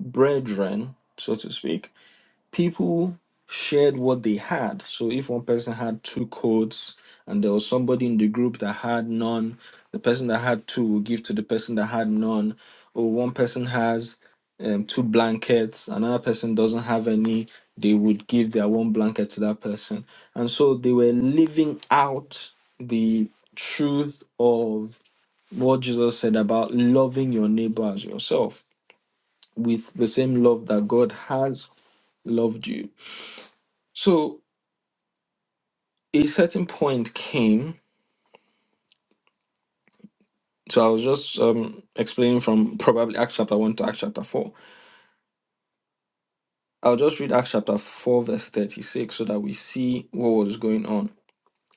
brethren, so to speak, people shared what they had. So if one person had two coats and there was somebody in the group that had none, the person that had two will give to the person that had none. Or one person has um, two blankets, another person doesn't have any, they would give their one blanket to that person. And so they were living out the truth of what Jesus said about loving your neighbor as yourself with the same love that God has loved you. So a certain point came. So I was just um, explaining from probably Acts chapter 1 to Acts chapter 4. I'll just read Acts chapter 4, verse 36, so that we see what was going on.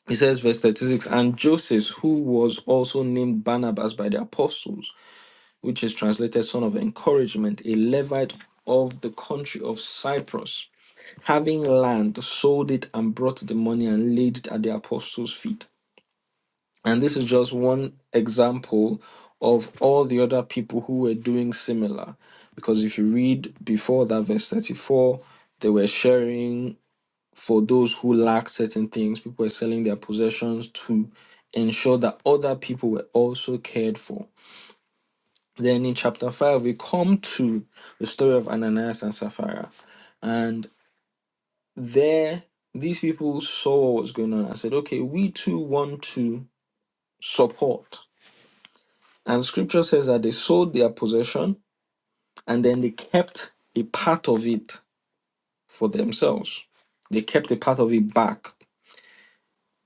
It says, verse 36, and Joseph, who was also named Barnabas by the apostles, which is translated son of encouragement, a Levite of the country of Cyprus, having land, sold it and brought the money and laid it at the apostles' feet. And this is just one example of all the other people who were doing similar. Because if you read before that, verse 34, they were sharing for those who lacked certain things. People were selling their possessions to ensure that other people were also cared for. Then in chapter 5, we come to the story of Ananias and Sapphira. And there, these people saw what was going on and said, okay, we too want to support And scripture says that they sold their possession and then they kept a part of it for themselves. They kept a part of it back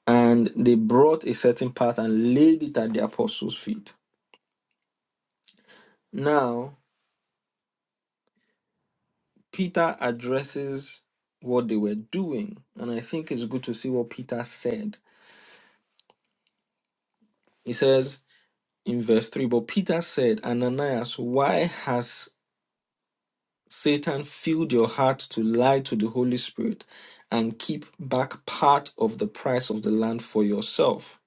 and they brought a certain part and laid it at the apostles' feet. Now, Peter addresses what they were doing, and I think it's good to see what Peter said. He says in verse 3 But Peter said, Ananias, why has Satan filled your heart to lie to the Holy Spirit and keep back part of the price of the land for yourself.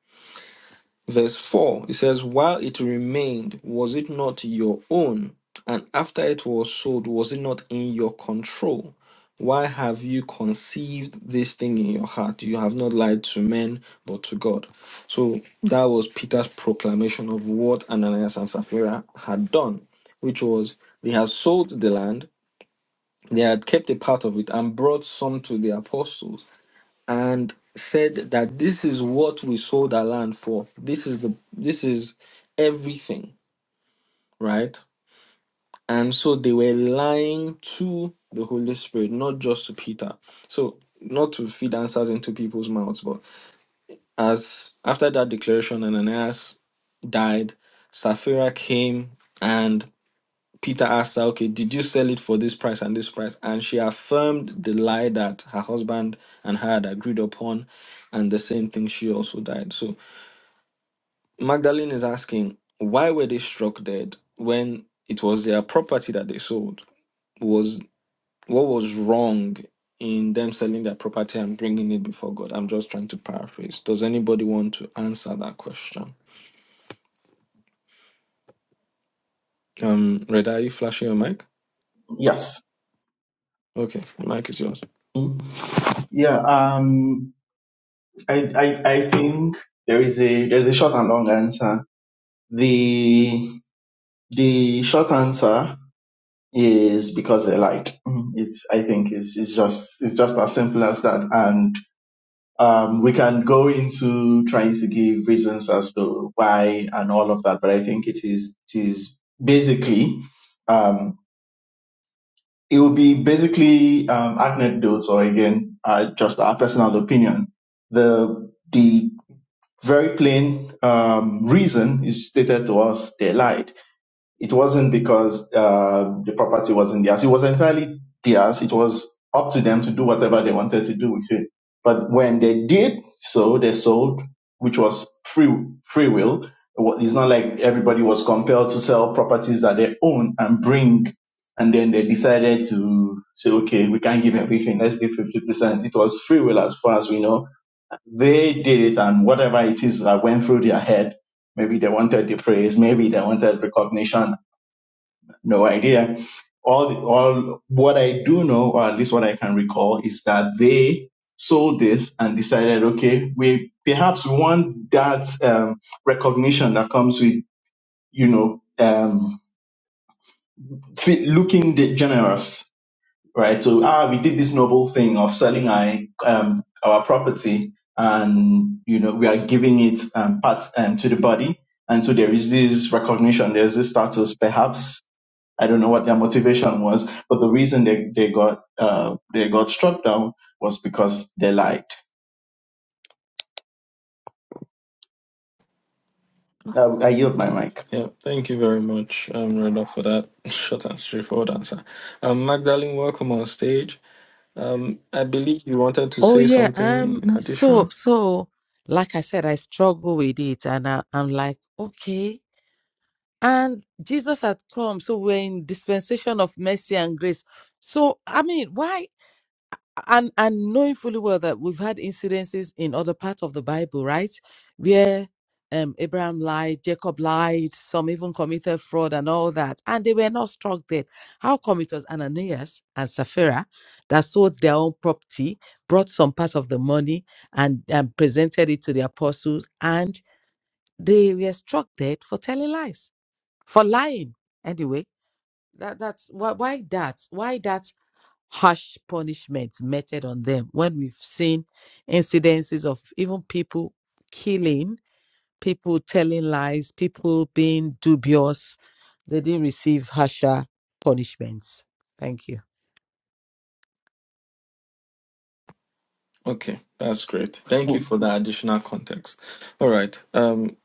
Verse 4 it says, While it remained, was it not your own? And after it was sold, was it not in your control? Why have you conceived this thing in your heart? You have not lied to men, but to God. So that was Peter's proclamation of what Ananias and Sapphira had done, which was they had sold the land they had kept a part of it and brought some to the apostles and said that this is what we sold our land for. This is the this is everything, right? And so they were lying to the Holy Spirit, not just to Peter. So not to feed answers into people's mouths, but as after that declaration, Ananias died, Sapphira came and. Peter asked her, okay, did you sell it for this price and this price? And she affirmed the lie that her husband and her had agreed upon, and the same thing, she also died. So Magdalene is asking, why were they struck dead when it was their property that they sold? Was what was wrong in them selling their property and bringing it before God? I'm just trying to paraphrase. Does anybody want to answer that question? Um, Reda, are you flashing your mic?
Yes.
Okay, mic is yours.
Mm. Yeah. Um. I, I I think there is a there's a short and long answer. The the short answer is because they lied. Mm. It's I think it's it's just it's just as simple as that. And um, we can go into trying to give reasons as to why and all of that, but I think it is it is basically um, it will be basically um, anecdotes or again uh, just our personal opinion. The the very plain um, reason is stated to us they lied, it wasn't because uh, the property wasn't theirs. It was entirely theirs. It was up to them to do whatever they wanted to do with it. But when they did so, they sold, which was free free will. It Wa- It's not like everybody was compelled to sell properties that they own and bring. And then they decided to say, okay, we can't give everything. Let's give 50%. It was free will as far as we know. They did it and whatever it is that went through their head, maybe they wanted the praise, maybe they wanted recognition no idea. All, the, all what I do know, or at least what I can recall, is that they sold this and decided, okay, we perhaps want that um, recognition that comes with, you know, um, fe- looking de- generous, right? So, ah, we did this noble thing of selling our um, our property, and you know, we are giving it um, part um, to the body, and so there is this recognition, there's this status, perhaps I don't know what their motivation was, but the reason they, they got uh, they got struck down was because they lied. I, I yield my mic.
Yeah, thank you very much, um, Reda, for that *laughs* short and straightforward answer. Um, Magdalene, welcome on stage. Um, I believe you wanted to
Oh
say
yeah,
something
um
in
so
addition.
so like I said I struggle with it and I, I'm like okay and Jesus had come so we're in dispensation of mercy and grace. So I mean why and and knowing fully well that we've had incidences in other parts of the bible right where um abraham lied jacob lied some even committed fraud and all that and they were not struck dead how come it was ananias and sapphira that sold their own property brought some part of the money and, and presented it to the apostles and they were struck dead for telling lies for lying anyway that that's why why that why that harsh punishment meted on them when we've seen incidences of even people killing, people telling lies, people being dubious. They didn't receive harsher punishments. Thank you.
Okay, that's great. Thank you for that additional context. All right. Um,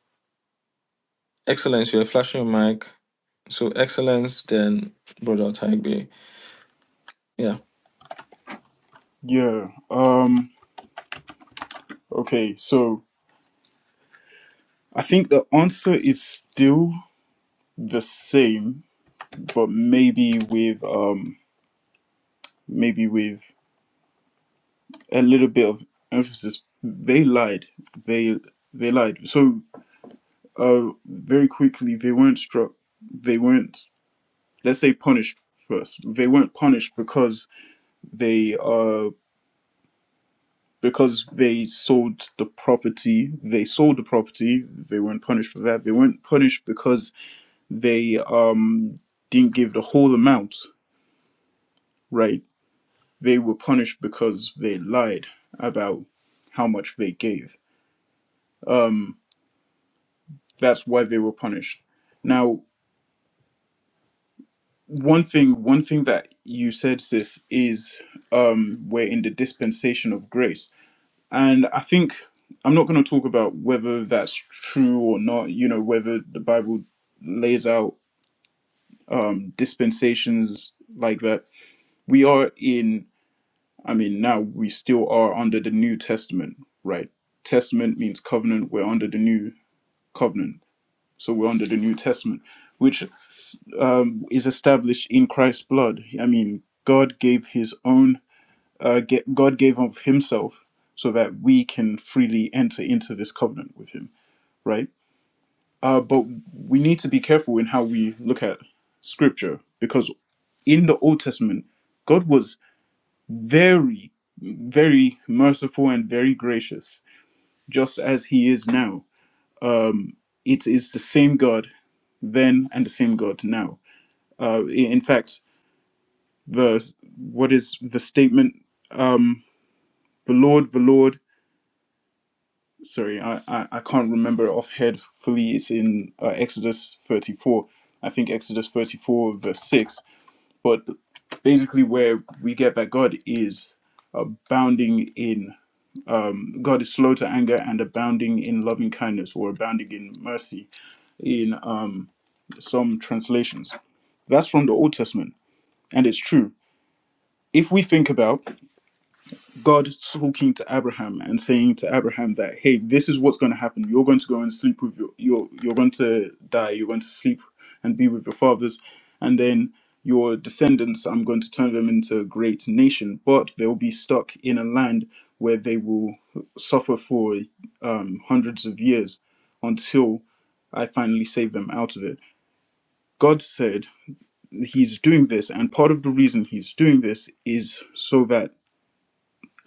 Excellence, you're flashing your mic. So, Excellence, then Brother Taigbe. Yeah,
Yeah. Um okay, so I think the answer is still the same, but maybe with um maybe with a little bit of emphasis. They lied. They they lied. So uh very quickly they weren't struck they weren't let's say punished first. They weren't punished because they uh because they sold the property, they sold the property, they weren't punished for that. They weren't punished because they um, didn't give the whole amount, right? They were punished because they lied about how much they gave. Um, that's why they were punished. Now, one thing, one thing that you said, sis, is um, we're in the dispensation of grace, and I think I'm not going to talk about whether that's true or not. You know, whether the Bible lays out um, dispensations like that. We are in I mean, now we still are under the New Testament, right? Testament means covenant. We're under the New Covenant. So we're under the New Testament, which um, is established in Christ's blood. I mean, God gave his own, uh, ge- God gave of himself so that we can freely enter into this covenant with him, right? Uh, but we need to be careful in how we look at scripture because in the Old Testament, God was very, very merciful and very gracious, just as He is now. Um, it is the same God then and the same God now. Uh, in fact, the what is the statement? Um, the Lord, the Lord. Sorry, I, I, I can't remember offhand. Fully, it's in uh, Exodus thirty four. I think Exodus thirty four verse six. But basically, where we get that God is abounding in um, God is slow to anger and abounding in loving kindness or abounding in mercy in um, some translations. That's from the Old Testament, and it's true. If we think about God talking to Abraham and saying to Abraham that, "Hey, this is what's going to happen. You're going to go and sleep with your, you're you're going to die. You're going to sleep and be with your fathers, and then your descendants. I'm going to turn them into a great nation, but they'll be stuck in a land where they will suffer for um, hundreds of years until I finally save them out of it." God said He's doing this, and part of the reason He's doing this is so that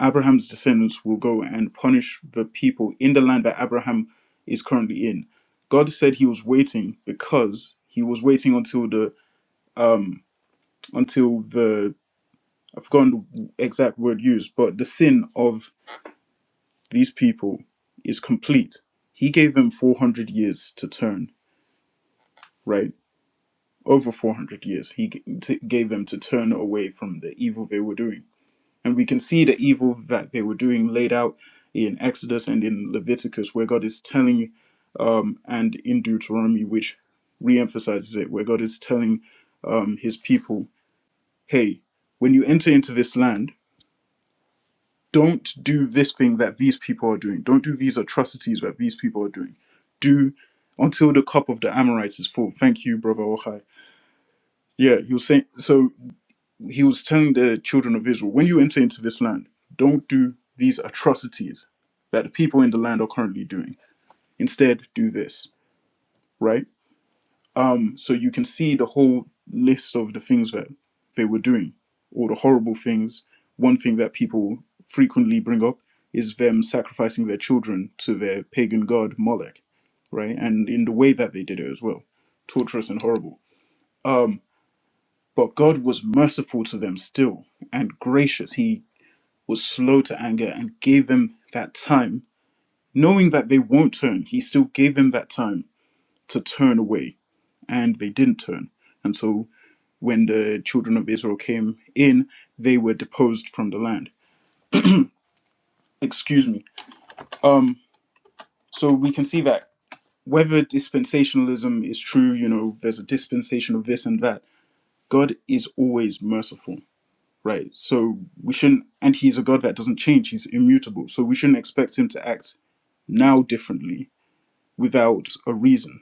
Abraham's descendants will go and punish the people in the land that Abraham is currently in. God said he was waiting because he was waiting until the um until the I've forgotten the exact word used, but the sin of these people is complete. He gave them 400 years to turn, right? Over 400 years. He g- t- gave them to turn away from the evil they were doing And we can see the evil that they were doing laid out in Exodus and in Leviticus, where God is telling, um, and in Deuteronomy, which re emphasizes it, where God is telling um, his people, hey, when you enter into this land, don't do this thing that these people are doing. Don't do these atrocities that these people are doing. Do until the cup of the Amorites is full. Thank you, brother Ohai. Yeah, he was saying so. he was telling the children of Israel, when you enter into this land, don't do these atrocities that the people in the land are currently doing. Instead, do this, right? Um, so you can see the whole list of the things that they were doing, all the horrible things. One thing that people frequently bring up is them sacrificing their children to their pagan god Molech, right? And in the way that they did it as well, torturous and horrible. Um, but God was merciful to them still and gracious. He was slow to anger and gave them that time. Knowing that they won't turn, he still gave them that time to turn away, and they didn't turn. And so when the children of Israel came in, they were deposed from the land. Excuse me. Um, so we can see that whether dispensationalism is true, you know, there's a dispensation of this and that, God is always merciful, right? So we shouldn't, and He's a God that doesn't change, He's immutable. So we shouldn't expect Him to act now differently without a reason.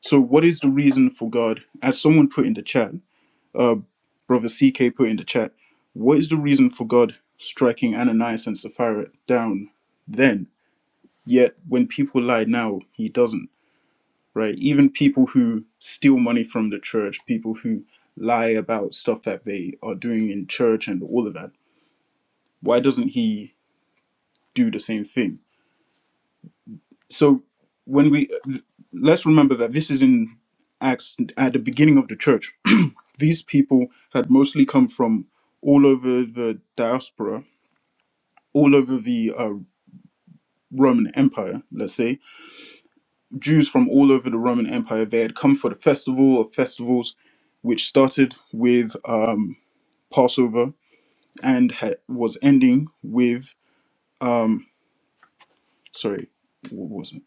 So, what is the reason for God? As someone put in the chat, uh, brother CK put in the chat, what is the reason for God striking Ananias and Sapphira down then? Yet, when people lie now, he doesn't, right? Even people who steal money from the church, people who lie about stuff that they are doing in church and all of that, why doesn't he do the same thing? So, when we let's remember that this is in Acts at the beginning of the church These people had mostly come from all over the diaspora, all over the uh, Roman Empire, let's say. Jews from all over the Roman Empire, they had come for the festival of festivals, which started with um, Passover and ha- was ending with, um, sorry, what was it?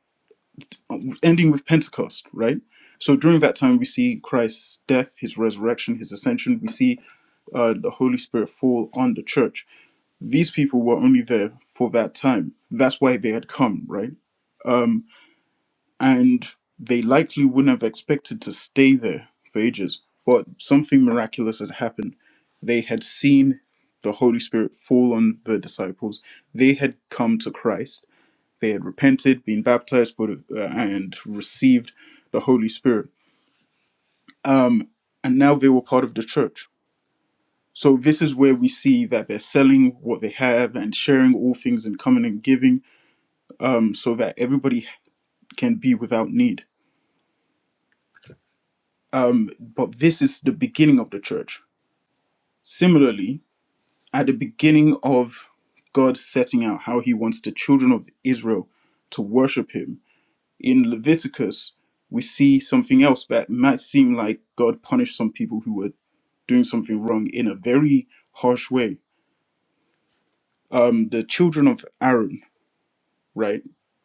Um, Ending with Pentecost, right? So during that time, we see Christ's death, his resurrection, his ascension. We see uh, the Holy Spirit fall on the church these people were only there for that time. That's why they had come, right? Um, and they likely wouldn't have expected to stay there for ages, but something miraculous had happened. They had seen the Holy Spirit fall on the disciples. They had come to Christ. They had repented, been baptized, for the, uh, and received the Holy Spirit. Um, and now they were part of the church. So this is where we see that they're selling what they have and sharing all things and coming and giving um, so that everybody can be without need. Um, but this is the beginning of the church. Similarly, at the beginning of God setting out how he wants the children of Israel to worship him, in Leviticus, we see something else that might seem like God punished some people who were doing something wrong in a very harsh way. Um, the children of Aaron, right,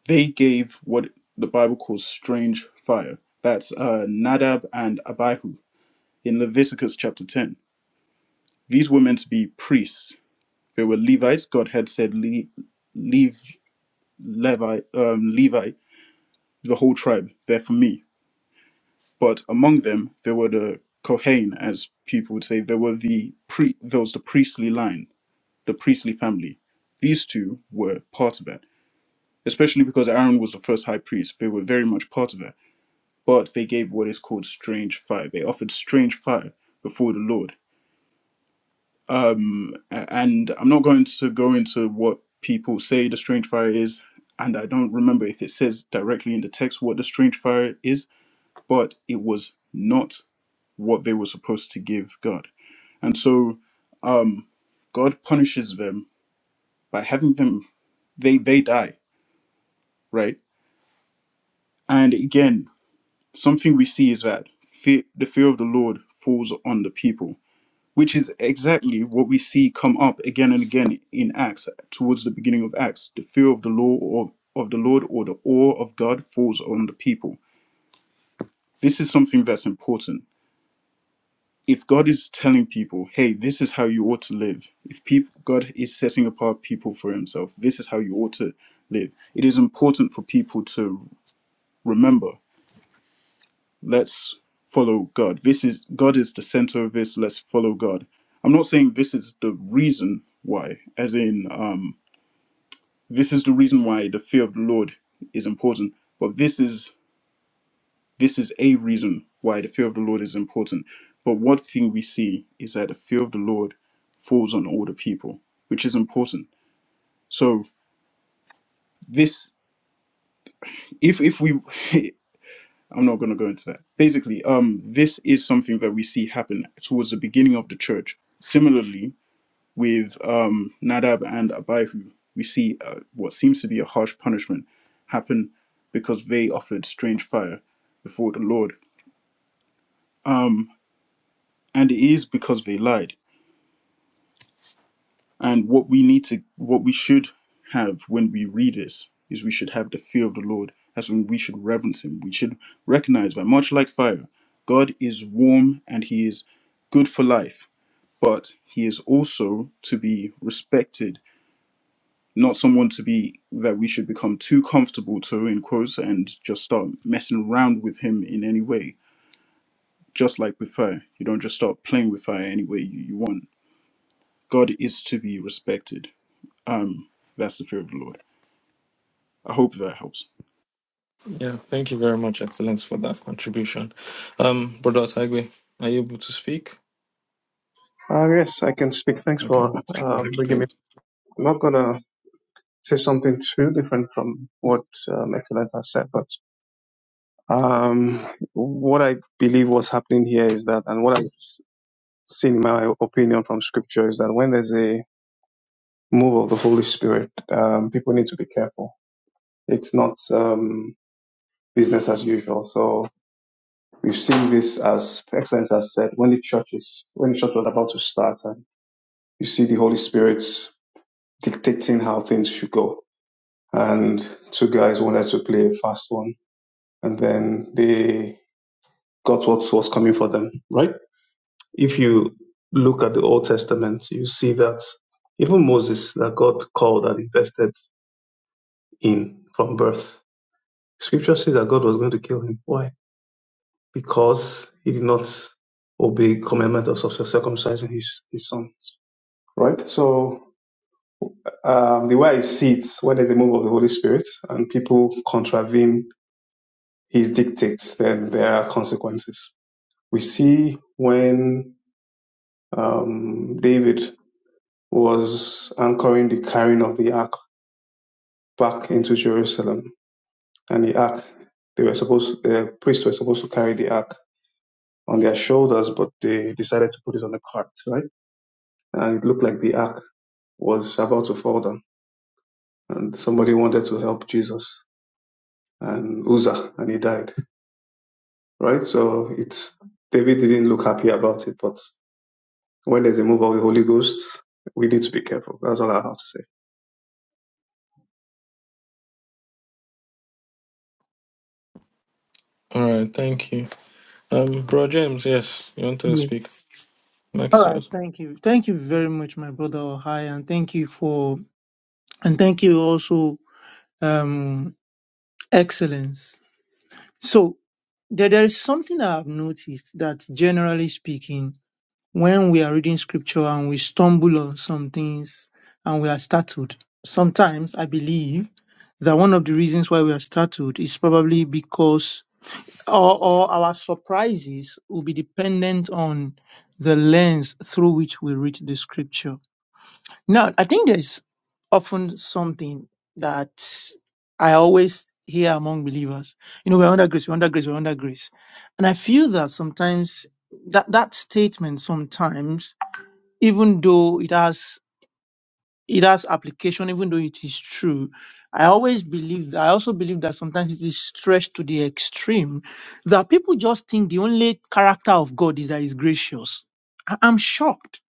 they gave what the Bible calls strange fire. That's uh, Nadab and Abihu in Leviticus chapter 10. These were meant to be priests. They were Levites. God had said, Le- Leave Levi, um, Levi, the whole tribe, they're for me. But among them, there were the Kohain, as people would say, there were the pre- there was the priestly line, the priestly family. These two were part of that, especially because Aaron was the first high priest. They were very much part of that. But they gave what is called strange fire. They offered strange fire before the Lord um, a- and I'm not going to go into what people say the strange fire is, and I don't remember if it says directly in the text what the strange fire is, but it was not what they were supposed to give God, and so um, God punishes them by having them they they die right, and again something we see is that fear, the fear of the Lord falls on the people which is exactly what we see come up again and again in Acts, towards the beginning of Acts. The fear of the law or of the Lord or the awe of God falls on the people. This is something that's important. If God is telling people, hey, this is how you ought to live, if people, God is setting apart people for himself, this is how you ought to live, it is important for people to remember let's follow God. This is God is the center of this. Let's follow God. I'm not saying this is the reason why, as in um, this is the reason why the fear of the Lord is important. But this is this is a reason why the fear of the Lord is important. But one thing we see is that the fear of the Lord falls on all the people, which is important. So this, if if we, *laughs* I'm not going to go into that. Basically, um, this is something that we see happen towards the beginning of the church. Similarly, with um, Nadab and Abihu, we see uh, what seems to be a harsh punishment happen because they offered strange fire before the Lord. Um, and it is because they lied. And what we need to, what we should have when we read this, is we should have the fear of the Lord. as when we should reverence Him. We should recognize that, much like fire, God is warm and He is good for life, but He is also to be respected, not someone to be that we should become too comfortable to, in quotes, and just start messing around with Him in any way. Just like with fire, you don't just start playing with fire any way you, you want. God is to be respected. Um, that's the fear of the Lord. I hope that helps.
yeah. Thank you very much, Excellence, for that contribution. Um, Brother Taigbe, are you able to speak?
Uh, yes, I can speak. Thanks
Okay,
for um, bringing me.
great.
I'm not gonna say something too different from what um, Excellence has said, but um, what I believe was happening here is that, and what I've s- seen in my opinion from Scripture is that when there's a move of the Holy Spirit, um, people need to be careful. It's not um, business as usual. So we've seen this, as Excellence has said, when the church is when the church was about to start, and you see the Holy Spirit's dictating how things should go and two guys wanted to play a fast one, and then they got what was coming for them, right? If you look at the Old Testament, you see that even Moses, that God called and invested in from birth, scripture says that God was going to kill him. Why? Because he did not obey commandment of circumcising his, his son, right? So um, the way I see it, when there's a move of the Holy Spirit and people contravene his dictates, then there are consequences. We see when um, David was anchoring the carrying of the ark back into Jerusalem, and the ark they were supposed the priests were supposed to carry the ark on their shoulders, but they decided to put it on a cart, right? And it looked like the ark was about to fall down, and somebody wanted to help Jesus and Uzzah, and he died, right? So it's David didn't look happy about it, but when there's a move of the Holy Ghost, we need to be careful. That's all I have to say.
All right, thank you. Um, bro James, yes, you want to
Yeah.
speak? Mike
All
is
right.
yours.
Thank you. Thank you very much, my brother Ohai, and thank you for and thank you also, um, excellence. So there, there is something that I've noticed that generally speaking, when we are reading scripture and we stumble on some things and we are startled, sometimes I believe that one of the reasons why we are startled is probably because or, or our surprises will be dependent on the lens through which we read the scripture. Now, I think there's often something that I always hear among believers. You know, we're under grace, we're under grace, we're under grace. And I feel that sometimes that, that statement sometimes, even though it has it has application, even though it is true. I always believe I also believe that sometimes it is stretched to the extreme that people just think the only character of God is that he's gracious. I- I'm shocked.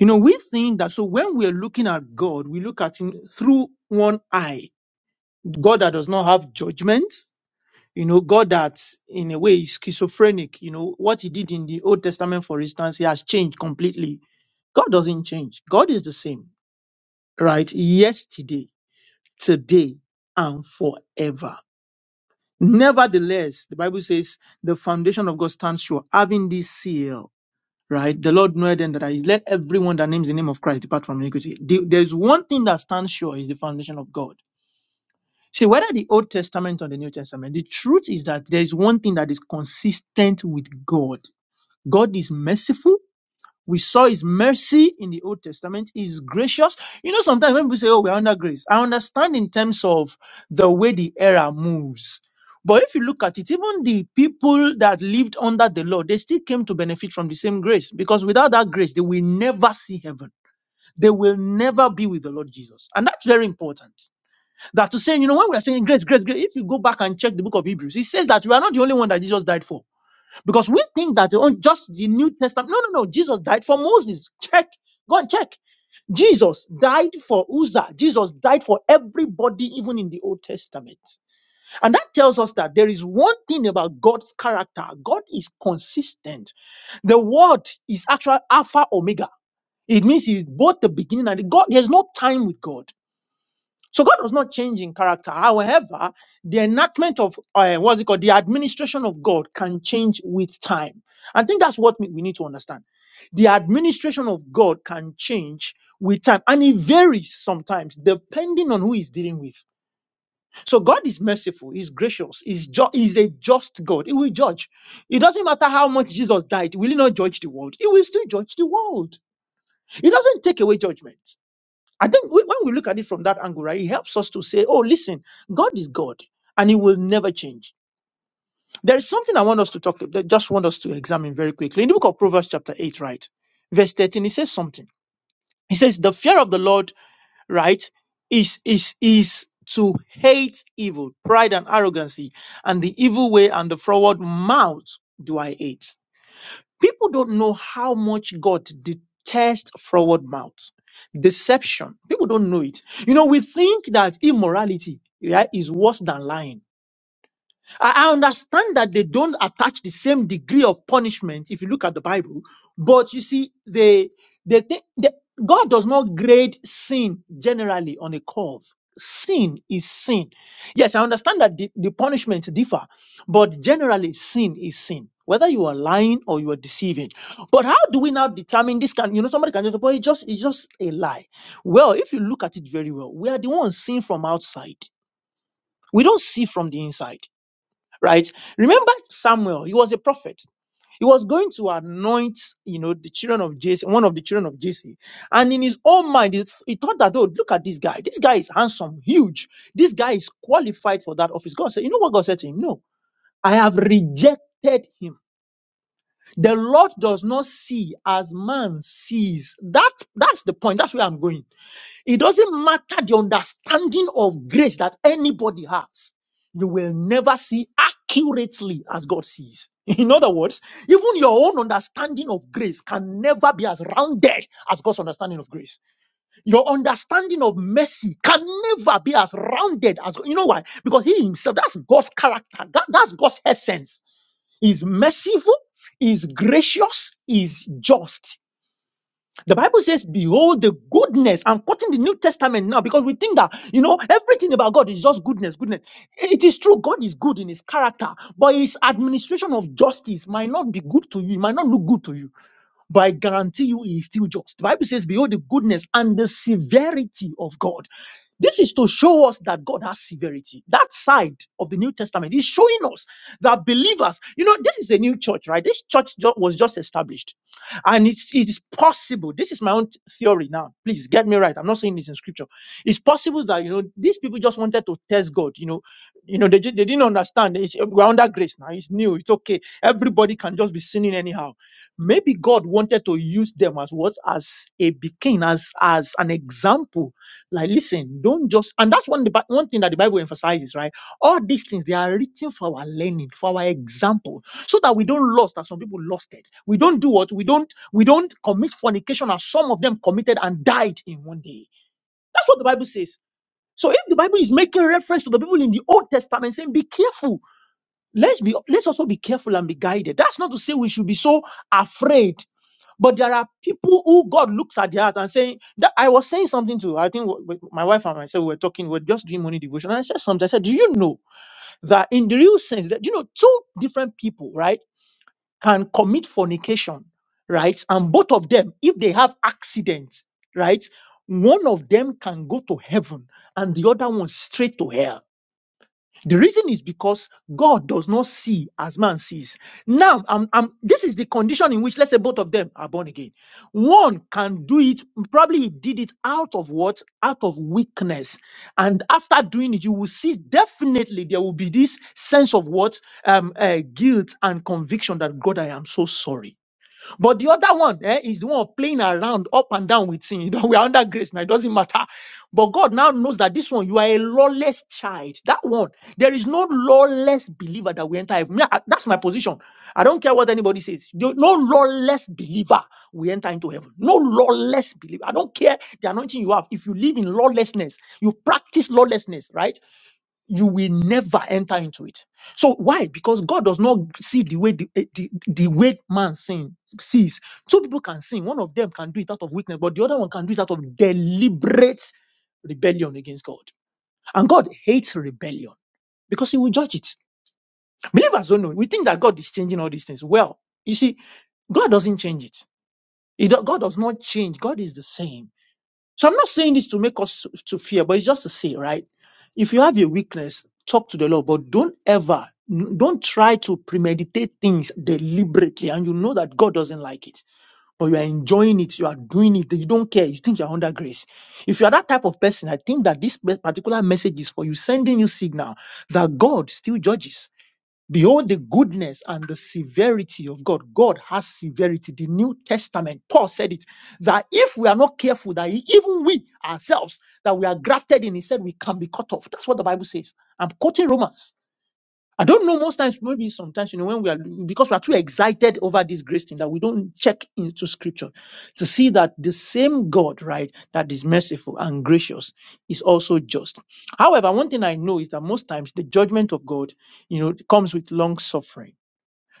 You know, we think that so when we're looking at God, we look at him through one eye. God that does not have judgments, you know, God that in a way is schizophrenic. You know, what he did in the Old Testament, for instance, he has changed completely. God doesn't change. God is the same, right? Yesterday. today and forever. Nevertheless, the Bible says the foundation of God stands sure, having this seal, right? The Lord knoweth then that I let everyone that names the name of Christ depart from iniquity. The- There's one thing that stands sure is the foundation of God. See, whether the Old Testament or the New Testament, the truth is that there is one thing that is consistent with God. God is merciful we saw his mercy in the Old Testament. He is gracious. You know, sometimes when people say, oh, we're under grace, I understand in terms of the way the era moves. But if you look at it, even the people that lived under the law, they still came to benefit from the same grace because without that grace, they will never see heaven. They will never be with the Lord Jesus. And that's very important. That to say, you know, when we are saying grace, grace, grace, if you go back and check the book of Hebrews, it says that we are not the only one that Jesus died for. Because we think that on just the New Testament. No, no, no. Jesus died for Moses. Check. Go and check. Jesus died for Uzzah. Jesus died for everybody, even in the Old Testament. And that tells us that there is one thing about God's character. God is consistent. The word is actual Alpha Omega. It means he's both the beginning and the God. There's no time with God. So God does not change in character. However, the enactment of uh, what's it called, the administration of God can change with time. I think that's what we we need to understand. The administration of God can change with time, and it varies sometimes depending on who he's dealing with. So God is merciful, He's gracious, He's ju- He's a just God. He will judge. It doesn't matter how much Jesus died; will He not judge the world? He will still judge the world. He doesn't take away judgment. I think we- when we look at it from that angle, right, it helps us to say, oh, listen, God is God and he will never change. There is something I want us to talk, that just want us to examine very quickly. In the book of Proverbs, chapter 8, right, verse 13, it says something. He says, the fear of the Lord, right, is, is, is to hate evil, pride and arrogancy, and the evil way and the forward mouth do I hate. People don't know how much God detests forward mouth, deception. People don't know it. You know, we think that immorality yeah, is worse than lying. I I understand that they don't attach the same degree of punishment if you look at the Bible, but you see, they they think that God does not grade sin generally on a curve. Sin is sin. Yes, I understand that the, the punishment differ, but generally sin is sin. Whether you are lying or you are deceiving. But how do we now determine this can you know somebody can just say, "Boy, it's just it's just a lie. Well, if you look at it very well, we are the ones seeing from outside. We don't see from the inside right? Remember Samuel, he was a prophet. He was going to anoint, you know, the children of Jesse, one of the children of Jesse. And in his own mind, he, th- he thought that, oh, look at this guy. This guy is handsome, huge. This guy is qualified for that office. God said, you know what God said to him? No, I have rejected him. The Lord does not see as man sees. That, that's the point. That's where I'm going it doesn't matter the understanding of grace that anybody has. You will never see accurately as God sees. *laughs* In other words, even your own understanding of grace can never be as rounded as God's understanding of grace. Your understanding of mercy can never be as rounded as you know why? Because He Himself, that's God's character, that- that's God's essence is merciful, is gracious, is just. The Bible says, Behold the goodness. I'm quoting the New Testament now because we think that, you know, everything about God is just goodness, goodness. It is true, God is good in his character, but his administration of justice might not be good to you, it might not look good to you but I guarantee you he is still just. The Bible says, Behold the goodness and the severity of God. This is to show us that God has severity. That side of the New Testament is showing us that believers, you know, this is a new church, right? This church ju- was just established. And it's, it is possible, this is my own theory now. Please get me right. I'm not saying this in scripture. It's possible that, you know, these people just wanted to test God. You know, you know, they, ju- they didn't understand. It's, we're under grace now. It's new. It's okay. Everybody can just be sinning anyhow Maybe God wanted to use them as what? As a beacon, as as an example. Like, listen, don't just and that's one the Bi- one thing that the Bible emphasizes, right? All these things they are written for our learning, for our example, so that we don't lost as some people lost it. We don't do what we don't we don't commit fornication as some of them committed and died in one day. That's what the Bible says. So if the Bible is making reference to the people in the Old Testament saying, be careful, let's be let's also be careful and be guided. That's not to say we should be so afraid but there are people who God looks at their heart and saying that I was saying something to I think w- w- my wife and myself were talking, we were just doing morning devotion. And I said something. I said, Do you know that in the real sense that you know two different people, right, can commit fornication, right? And both of them, if they have accidents, right, one of them can go to heaven and the other one straight to hell the reason is because God does not see as man sees. Now, um, um, this is the condition in which, let's say, both of them are born again. One can do it, probably he did it out of what? Out of weakness. And after doing it, you will see definitely there will be this sense of what? Um, uh, guilt and conviction that God, I am so sorry. But the other one eh, is the one playing around up and down with sin. You know, *laughs* we are under grace now, it doesn't matter. But God now knows that this one, you are a lawless child. That one, there is no lawless believer that we enter heaven. Me, I- That's my position. I don't care what anybody says. No no lawless believer we enter into heaven. No lawless believer. I don't care the anointing you have. If you live in lawlessness, you practice lawlessness, right? you will never enter into it. So why? Because God does not see the way the, eh, the, the way man sin, sees. Two people can sin. One of them can do it out of weakness, but the other one can do it out of deliberate rebellion against God. And God hates rebellion because he will judge it. Believers don't know. We think that God is changing all these things. Well, you see, God doesn't change it. He do- God does not change. God is the same. So I'm not saying this to make us to fear, but it's just to say, right? If you have a weakness, talk to the Lord, but don't ever, don't try to premeditate things deliberately. And you know that God doesn't like it, but you are enjoying it, you are doing it, you don't care, you think you're under grace. If you are that type of person, I think that this pe- particular message is for you, sending you signal that God still judges. Behold the goodness and the severity of God. God has severity. The New Testament, Paul said it, that if we are not careful, that even we ourselves, that we are grafted in, he said we can be cut off. That's what the Bible says. I'm quoting Romans. I don't know. Most times, maybe sometimes, you know, when we are because we are too excited over this grace thing that we don't check into scripture to see that the same God, right, that is merciful and gracious is also just. However, one thing I know is that most times the judgment of God, you know, comes with long suffering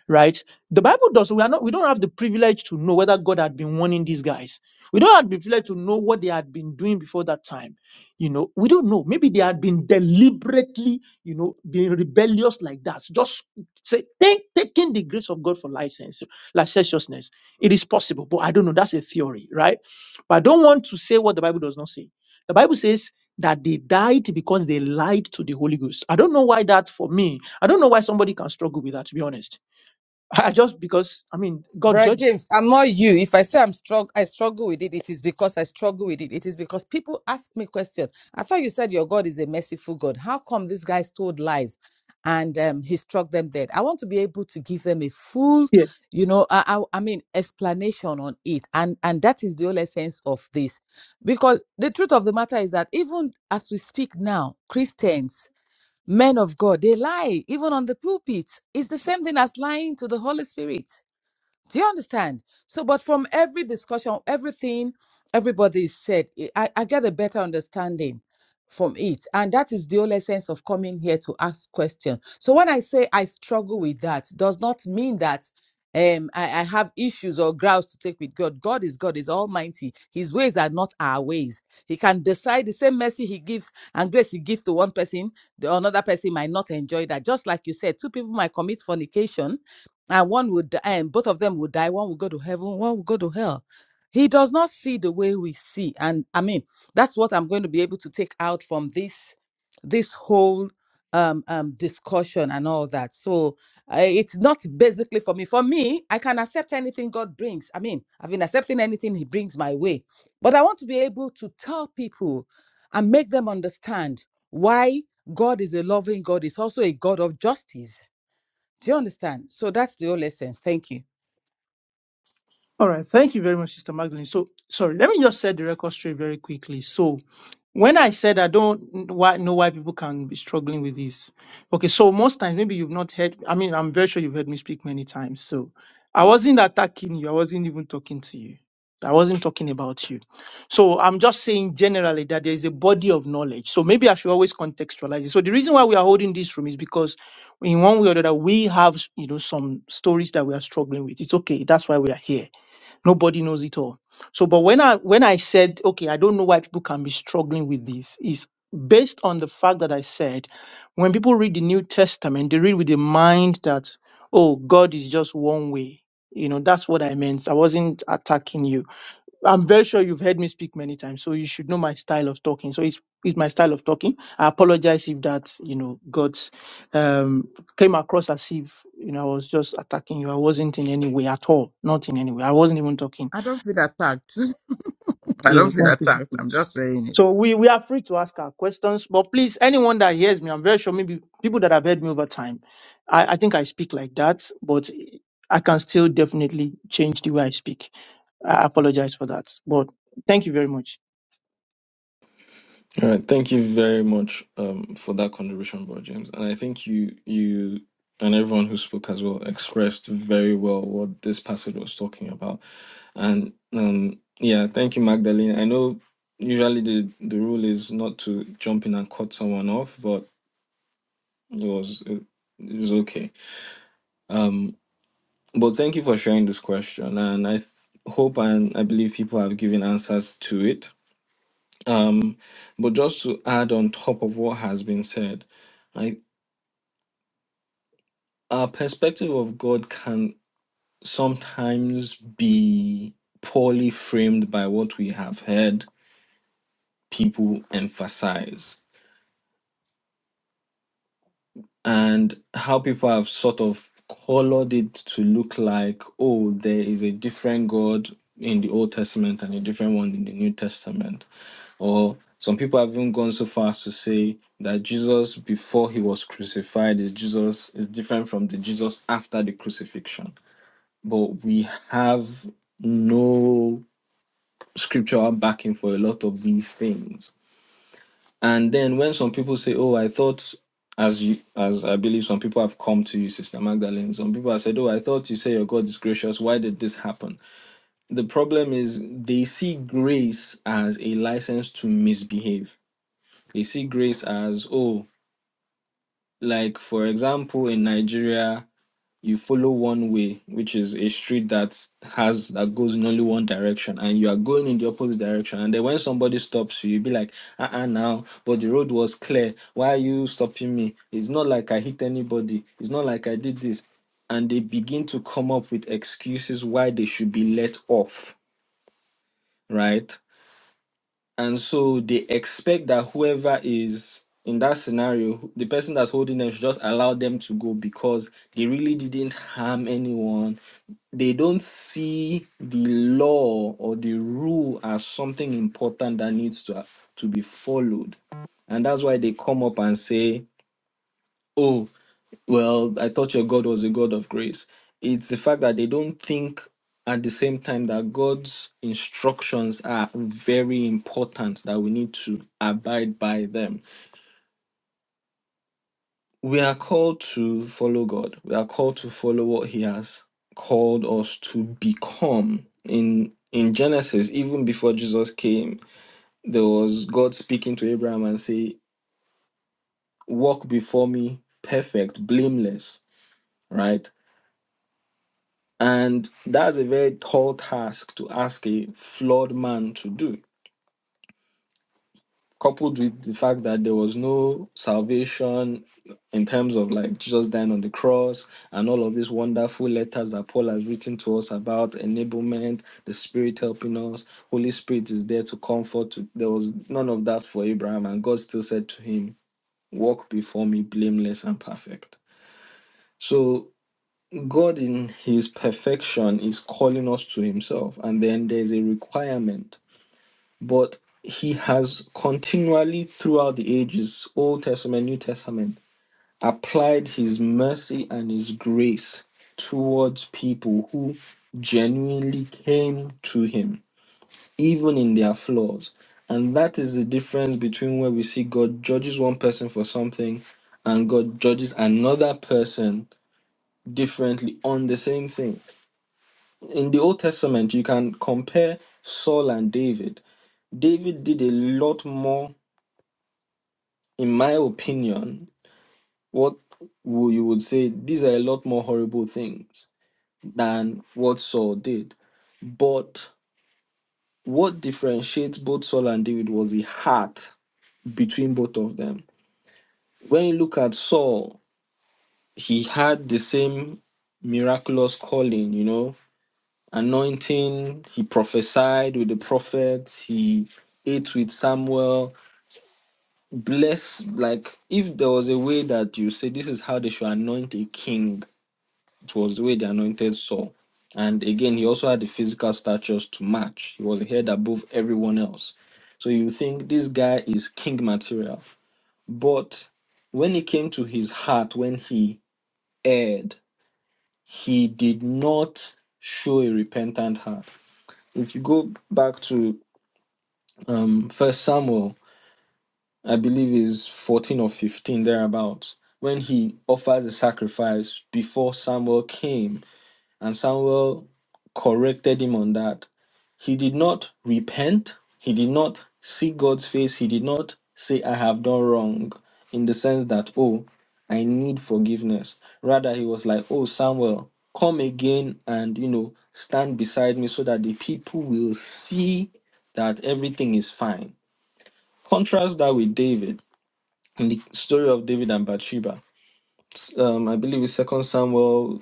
right? The Bible does. We are not. We don't have the privilege to know whether God had been warning these guys. We don't have the privilege to know what they had been doing before that time. You know, we don't know. Maybe they had been deliberately, you know, being rebellious like that. Just say, take, taking the grace of God for license, licentiousness. It is possible, but I don't know. That's a theory, right? But I don't want to say what the Bible does not say. The Bible says that they died because they lied to the Holy Ghost. I don't know why that for me. I don't know why somebody can struggle with that. To be honest I I just because I mean God
Brad
judged.
James, I'm not you. If I say I'm struggle, I struggle with it. It is because I struggle with it. It is because people ask me questions. I thought you said your God is a merciful God. How come these guys told lies, and um, he struck them dead? I want to be able to give them a full,
Yeah,
you know, I, I, I mean, explanation on it, and and that is the whole essence of this, because the truth of the matter is that even as we speak now, Christians. Men of God, they lie even on the pulpit. It's the same thing as lying to the Holy Spirit do you understand? So, but from every discussion, everything everybody said, I, I I get a better understanding from it. And that is the whole essence of coming here to ask questions. So when I say I struggle with that, does not mean that um I, I have issues or grounds to take with God. God is God, is almighty. His ways are not our ways. He can decide the same mercy he gives and grace he gives to one person, the another person might not enjoy that. Just like you said, two people might commit fornication and one would die, and both of them would die. One will go to heaven, one will go to hell. He does not see the way we see, and I mean that's what I'm going to be able to take out from this this whole um, um, discussion and all that. So uh, it's not basically for me. For me, I can accept anything God brings. I mean, I've been accepting anything He brings my way, but I want to be able to tell people and make them understand why God is a loving God. Is also a God of justice do you understand? So that's the whole essence. Thank you.
All right. Thank you very much, Sister Magdalene. So, sorry, let me just set the record straight very quickly. So, when I said I don't why, know why people can be struggling with this, okay, so most times, maybe you've not heard, I mean, I'm very sure you've heard me speak many times. So, I wasn't attacking you, I wasn't even talking to you, I wasn't talking about you. So, I'm just saying generally that there is a body of knowledge. So, maybe I should always contextualize it. So, the reason why we are holding this room is because in one way or the other, we have, you know, some stories that we are struggling with. It's okay. That's why we are here Nobody knows it all. So, but when I when I said, okay, I don't know why people can be struggling with this, is based on the fact that I said, when people read the New Testament, they read with the mind that, oh, God is just one way. You know, that's what I meant. I wasn't attacking you I'm very sure you've heard me speak many times, so you should know my style of talking. So it's it's my style of talking. I apologize if that you know got um, came across as if you know I was just attacking you. I wasn't in any way at all, not in any way. I wasn't even talking.
I don't feel attacked. *laughs* I
Yeah,
don't feel
thank you. very
attacked. I'm
much.
just saying it.
So we we are free to ask our questions, but please, anyone that hears me, I'm very sure maybe people that have heard me over time, I, I think I speak like that, but I can still definitely change the way I speak. I apologize for that, but thank you very much.
All right, thank you very much um, for that contribution, bro James. And I think you, you, and everyone who spoke as well expressed very well what this passage was talking about. And um, yeah, thank you, Magdalene. I know usually the the rule is not to jump in and cut someone off, but it was it, it was okay. Um, but thank you for sharing this question, and I th- hope and I believe people have given answers to it Um, but just to add on top of what has been said, I, our perspective of God can sometimes be poorly framed by what we have heard people emphasize. and how people have sort of colored it to look like, oh, there is a different God in the Old Testament and a different one in the New Testament. Or some people have even gone so far as to say that Jesus before he was crucified is Jesus is different from the Jesus after the crucifixion. But we have no scriptural backing for a lot of these things and then when some people say, "Oh, I thought," as you, as I believe some people have come to you, Sister Magdalene, some people have said, "Oh, I thought you say your God is gracious. Why did this happen?" The problem is they see grace as a license to misbehave. They see grace as, "Oh, like for example, in Nigeria." you follow one way, which is a street that has that goes in only one direction, and you are going in the opposite direction. And then when somebody stops you, you be like, uh uh now, but the road was clear. Why are you stopping me? It's not like I hit anybody, it's not like I did this. And they begin to come up with excuses why they should be let off, right? And so they expect that whoever is in that scenario, the person that's holding them should just allow them to go because they really didn't harm anyone. They don't see the law or the rule as something important that needs to, to be followed. And that's why they come up and say, "Oh." Well, I thought your God was a God of grace. It's the fact that they don't think at the same time that God's instructions are very important, that we need to abide by them. We are called to follow God, we are called to follow what He has called us to become. In in Genesis, even before Jesus came, there was God speaking to Abraham and say, Walk before me perfect, blameless, right? And that's a very tall task to ask a flawed man to do, coupled with the fact that there was no salvation in terms of like Jesus dying on the cross and all of these wonderful letters that Paul has written to us about enablement, the Spirit helping us, Holy Spirit is there to comfort. There was none of that for Abraham, and God still said to him, Walk before me, blameless and perfect. So God, in His perfection, is calling us to Himself, and then there's a requirement. But He has continually, throughout the ages, Old Testament, New Testament, applied His mercy and His grace towards people who genuinely came to Him, even in their flaws. And that is the difference between where we see God judges one person for something and God judges another person differently on the same thing in the Old Testament, you can compare Saul and David. David did a lot more, in my opinion, what wo- you would say, these are a lot more horrible things than what Saul did. But what differentiates both Saul and David was the heart between both of them. When you look at Saul, he had the same miraculous calling, you know, anointing. He prophesied with the prophets. He ate with Samuel. Bless, like, if there was a way that you say this is how they should anoint a king, it was the way they anointed Saul. And again, he also had the physical statures to match. He was a head above everyone else. So you think this guy is king material. But when it came to his heart, when he erred, he did not show a repentant heart. If you go back to um first samuel i believe is 14 or 15 thereabouts when he offers a sacrifice before samuel came and samuel corrected him on that he did not repent he did not see god's face he did not say i have done wrong in the sense that oh i need forgiveness rather he was like oh samuel come again and you know stand beside me so that the people will see that everything is fine Contrast that with David in the story of David and Bathsheba. Um, I believe it's Second Samuel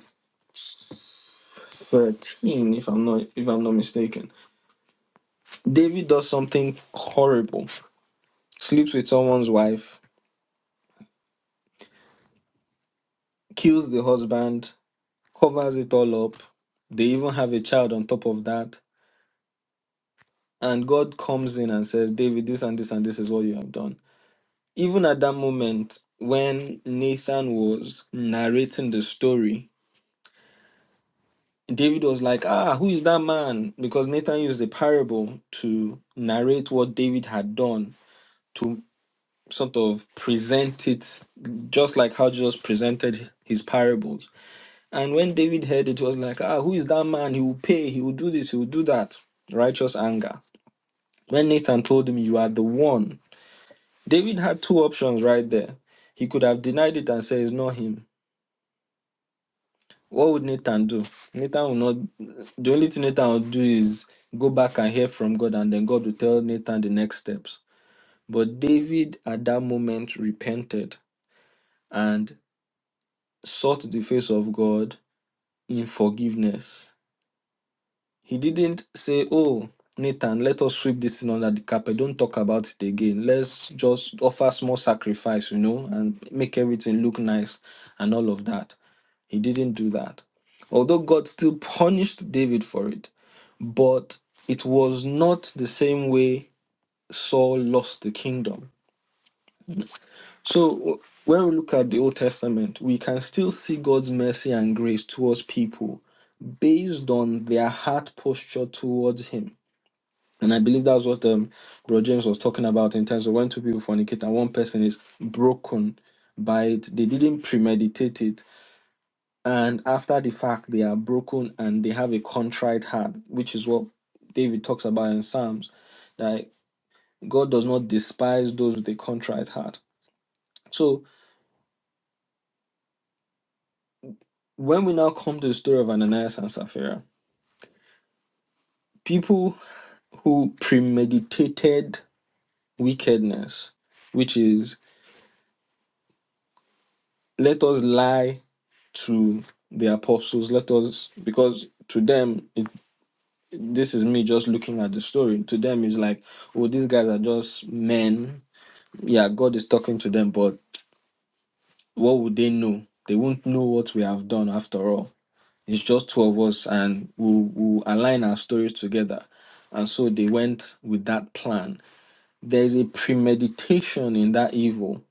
thirteen, if I'm not if I'm not mistaken. David does something horrible, sleeps with someone's wife, kills the husband, covers it all up. They even have a child on top of that, and God comes in and says, "David, this and this and this is what you have done." Even at that moment, when Nathan was narrating the story, David was like, Ah, who is that man? Because Nathan used the parable to narrate what David had done to sort of present it just like how Jesus presented his parables. And when David heard it, was like, Ah, who is that man? He will pay, he will do this, he will do that. Righteous anger. When Nathan told him, You are the one, David had two options right there. He could have denied it and said, It's not him What would Nathan do? Nathan will not. The only thing Nathan will do is go back and hear from God, and then God will tell Nathan the next steps. But David at that moment repented and sought the face of God in forgiveness. He didn't say, Oh, Nathan, let us sweep this thing under the carpet. Don't talk about it again. Let's just offer small sacrifice, you know, and make everything look nice and all of that He didn't do that. Although God still punished David for it, but it was not the same way Saul lost the kingdom. So when we look at the Old Testament, we can still see God's mercy and grace towards people based on their heart posture towards Him. And I believe that's what um, Bro James was talking about in terms of when two people fornicate and one person is broken by it. They didn't premeditate it. and after the fact they are broken and they have a contrite heart which is what david talks about in psalms that god does not despise those with a contrite heart so when we now come to the story of ananias and sapphira people who premeditated wickedness which is let us lie to the apostles let us because to them it, this is me just looking at the story to them it's like oh these guys are just men yeah, God is talking to them, but what would they know? They won't know what we have done after all. It's just two of us, and we'll, we'll align our stories together. And so they went with that plan. There is a premeditation in that evil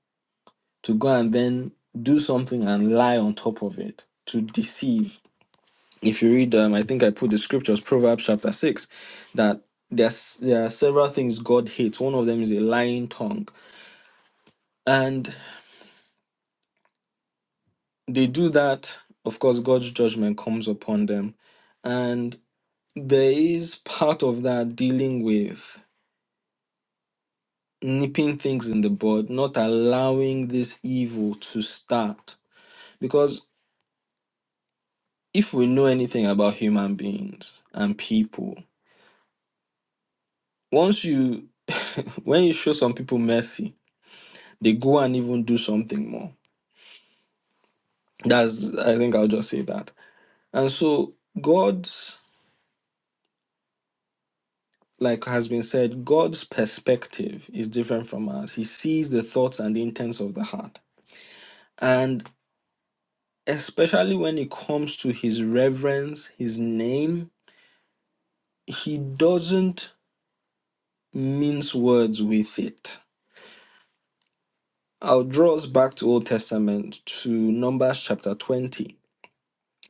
to go and then do something and lie on top of it to deceive. If you read them, I think I put the scriptures, Proverbs chapter 6, that there's, there are several things God hates. One of them is a lying tongue. and. they do that, of course, God's judgment comes upon them. And there is part of that dealing with nipping things in the bud, not allowing this evil to start. Because if we know anything about human beings and people, once you, *laughs* when you show some people mercy, they go and even do something more. That's, I think I'll just say that. And so, God's like has been said, God's perspective is different from us. He sees the thoughts and the intents of the heart. And especially when it comes to his reverence, his name, he doesn't mince words with it. I'll draw us back to Old Testament to Numbers chapter 20.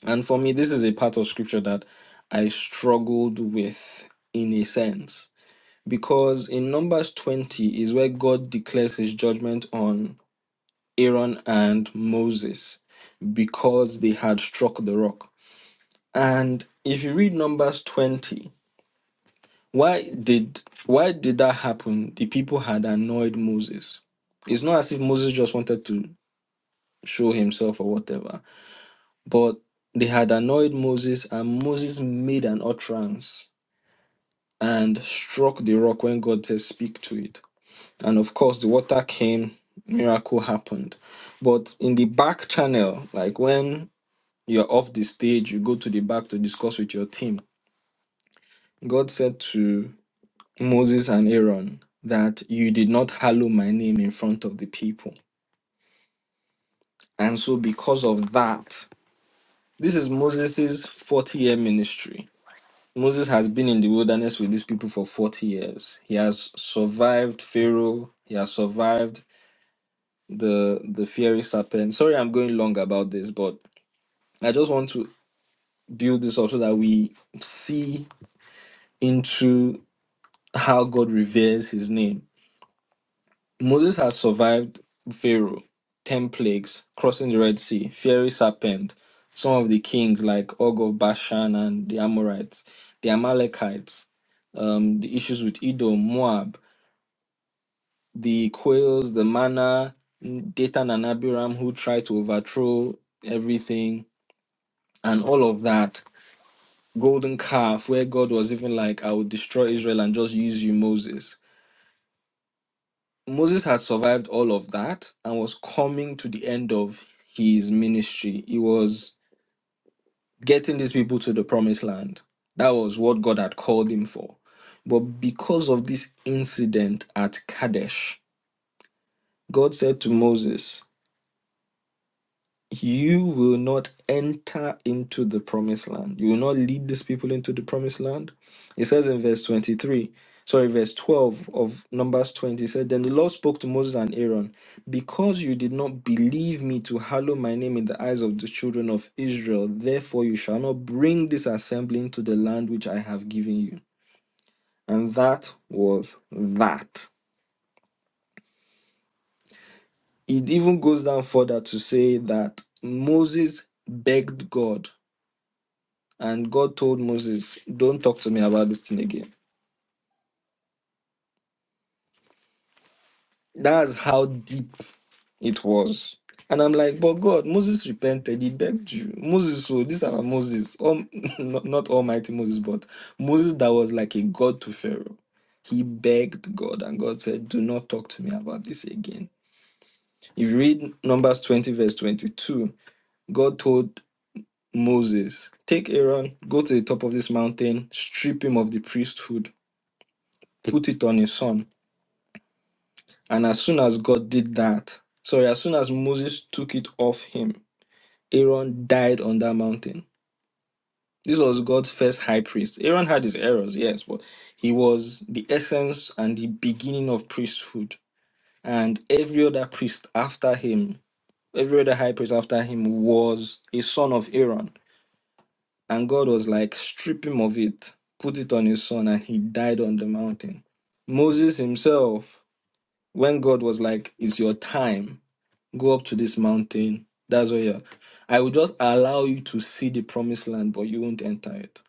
And for me, this is a part of scripture that I struggled with in a sense. Because in Numbers 20 is where God declares his judgment on Aaron and Moses because they had struck the rock. And if you read Numbers 20, why did why did that happen? The people had annoyed Moses. It's not as if Moses just wanted to show himself or whatever, but they had annoyed Moses and Moses made an utterance and struck the rock when God said speak to it. And of course the water came, miracle happened. But in the back channel, like when You're off the stage, you go to the back to discuss with your team. God said to Moses and Aaron that you did not hallow my name in front of the people. And so, because of that, this is Moses' 40 year ministry. Moses has been in the wilderness with these people for 40 years. He has survived Pharaoh, he has survived the the fiery serpent. Sorry, I'm going long about this, but I just want to build this up so that we see into how God reveres his name. Moses has survived Pharaoh, 10 plagues, crossing the Red Sea, fiery serpent, some of the kings like Og of Bashan and the Amorites, the Amalekites, um, the issues with Edom, Moab, the quails, the manna, Dathan and Abiram who tried to overthrow everything, and all of that. Golden calf, where God was even like, I will destroy Israel and just use you, Moses Moses had survived all of that and was coming to the end of his ministry. He was getting these people to the promised land. That was what God had called him for. But because of this incident at Kadesh, God said to Moses, you will not enter into the promised land. You will not lead these people into the promised land. It says in verse 23, sorry, verse 12 of Numbers 20, it said, Then the Lord spoke to Moses and Aaron, Because you did not believe me to hallow my name in the eyes of the children of Israel, therefore you shall not bring this assembly into the land which I have given you. And that was that. It even goes down further to say that Moses begged God And God told Moses, Don't talk to me about this thing again. That's how deep it was. And I'm like, But God, Moses repented. He begged you. Moses, so this our Moses, um, *laughs* not, not Almighty Moses, but Moses that was like a God to Pharaoh. He begged God, and God said, Do not talk to me about this again. If you read Numbers 20, verse 22, God told Moses, Take Aaron, go to the top of this mountain, strip him of the priesthood, put it on his son And as soon as God did that, sorry, as soon as Moses took it off him, Aaron died on that mountain. This was God's first high priest. Aaron had his errors, yes, but he was the essence and the beginning of priesthood. And every other priest after him, every other high priest after him was a son of Aaron. And God was like, strip him of it, put it on his son, and he died on the mountain. Moses himself, when God was like, it's your time, Go up to this mountain. That's where you're. I will just allow you to see the promised land, but you won't enter it.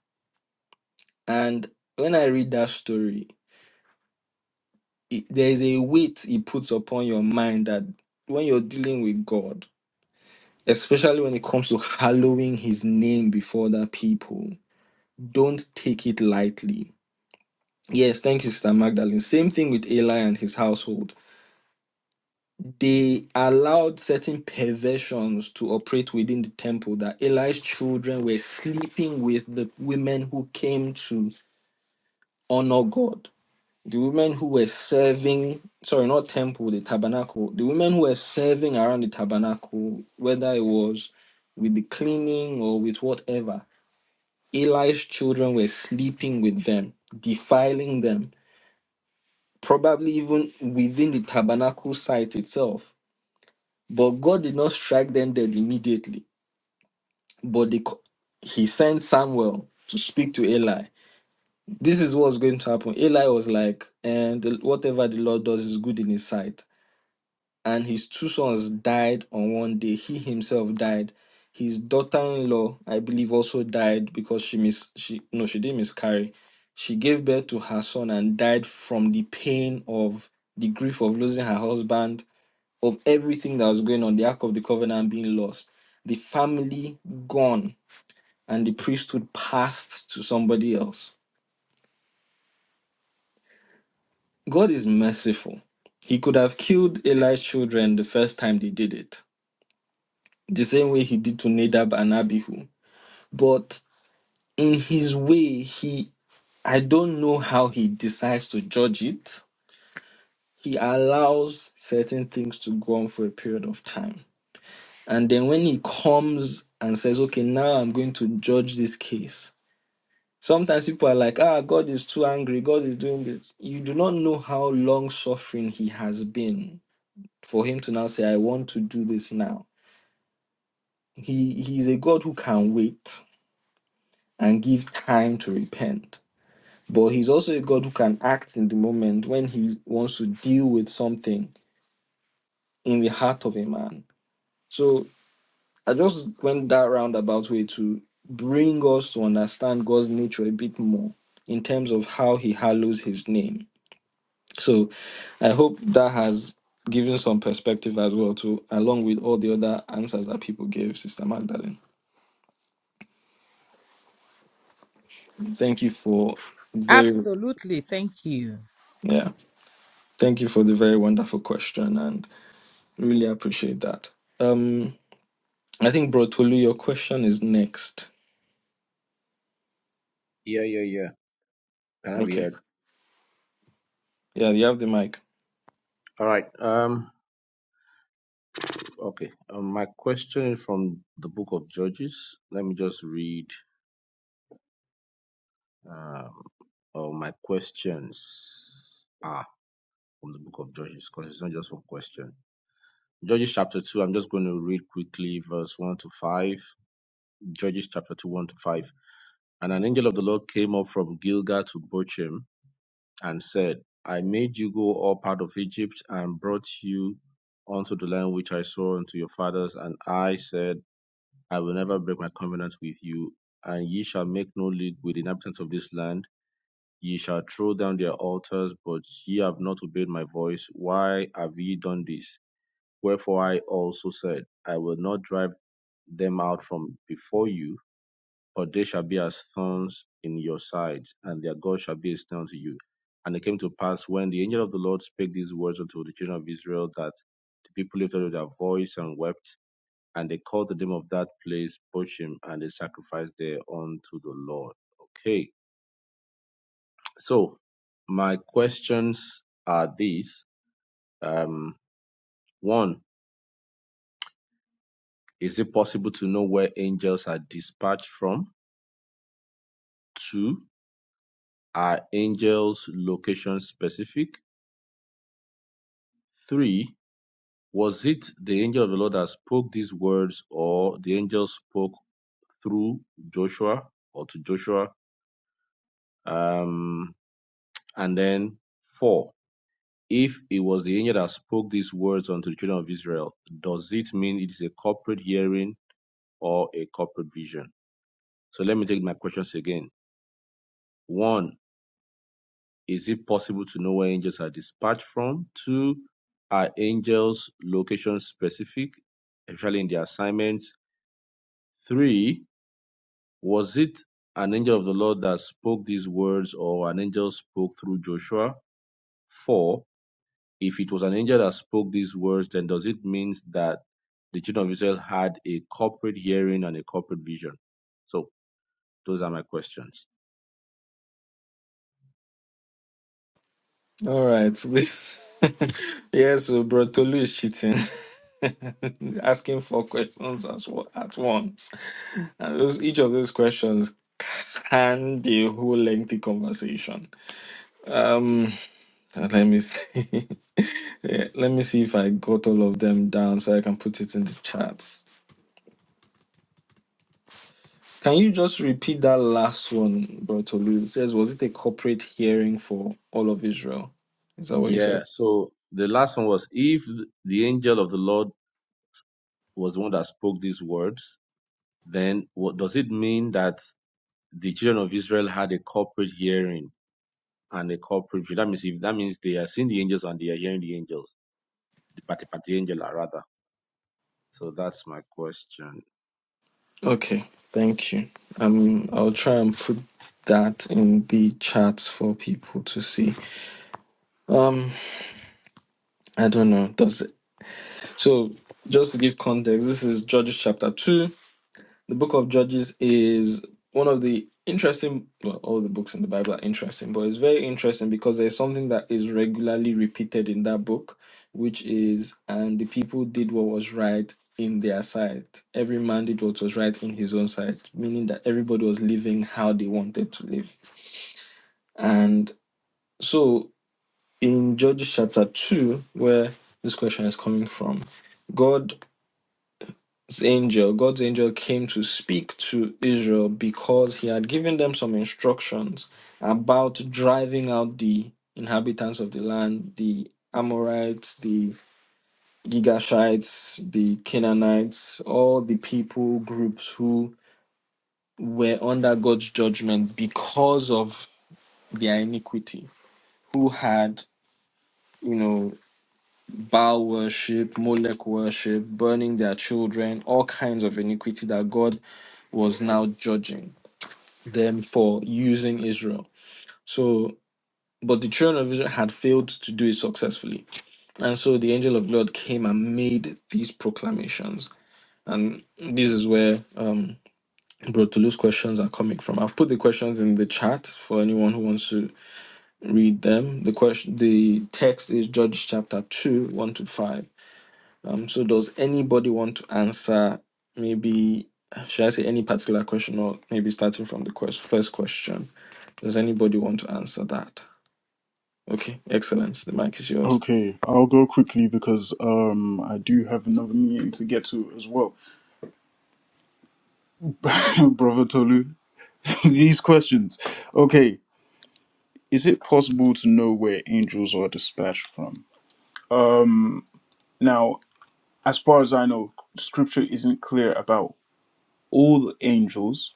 And when I read that story, it, there is a weight it puts upon your mind that when you're dealing with God, especially when it comes to hallowing his name before other people, don't take it lightly. Yes, thank you, Sister Magdalene. Same thing with Eli and his household they allowed certain perversions to operate within the temple that Eli's children were sleeping with the women who came to honor God. The women who were serving, sorry, not temple, the tabernacle, the women who were serving around the tabernacle, whether it was with the cleaning or with whatever, Eli's children were sleeping with them, defiling them, probably even within the tabernacle site itself But God did not strike them dead immediately, but they, he sent Samuel to speak to Eli. This is what's going to happen. Eli was like, and whatever the Lord does is good in his sight. And his two sons died on one day. He himself died. His daughter-in-law, I believe, also died because she mis she no, she didn't miscarry. She gave birth to her son and died from the pain of the grief of losing her husband of everything that was going on, the Ark of the Covenant being lost, the family gone, and the priesthood passed to somebody else. God is merciful. He could have killed Eli's children the first time they did it, the same way he did to Nadab and Abihu. But in his way, he I don't know how he decides to judge it. He allows certain things to go on for a period of time. And then when he comes and says, okay, now I'm going to judge this case, Sometimes people are like, ah, God is too angry. God is doing this. You do not know how long suffering he has been for him to now say, I want to do this now. He he is a God who can wait and give time to repent. But he's also a God who can act in the moment when he wants to deal with something in the heart of a man. So I just went that roundabout way to bring us to understand God's nature a bit more in terms of how he hallows his name So I hope that has given some perspective as well to along with all the other answers that people gave, Sister Magdalene. Thank you for very
Absolutely. Thank you.
yeah. Thank you for the very wonderful question and really appreciate that. Um I think Bro Tolu, your question is next.
Yeah, yeah, yeah. Can I be
Okay.
heard?
Yeah, you have the mic.
All right. Um. Okay. Um, my question is from the book of Judges. Let me just read. Um. All my questions. from the book of Judges because it's not just one question. Judges chapter 2, I'm just going to read quickly verse 1 to 5. Judges chapter 2, 1 to 5. And an angel of the Lord came up from Gilgal to Bochim and said, I made you go up out of Egypt and brought you unto the land which I swore unto your fathers. And I said, I will never break my covenant with you, and ye shall make no league with the inhabitants of this land. Ye shall throw down their altars, but ye have not obeyed my voice. Why have ye done this? Wherefore I also said, I will not drive them out from before you, but they shall be as thorns in your sides, and their God shall be a snare unto you. And it came to pass when the angel of the Lord spake these words unto the children of Israel that the people lifted up their voice and wept, and they called the name of that place Bochim, and they sacrificed there unto the Lord. Okay, so my questions are these. Um, one, Is it possible to know where angels are dispatched from? Two, are angels location specific? Three, was it the angel of the Lord that spoke these words or the angel spoke through Joshua or to Joshua? Um, and then four, if it was the angel that spoke these words unto the children of Israel, does it mean it is a corporate hearing or a corporate vision? So let me take my questions again. One, Is it possible to know where angels are dispatched from? Two, are angels location specific, especially in their assignments? Three, was it an angel of the Lord that spoke these words or an angel spoke through Joshua? Four, if it was an angel that spoke these words, then does it mean that the children of Israel had a corporate hearing and a corporate vision? So those are my questions.
All right. This *laughs* yes, so bro Tolu is cheating. *laughs* Asking four questions as well at once. And those each of those questions can be a whole lengthy conversation. Um let me see. *laughs* Yeah, let me see if I got all of them down so I can put it in the chat. Can you just repeat that last one, Bro Tolu? It says, was it a corporate hearing for all of Israel? Is that what you said?
Yeah, so the last one was if the angel of the Lord was the one that spoke these words, then what does it mean that the children of Israel had a corporate hearing and a corporate view? That means if that means they are seeing the angels and they are hearing the angels, the party party angel ah, rather. So that's my question.
Okay, thank you. Um, I'll try and put that in the chat for people to see. Um, I don't know. Does it? So, just to give context, this is Judges chapter two. The book of Judges is one of the interesting, well, all the books in the Bible are interesting, but it's very interesting because there's something that is regularly repeated in that book, which is, and the people did what was right in their sight. Every man did what was right in his own sight, meaning that everybody was living how they wanted to live. And so in Judges chapter 2, where this question is coming from, God angel, God's angel came to speak to Israel because he had given them some instructions about driving out the inhabitants of the land, the Amorites, the Gigashites, the Canaanites, all the people groups who were under God's judgment because of their iniquity, who had, you know, Baal worship, Molech worship, burning their children, all kinds of iniquity that God was now judging. them for using Israel. So, but the children of Israel had failed to do it successfully. And so the angel of God came and made these proclamations. And this is where um, bro, Brotolu's questions are coming from. I've put the questions in the chat for anyone who wants to read them. The question, the text is Judges chapter 2, 1 to 5. Um, so does anybody want to answer maybe, should I say any particular question or maybe starting from the quest, first question? Does anybody want to answer that? Okay, Excellence, the mic is yours.
Okay, I'll go quickly because um I do have another meeting to get to as well. *clears throat* Brother Tolu, *laughs* these questions. Okay, is it possible to know where angels are dispatched from? Now, as far as I know, scripture isn't clear about all angels,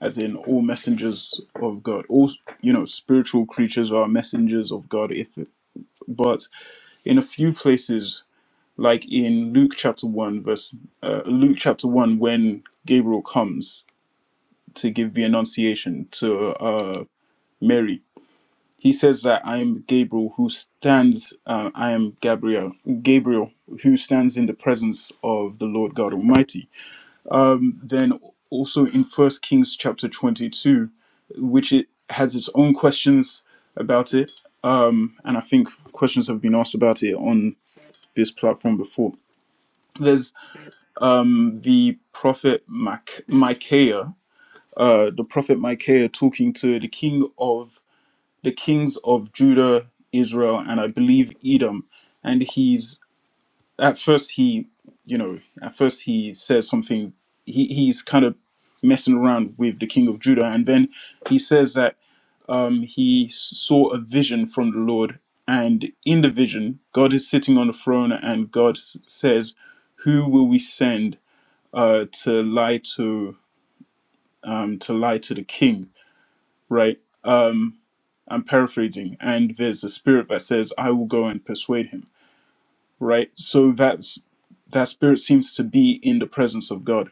as in all messengers of God. All you know, spiritual creatures are messengers of God if but in a few places like in Luke chapter 1 verse uh, Luke chapter 1 when Gabriel comes to give the annunciation to uh, Mary he says that I am Gabriel who stands uh, I am Gabriel Gabriel who stands in the presence of the Lord God Almighty then also in first Kings chapter 22 which it has its own questions about it um, and I think questions have been asked about it on this platform before There's. um, the prophet Mac- Micaiah, uh, the prophet Micaiah talking to the king of the kings of Judah, Israel, and I believe Edom, and he's at first he, you know, at first he says something. He he's kind of messing around with the king of Judah, and then he says that um, he s- saw a vision from the Lord, and in the vision, God is sitting on the throne, and God s- says, "Who will we send?" uh, to lie to um, to lie to the king, right? Um, I'm paraphrasing, and there's a spirit that says, "I will go and persuade him," right? So that's that spirit seems to be in the presence of God,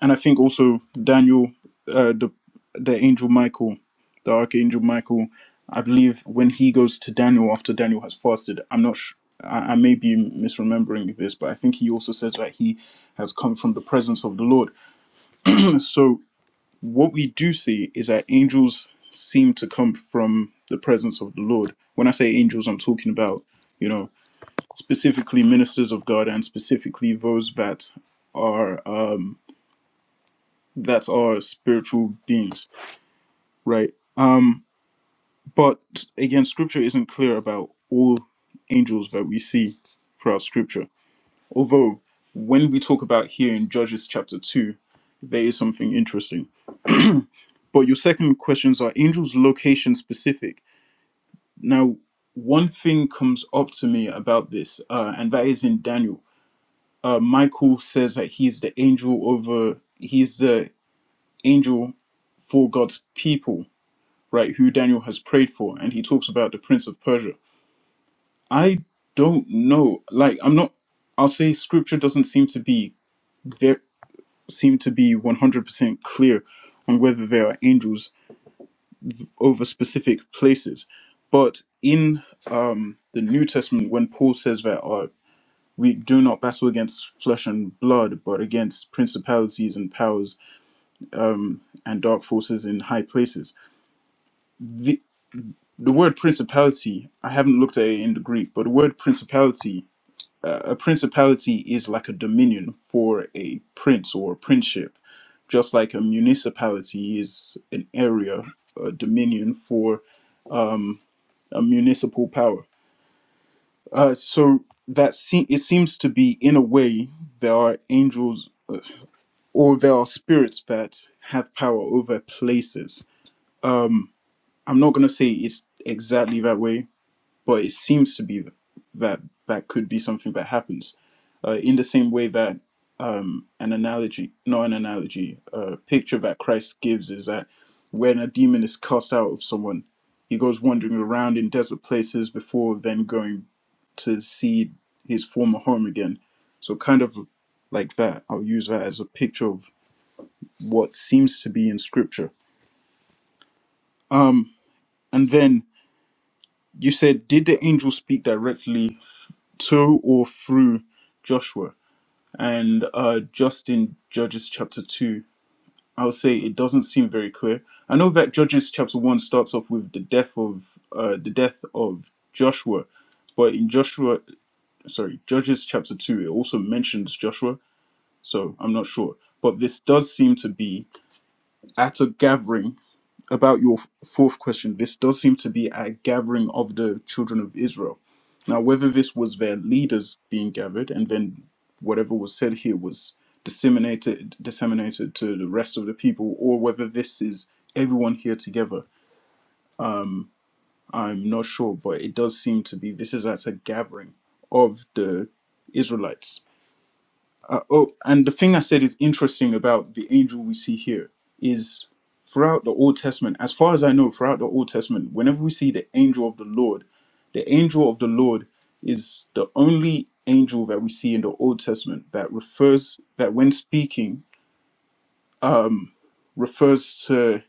and I think also Daniel, uh, the the angel Michael, the archangel Michael, I believe when he goes to Daniel after Daniel has fasted, I'm not sure. I I may be misremembering this, but I think he also says that he has come from the presence of the Lord. So what we do see is that angels seem to come from the presence of the Lord. When I say angels, I'm talking about, you know, specifically ministers of God and specifically those that are um that are spiritual beings, right? Um but again scripture isn't clear about all angels that we see throughout scripture. Although when we talk about here in Judges chapter two, there is something interesting. But your second questions are angels location specific Now, one thing comes up to me about this, uh, and that is in Daniel. Uh, Michael says that he's the angel over, he's the angel for God's people, right? Who Daniel has prayed for, and he talks about the prince of Persia. I don't know. Like, I'm not. I'll say scripture doesn't seem to be there. Seem to be 100% clear on whether there are angels over specific places, but in um, the New Testament, when Paul says that. uh, we do not battle against flesh and blood, but against principalities and powers um, and dark forces in high places. The, the word principality, I haven't looked at it in the Greek, but the word principality, uh, a principality is like a dominion for a prince or a princeship, just like a municipality is an area, a dominion for um, a municipal power. Uh, so that se- it seems to be, in a way, there are angels. Uh, or there are spirits that have power over places. Um, I'm not gonna say it's exactly that way, but it seems to be that that could be something that happens. Uh, in the same way that um, an analogy, not an analogy, a picture that Christ gives is that when a demon is cast out of someone, he goes wandering around in desert places before then going to see his former home again. So kind of like that, I'll use that as a picture of what seems to be in scripture. Um, and then you said, did the angel speak directly to or through Joshua? And uh, just in Judges chapter 2, I would say it doesn't seem very clear. I know that Judges chapter 1 starts off with the death of uh, the death of Joshua, but in Joshua, sorry, Judges chapter 2, it also mentions Joshua, so I'm not sure. But this does seem to be at a gathering about your fourth question, this does seem to be a gathering of the children of Israel. Now, whether this was their leaders being gathered and then whatever was said here was disseminated disseminated to the rest of the people, or whether this is everyone here together, I'm not sure, but it does seem to be this is at a gathering of the Israelites uh, oh, and the thing I said is interesting about the angel we see here is throughout the Old Testament, as far as I know, throughout the Old Testament, whenever we see the angel of the Lord, the angel of the Lord is the only angel that we see in the Old Testament that refers that when speaking um, refers to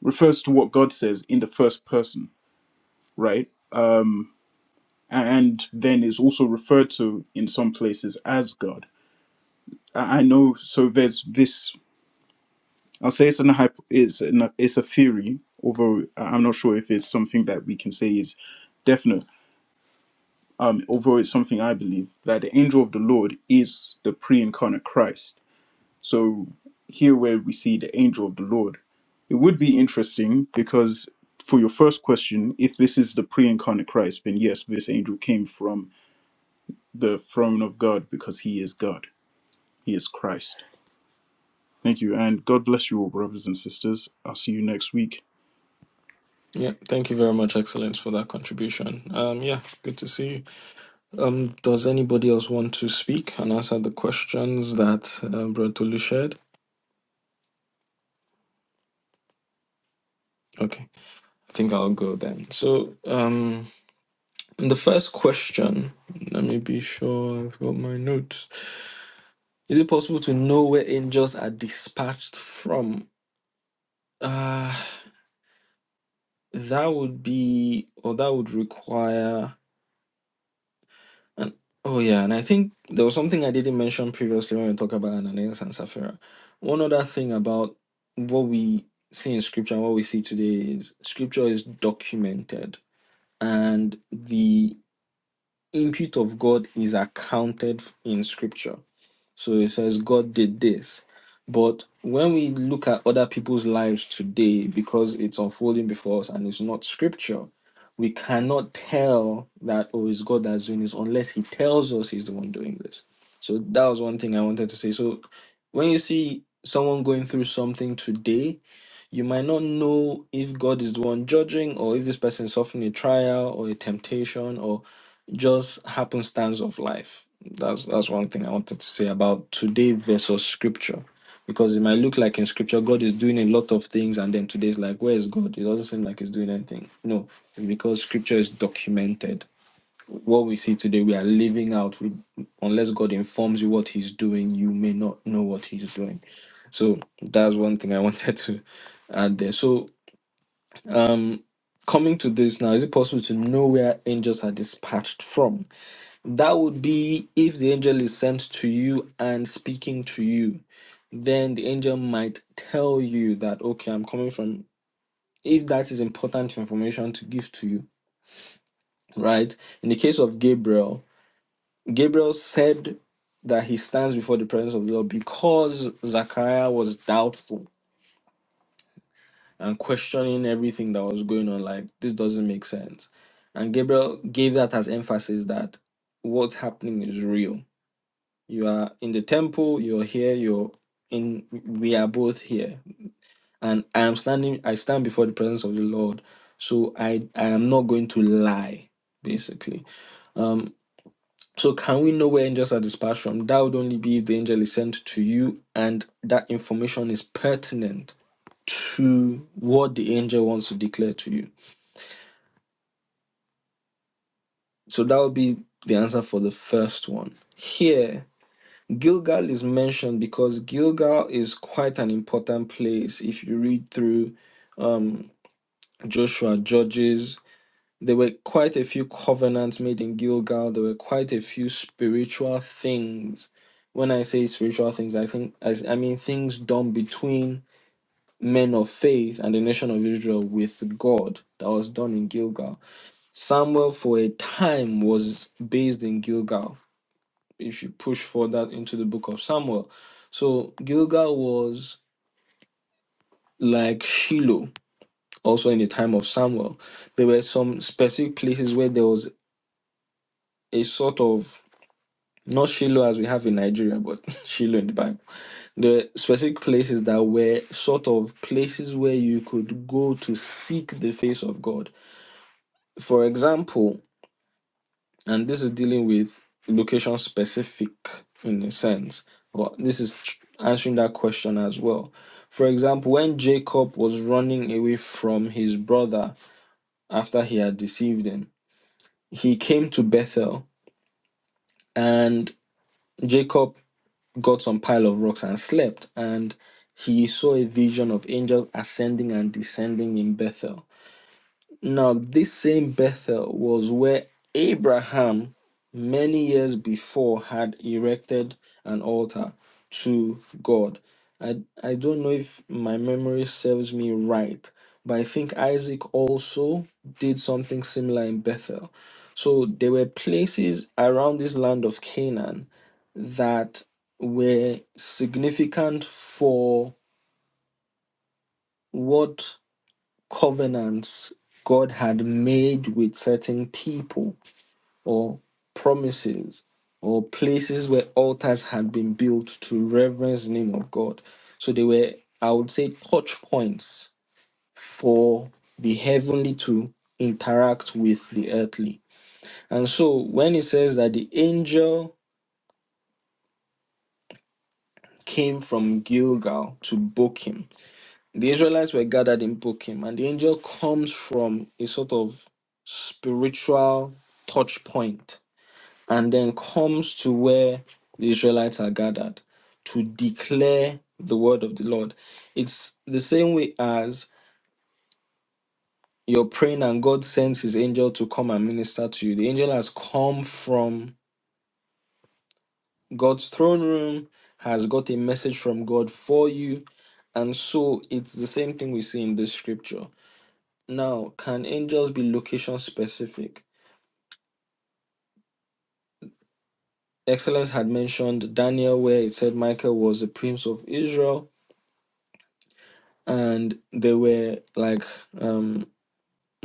refers to what God says in the first person, right? Um, and then is also referred to in some places as God. I I know. So there's this. I'll say it's an hypo, it's an, it's a theory, although I- am not sure if it's something that we can say is definite. Um, although it's something I believe that the angel of the Lord is the pre-incarnate Christ. So here, where we see the angel of the Lord, it would be interesting because for your first question, if this is the pre-incarnate Christ, then yes, this angel came from the throne of God because he is God, he is Christ. Thank you, and God bless you all, brothers and sisters. I'll see you next week.
Yeah, thank you very much, Excellence, for that contribution. Um, yeah, good to see you. Um, does anybody else want to speak and answer the questions that uh, Brother Tolu shared? Okay, I think I'll go then. So, um, the first question, let me be sure I've got my notes. Is it possible to know where angels are dispatched from? Uh, that would be, or that would require And oh yeah, and I think there was something I didn't mention previously when we talk about Ananias and Sapphira. One other thing about what we see in scripture and what we see today is scripture is documented and the input of God is accounted in scripture. So it says God did this. But when we look at other people's lives today, because it's unfolding before us and it's not scripture, we cannot tell that oh it's God that's doing this unless He tells us He's the one doing this. So that was one thing I wanted to say. So when you see someone going through something today, you might not know if God is the one judging or if this person is suffering a trial or a temptation or just happenstance of life. That's that's one thing I wanted to say about today versus scripture. Because it might look like in scripture God is doing a lot of things and then today's like, where is God? It doesn't seem like he's doing anything. No, it's because scripture is documented. What we see today, we are living out. We, unless God informs you what he's doing, you may not know what he's doing. So that's one thing I *laughs* wanted to add there. So um, coming to this now, is it possible to know where angels are dispatched from? That would be if the angel is sent to you and speaking to you, then the angel might tell you that, okay, I'm coming from, if that is important information to give to you, right? In the case of Gabriel, Gabriel said that he stands before the presence of the Lord because Zachariah was doubtful and questioning everything that was going on. Like, this doesn't make sense. And Gabriel gave that as emphasis that what's happening is real. You are in the temple, you're here, you're in, we are both here. And I am standing, I stand before the presence of the Lord. So I, I am not going to lie, basically. Um, so can we know where angels are dispatched from? That would only be if the angel is sent to you and that information is pertinent to what the angel wants to declare to you. So that would be the answer for the first one. Here, Gilgal is mentioned because Gilgal is quite an important place. If you read through um, Joshua, Judges, there were quite a few covenants made in Gilgal. There were quite a few spiritual things. When I say spiritual things, I think I, I mean things done between men of faith and the nation of Israel with God that was done in Gilgal. Samuel, for a time, was based in Gilgal If you should push further into the book of Samuel. So Gilgal was like Shiloh, also in the time of Samuel. There were some specific places where there was a sort of not Shiloh as we have in Nigeria, but *laughs* Shiloh in the Bible. There were specific places that were sort of places where you could go to seek the face of God. For example, and this is dealing with location specific in a sense but this is tr- answering that question as well for example when jacob was running away from his brother after he had deceived him he came to bethel and jacob got some pile of rocks and slept and he saw a vision of angels ascending and descending in bethel Now, this same Bethel was where Abraham, many years before, had erected an altar to God. I, I don't know if my memory serves me right, but I think Isaac also did something similar in Bethel. So there were places around this land of Canaan that were significant for what covenants God had made with certain people or promises or places where altars had been built to reverence the name of God. So they were, I would say, touch points for the heavenly to interact with the earthly. And so when it says that the angel came from Gilgal to Bochim, The Israelites were gathered in Bochim, and the angel comes from a sort of spiritual touch point and then comes to where the Israelites are gathered to declare the word of the Lord. It's the same way as you're praying and God sends his angel to come and minister to you. The angel has come from God's throne room, has got a message from God for you. And so it's the same thing we see in this scripture Now, can angels be location specific? Excellence had mentioned Daniel, where it said Michael was the prince of Israel, and they were like um,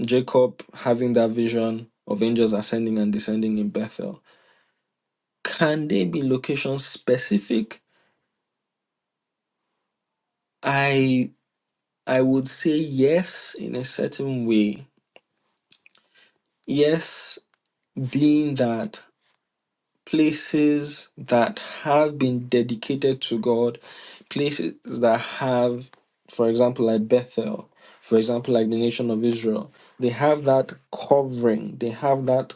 Jacob having that vision of angels ascending and descending in Bethel. Can they be location specific? I I would say yes in a certain way. Yes, being that places that have been dedicated to God, places that have, for example, like Bethel, for example, like the nation of Israel, they have that covering, they have that,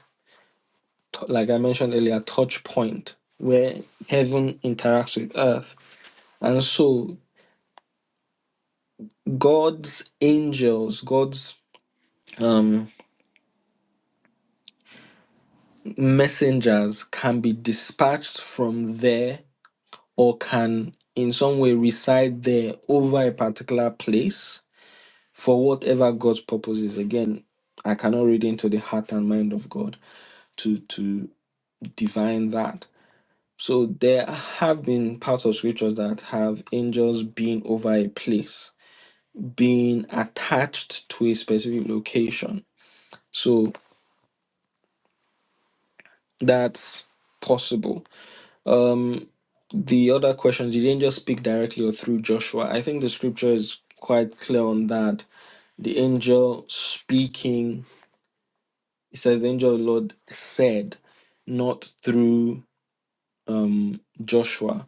t- like I mentioned earlier, touch point where heaven interacts with earth. And so God's angels, God's um, messengers can be dispatched from there or can in some way reside there over a particular place for whatever God's purpose is. Again, I cannot read into the heart and mind of God to to divine that. So there have been parts of scriptures that have angels being over a place, being attached to a specific location. So that's possible. Um the other question, did angels speak directly or through Joshua? I think the scripture is quite clear on that The angel speaking, it says, the angel of the Lord said, not through um, Joshua.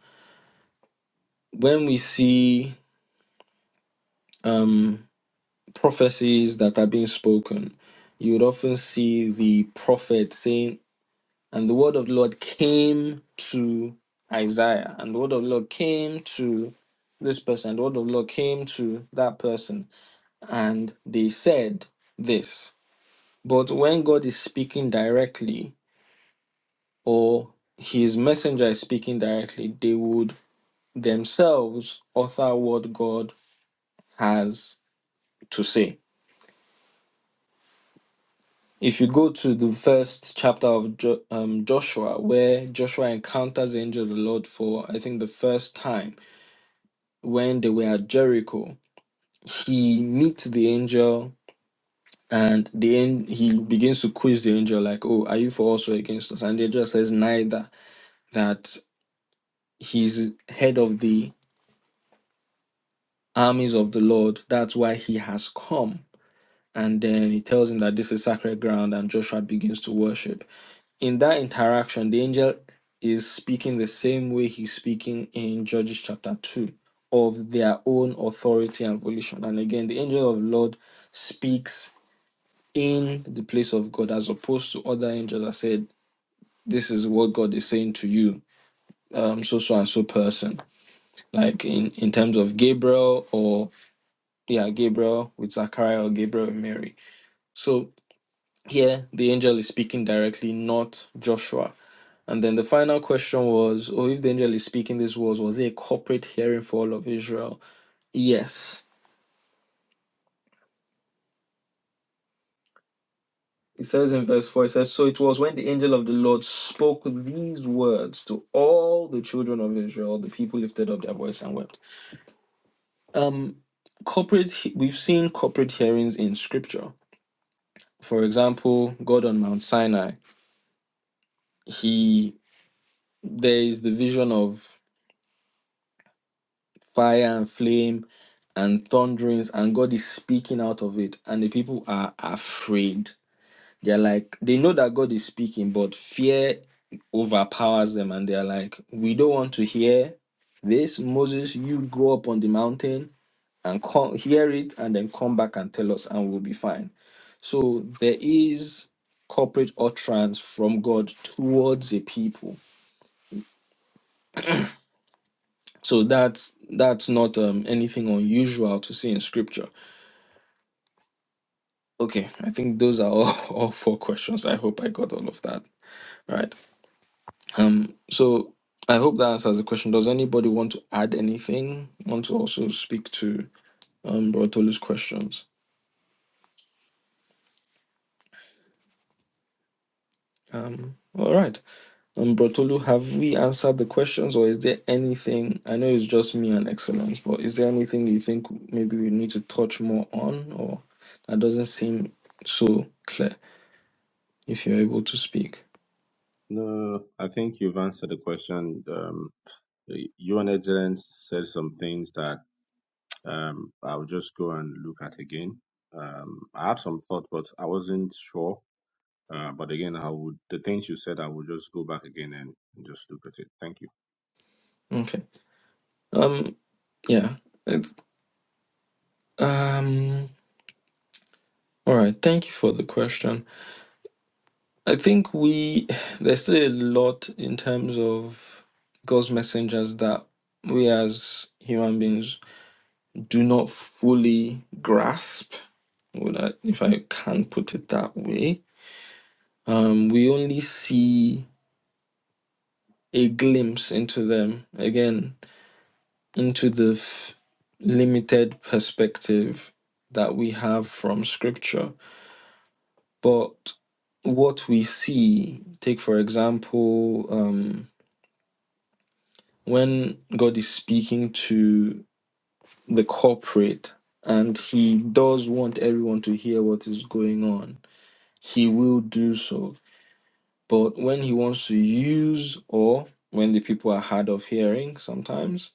When we see um, prophecies that are being spoken, you would often see the prophet saying, and the word of the Lord came to Isaiah, and the word of the Lord came to this person, and the word of the Lord came to that person, and they said this. But when God is speaking directly, or his messenger is speaking directly, they would themselves author what God has to say. If you go to the first chapter of jo- um, Joshua, where Joshua encounters the angel of the Lord for, I think, the first time when they were at Jericho, he meets the angel and the an- he begins to quiz the angel, like, Oh, are you for us or against us? And the angel says, Neither, that he's head of the armies of the Lord. That's why he has come. And then he tells him that this is sacred ground, and Joshua begins to worship. In that interaction, the angel is speaking the same way he's speaking in Judges chapter 2 of their own authority and volition. And again, the angel of the Lord speaks in the place of God as opposed to other angels that said, This is what God is saying to you, um, so so and so person. Like in, in terms of Gabriel or. yeah, Gabriel with Zachariah or Gabriel and Mary. So here the angel is speaking directly, not Joshua. And then the final question was, oh, if the angel is speaking these words, was it a corporate hearing for all of Israel? Yes. It says in verse 4, it says, So it was when the angel of the Lord spoke these words to all the children of Israel, the people lifted up their voice and wept. Um, corporate, we've seen corporate hearings in scripture. For example, God on Mount Sinai, he there is the vision of fire and flame and thunderings and god is speaking out of it and the people are afraid they're like they know that god is speaking but fear overpowers them and they're like we don't want to hear this moses you go up on the mountain and come hear it and then come back and tell us and we'll be fine so there is corporate utterance from god towards a people So that's that's not um, anything unusual to see in scripture. Okay, I think those are all, *laughs* all four questions. I hope I got all of that right. Um, so I hope that answers the question. Does anybody want to add anything? Want to also speak to um, Brotolu's questions? Um, all right, um, Brotolu, have we answered the questions, or is there anything? I know it's just me and excellence, but is there anything you think maybe we need to touch more on, or that doesn't seem so clear? if you're able to speak.
No, I think you've answered the question. Um, you and Excellence said some things that um, I'll just go and look at again. Um, I had some thought, but I wasn't sure Uh, but again, I would the things you said, I will just go back again and just look at it. Thank you.
Okay. Um. Yeah. It's, um. All right. Thank you for the question. I think we *sighs* there's still a lot in terms of God's messengers that we as human beings do not fully grasp. Would I, if I can put it that way. Um. We only see a glimpse into them. Again, into the f- limited perspective that we have from scripture. But what we see, take for example, um, when God is speaking to the corporate and he does want everyone to hear what is going on, he will do so. But when he wants to use, or when the people are hard of hearing sometimes,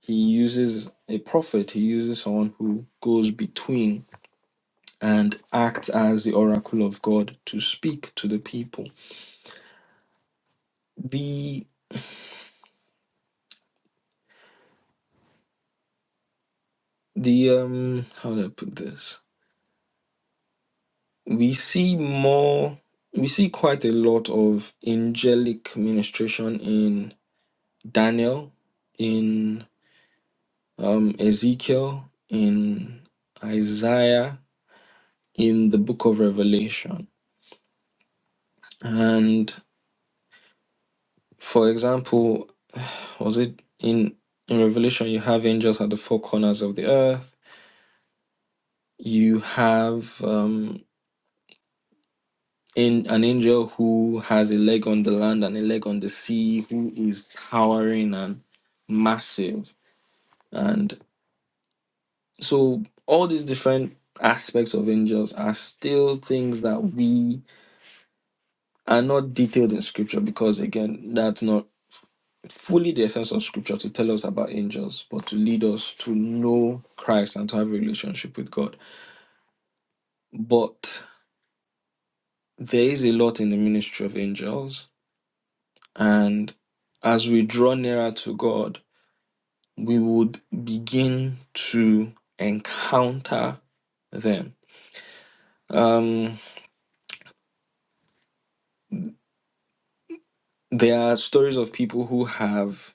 he uses a prophet, he uses someone who goes between and act as the oracle of God to speak to the people. The the um how do I put this? We see more we see quite a lot of angelic ministration in Daniel, in um Ezekiel, in Isaiah, in the book of Revelation. And for example, was it in in Revelation you have angels at the four corners of the earth You have um, in an angel who has a leg on the land and a leg on the sea, who is towering and massive. And so all these different aspects of angels are still things that we are not detailed in scripture because again, that's not fully the essence of scripture to tell us about angels, but to lead us to know Christ and to have a relationship with God. But there is a lot in the ministry of angels And as we draw nearer to God, we would begin to encounter them. Um, there are stories of people who have,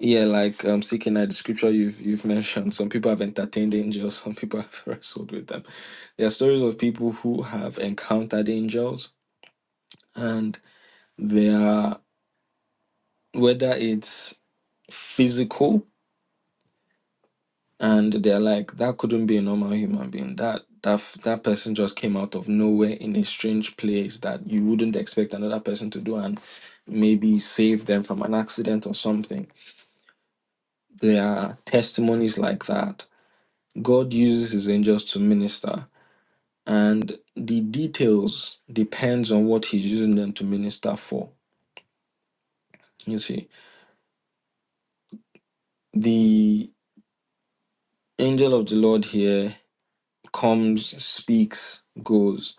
yeah, like um, seeking at the scripture you've you've mentioned. Some people have entertained angels. *laughs* Some people have wrestled with them. There are stories of people who have encountered angels, and they are whether it's physical and they're like that couldn't be a normal human being that that f- that person just came out of nowhere in a strange place that you wouldn't expect another person to do and maybe save them from an accident or something there are testimonies like that god uses his angels to minister and the details depends on what he's using them to minister for you see the angel of the lord here comes speaks goes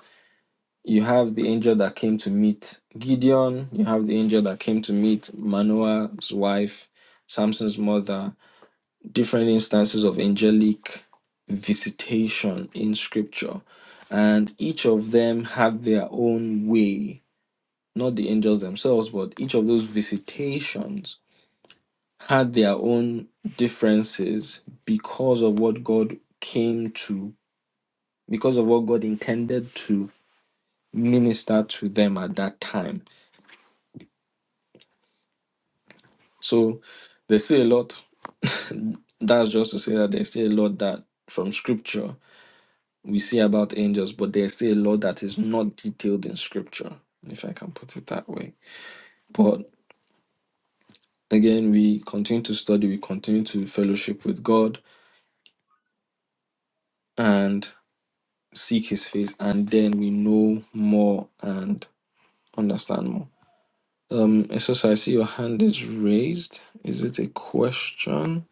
You have the angel that came to meet Gideon. You have the angel that came to meet Manoah's wife, Samson's mother. Different instances of angelic visitation in scripture. And each of them have their own way, not the angels themselves, but each of those visitations had their own differences because of what God came to, because of what God intended to minister to them at that time So there's still a lot. *laughs* That's just to say that there's still a lot that from scripture we see about angels, but there's still a lot that is not detailed in scripture, if I can put it that way. But again, we continue to study, we continue to fellowship with God and seek his face, and then we know more and understand more. Um, Esos, I see your hand is raised. Is it a question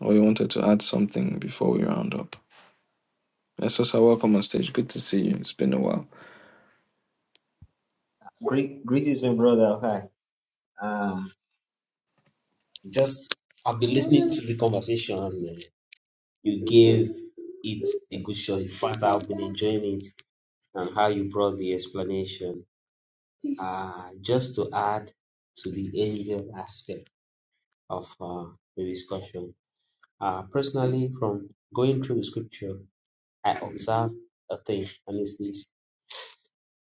or you wanted to add something before we round up? Esosa, welcome on stage. Good to see you. It's been a while.
Great, greetings, my brother. Hi. Um, just I've been listening to the conversation. You gave it a good shot. In fact, I've been enjoying it and how you brought the explanation. Uh, just to add to the angel aspect of uh, the discussion. Uh, personally, from going through the scripture, I observed a thing, and it's this: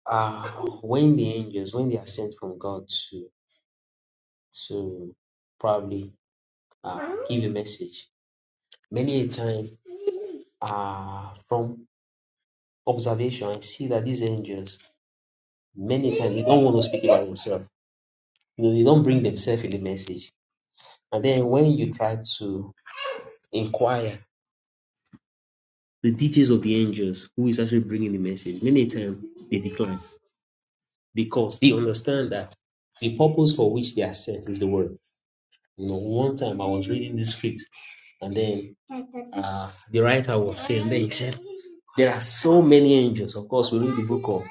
uh, when the angels, when they are sent from God to to probably uh, give a message Many a time, uh, from observation, I see that these angels, many times, they don't want to speak about themselves. You know, they don't bring themselves in the message. And then when you try to inquire the details of the angels, who is actually bringing the message, many a time they decline because they understand that the purpose for which they are sent is the word. You know, one time I was reading the script, and then uh, the writer was saying, then he said, there are so many angels. Of course, we read the book of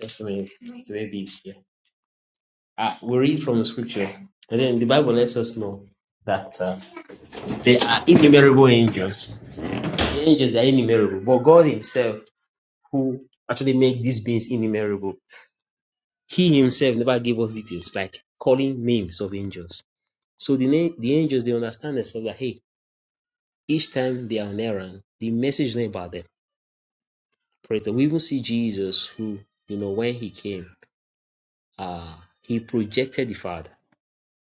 just a minute, maybe it's here. Uh, we read from the scripture, and then the Bible lets us know that uh, there are innumerable angels. The angels are innumerable, but God Himself, who actually made these beings innumerable, He Himself never gave us details like calling names of angels. So the na- the angels they understand themselves that hey, each time they are on errand, the message is not about them. Praise the. We even see Jesus, who you know when He came, uh, He projected the Father.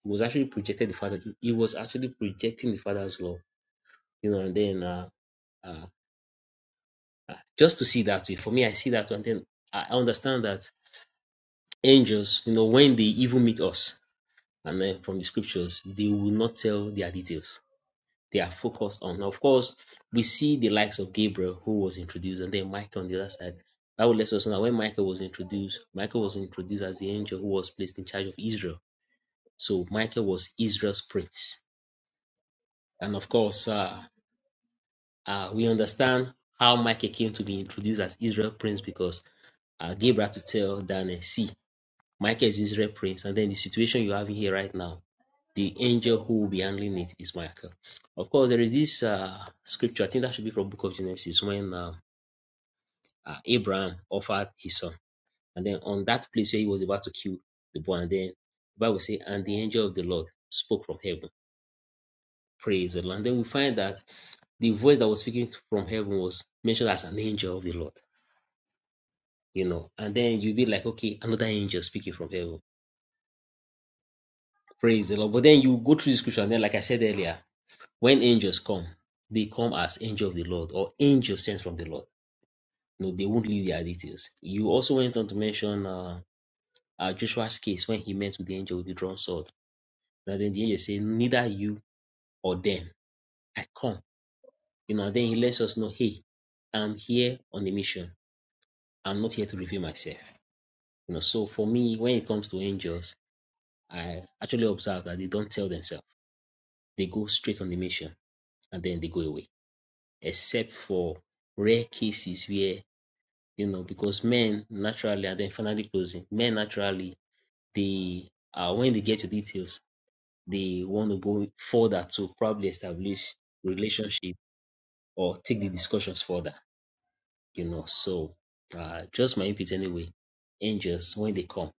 He was actually projected the Father. He was actually projecting the Father's love you know, and then uh, uh, just to see that way. For me, I see that way, and Then I understand that angels, you know, when they even meet us, and then from the scriptures, they will not tell their details. They are focused on. Now, of course, we see the likes of Gabriel who was introduced, and then Michael on the other side. That would let us know that when Michael was introduced, Michael was introduced as the angel who was placed in charge of Israel. So Michael was Israel's prince. And of course, uh, uh, we understand how Michael came to be introduced as Israel's prince because uh, Gabriel to tell Daniel, see, Michael is Israel prince, and then the situation you have here right now, the angel who will be handling it is Michael. Of course, there is this uh, scripture, I think that should be from Book of Genesis, when uh, uh, Abraham offered his son, and then on that place where he was about to kill the boy, and then the Bible say, and the angel of the Lord spoke from heaven, praise the Lord. And then we find that the voice that was speaking from heaven was mentioned as an angel of the Lord, you know, and then you'll be like, okay, another angel speaking from heaven Praise the Lord. But then you go through the scripture, and then, like I said earlier, when angels come, they come as angel of the Lord or angel sent from the Lord. No, they won't leave their details. You also went on to mention uh, uh, Joshua's case when he met with the angel with the drawn sword. Now then the angel said, Neither you or them. I come. You know, and then he lets us know, hey, I'm here on a mission. I'm not here to reveal myself. You know, so for me, when it comes to angels, I actually observe that they don't tell themselves. They go straight on the mission and then they go away except for rare cases where you know because men naturally and then finally closing men naturally they uh, when they get to details they want to go further to probably establish relationship or take the discussions further you know so uh, just my input anyway angels when they come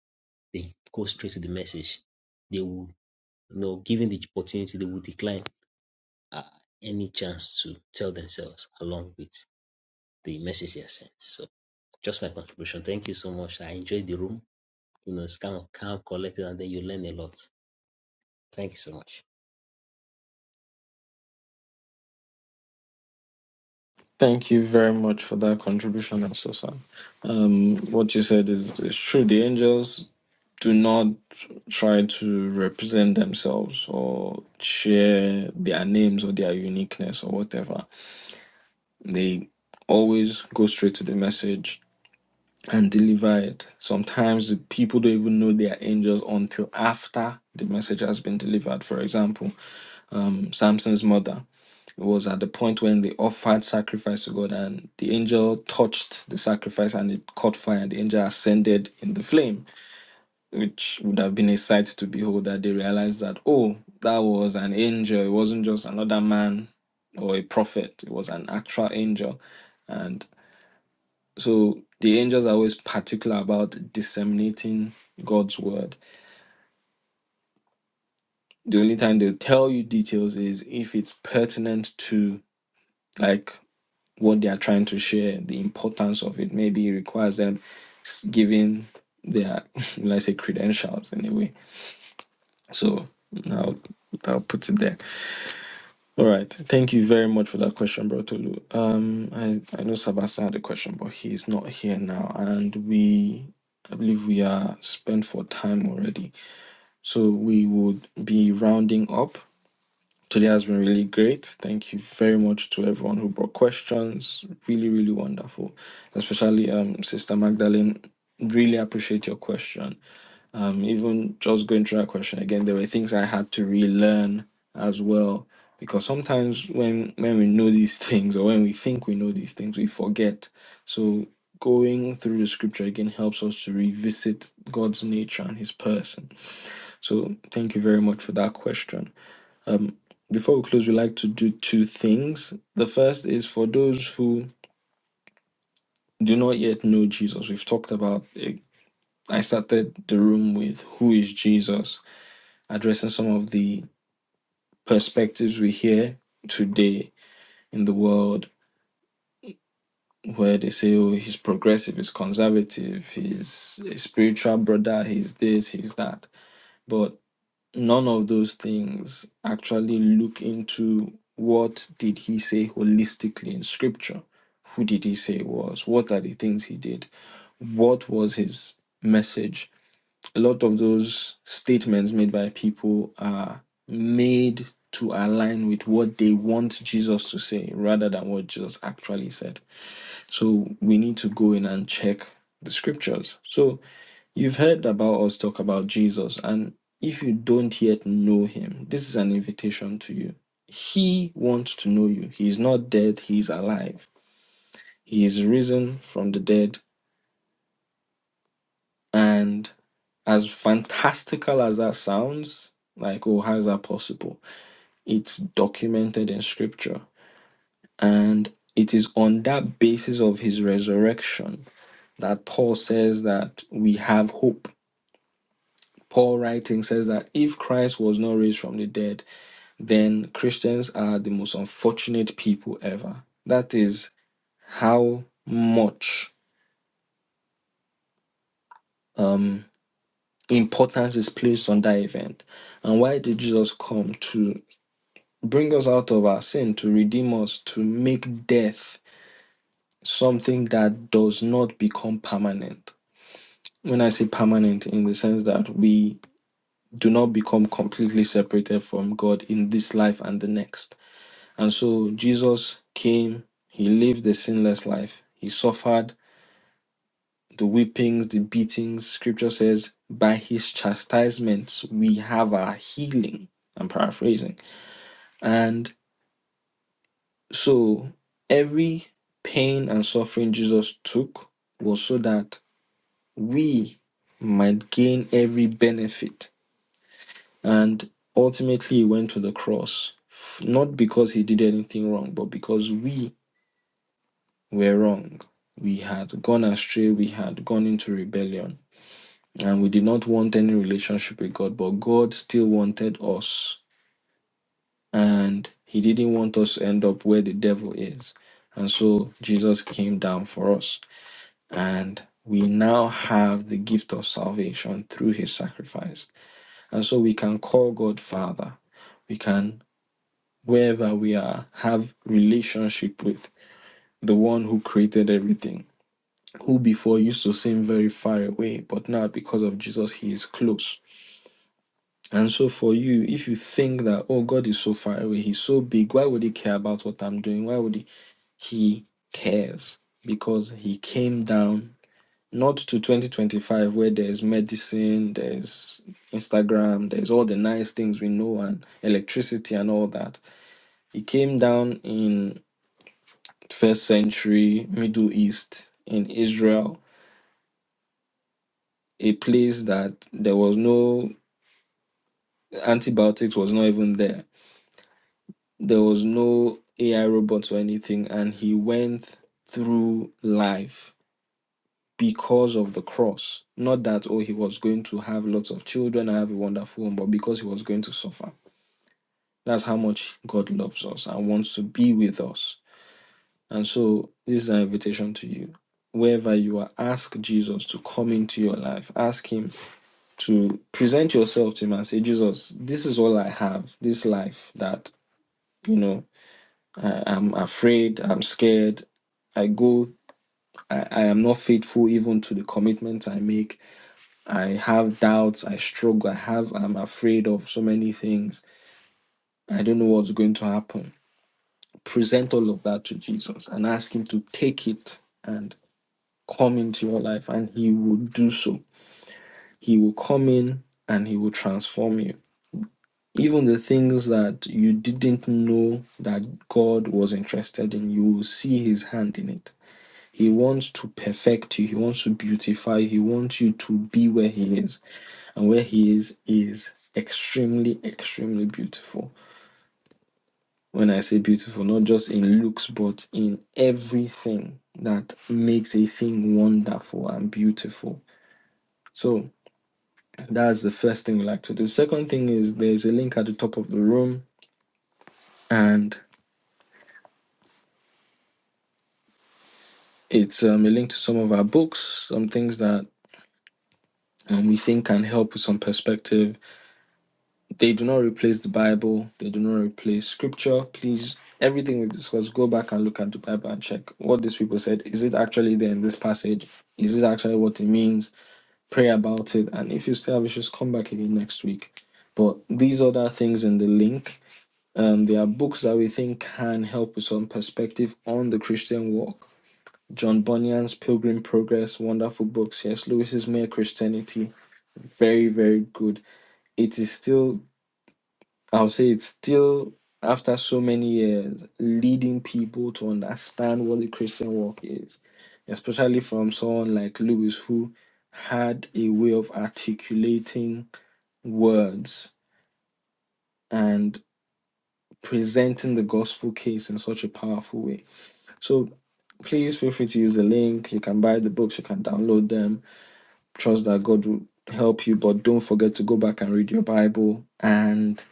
they go straight to the message they will you know given the opportunity they will decline uh, any chance to tell themselves along with the message they are sent so Just my contribution. Thank you so much. I enjoyed the room. You know, it's kind of calm, collected, and then you learn a lot. Thank you so much.
Thank you very much for that contribution, Esosa. Um, what you said is, is true. The angels do not try to represent themselves or share their names or their uniqueness or whatever. They always go straight to the message and deliver it. Sometimes the people don't even know they are angels until after the message has been delivered. For example, um, Samson's mother. It was at the point when they offered sacrifice to God, and the angel touched the sacrifice and it caught fire, and the angel ascended in the flame, which would have been a sight to behold. That they realized that, oh, that was an angel, it wasn't just another man or a prophet, it was an actual angel. And so the angels are always particular about disseminating God's word. The only time they'll tell you details is if it's pertinent to, like, what they are trying to share, the importance of it. Maybe it requires them s- giving their, *laughs* let's say, credentials in a way. So I'll, I'll put it there. All right. Thank you very much for that question, Bro Tolu. Um, I, I know Sebastian had a question, but he's not here now. And we, I believe we are spent for time already. So we would be rounding up. Today has been really great. Thank you very much to everyone who brought questions. Really, really wonderful. Especially um, Sister Magdalene. Really appreciate your question. Um, even just going through that question again, there were things I had to relearn as well. Because sometimes when when we know these *laughs* things or when we think we know these things, we forget. So going through the scripture again helps us to revisit God's nature and his person. So thank you very much for that question. Um, before we close, we like to do two things. The first is for those who do not yet know Jesus. We've talked about. It. I started the room with who is Jesus, addressing some of the perspectives we hear today in the world, where they say, "Oh, he's progressive, he's conservative, he's a spiritual brother, he's this, he's that." But none of those things actually look into what did he say holistically in scripture who did he say he was what are the things he did what was his message a lot of those statements made by people are made to align with what they want jesus to say rather than what jesus actually said so we need to go in and check the scriptures so You've heard about us talk about Jesus, and if you don't yet know him, this is an invitation to you. He wants to know you. He is not dead, he is alive. He is risen from the dead. And as fantastical as that sounds, like, oh, how is that possible? It's documented in scripture. And it is on that basis of his resurrection that Paul says that we have hope. Paul writing says that if Christ was not raised from the dead, then Christians are the most unfortunate people ever. That is how much um, importance is placed on that event. And why did Jesus come? To bring us out of our sin, to redeem us, to make death something that does not become permanent. When I say permanent, in the sense that we do not become completely separated from God in this life and the next And so Jesus came, he lived the sinless life, he suffered the whippings, the beatings. Scripture says, by his chastisements, we have our healing. I'm paraphrasing. And so every pain and suffering Jesus took was so that we might gain every benefit. And ultimately, he went to the cross, f- not because he did anything wrong, but because we were wrong. We had gone astray, we had gone into rebellion, and we did not want any relationship with God, but God still wanted us, and He didn't want us to end up where the devil is. And so Jesus came down for us, and we now have the gift of salvation through His sacrifice. And so we can call God Father. We can, wherever we are, have relationship with the one who created everything who before used to seem very far away, but now because of Jesus, he is close. And so, for you, if you think that, oh, God is so far away, he's so big, why would he care about what I'm doing? Why would he? He cares because he came down not to 2025 where there's medicine, there's Instagram, there's all the nice things we know, and electricity and all that. He came down in first century Middle East, in Israel, a place that there was no antibiotics was not even there. There was no AI robots or anything, and he went through life because of the cross. Not that oh he was going to have lots of children and have a wonderful home, but because he was going to suffer. That's how much God loves us and wants to be with us. And so this is an invitation to you. Wherever you are, ask Jesus to come into your life. Ask him to present yourself to him and say, Jesus, this is all I have, this life that you know I, am afraid, I'm scared. I go, I, I am not faithful even to the commitments I make. I have doubts, I struggle, I have, I'm afraid of so many things. I don't know what's going to happen. Present all of that to Jesus and ask Him to take it and come into your life, and He will do so. He will come in and He will transform you. Even the things that you didn't know that God was interested in, you will see His hand in it He wants to perfect you. He wants to beautify you. He wants you to be where He is. And where He is, is extremely, extremely beautiful. When I say beautiful, not just in looks, but in everything that makes a thing wonderful and beautiful. So that's the first thing we like to do. The Second thing is there's a link at the top of the room, and it's um, a link to some of our books, some things that um, we think can help with some perspective They do not replace the Bible. They do not replace scripture. Please, everything we discuss, go back and look at the Bible and check what these people said. Is it actually there in this passage? Is it actually what it means? Pray about it. And if you still have issues, come back again next week. But these other things in the link, um, they are books that we think can help with some perspective on the Christian walk. John Bunyan's Pilgrim Progress, wonderful book. C.S. Lewis's Mere Christianity, very, very good. It is still I would say it's still, after so many years, leading people to understand what the Christian walk is, especially from someone like Lewis, who had a way of articulating words and presenting the gospel case in such a powerful way. So please feel free to use the link. You can buy the books, you can download them. Trust that God will help you, but don't forget to go back and read your Bible and,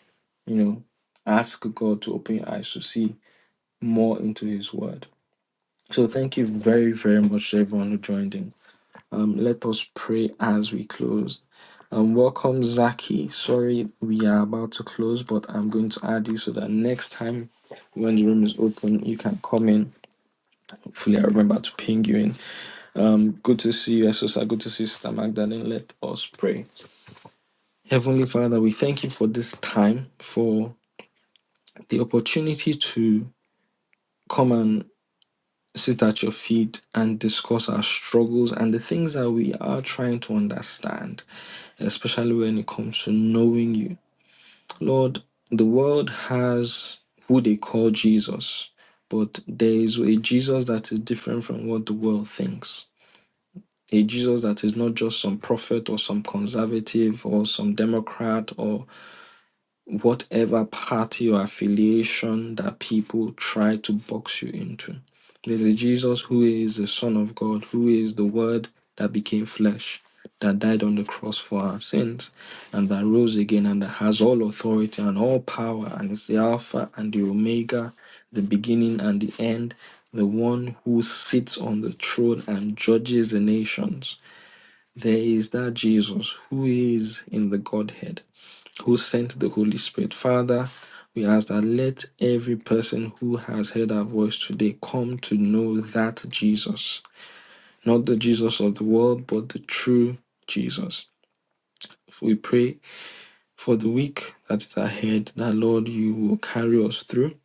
you know, ask God to open your eyes to see more into His Word. So thank you very, very much to everyone who joined in. Um, let us pray as we close. Um, welcome Zaki. Sorry, we are about to close, but I'm going to add you so that next time when the room is open, you can come in. Hopefully, I remember to ping you in. Good to see you, Esosa. Good to see you, Sister Magdalene. Let us pray. Heavenly Father, we thank you for this time, for the opportunity to come and. sit at your feet and discuss our struggles and the things that we are trying to understand, especially when it comes to knowing you. Lord, the world has who they call Jesus, but there is a Jesus that is different from what the world thinks. A Jesus that is not just some prophet or some conservative or some Democrat or whatever party or affiliation that people try to box you into. There's a Jesus who is the Son of God, who is the Word that became flesh, that died on the cross for our sins, and that rose again, and that has all authority and all power, and is the Alpha and the Omega, the beginning and the end, the one who sits on the throne and judges the nations. There is that Jesus who is in the Godhead who sent the Holy Spirit. Father, we ask that let every person who has heard our voice today come to know that Jesus, not the Jesus of the world, but the true Jesus. We pray for the week that is ahead, that Lord, you will carry us through.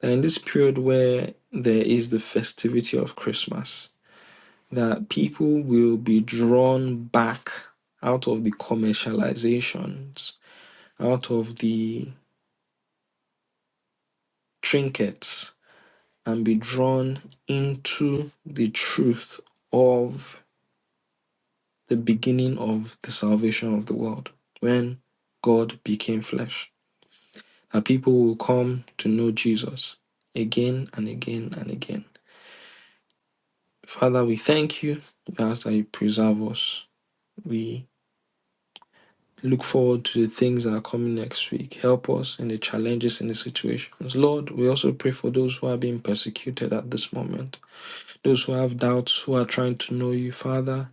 That in this period where there is the festivity of Christmas, that people will be drawn back out of the commercializations, out of the trinkets, and be drawn into the truth of the beginning of the salvation of the world when God became flesh. That people will come to know Jesus again and again and again. Father, we thank you. We ask that you preserve us. We look forward to the things that are coming next week. Help us in the challenges and the situations. Lord, we also pray for those who are being persecuted at this moment, those who have doubts, who are trying to know you, Father.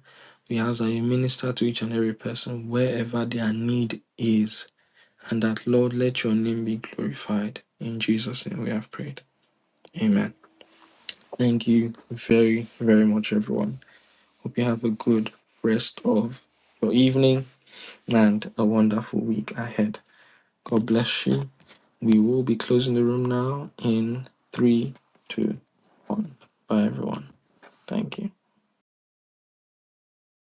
We ask that you minister to each and every person wherever their need is, and that, Lord, let your name be glorified. In Jesus' name we have prayed. Amen. Thank you very, very much, everyone. Hope you have a good rest of your evening and a wonderful week ahead. God bless you. We will be closing the room now in three, two, one. Bye, everyone. Thank you.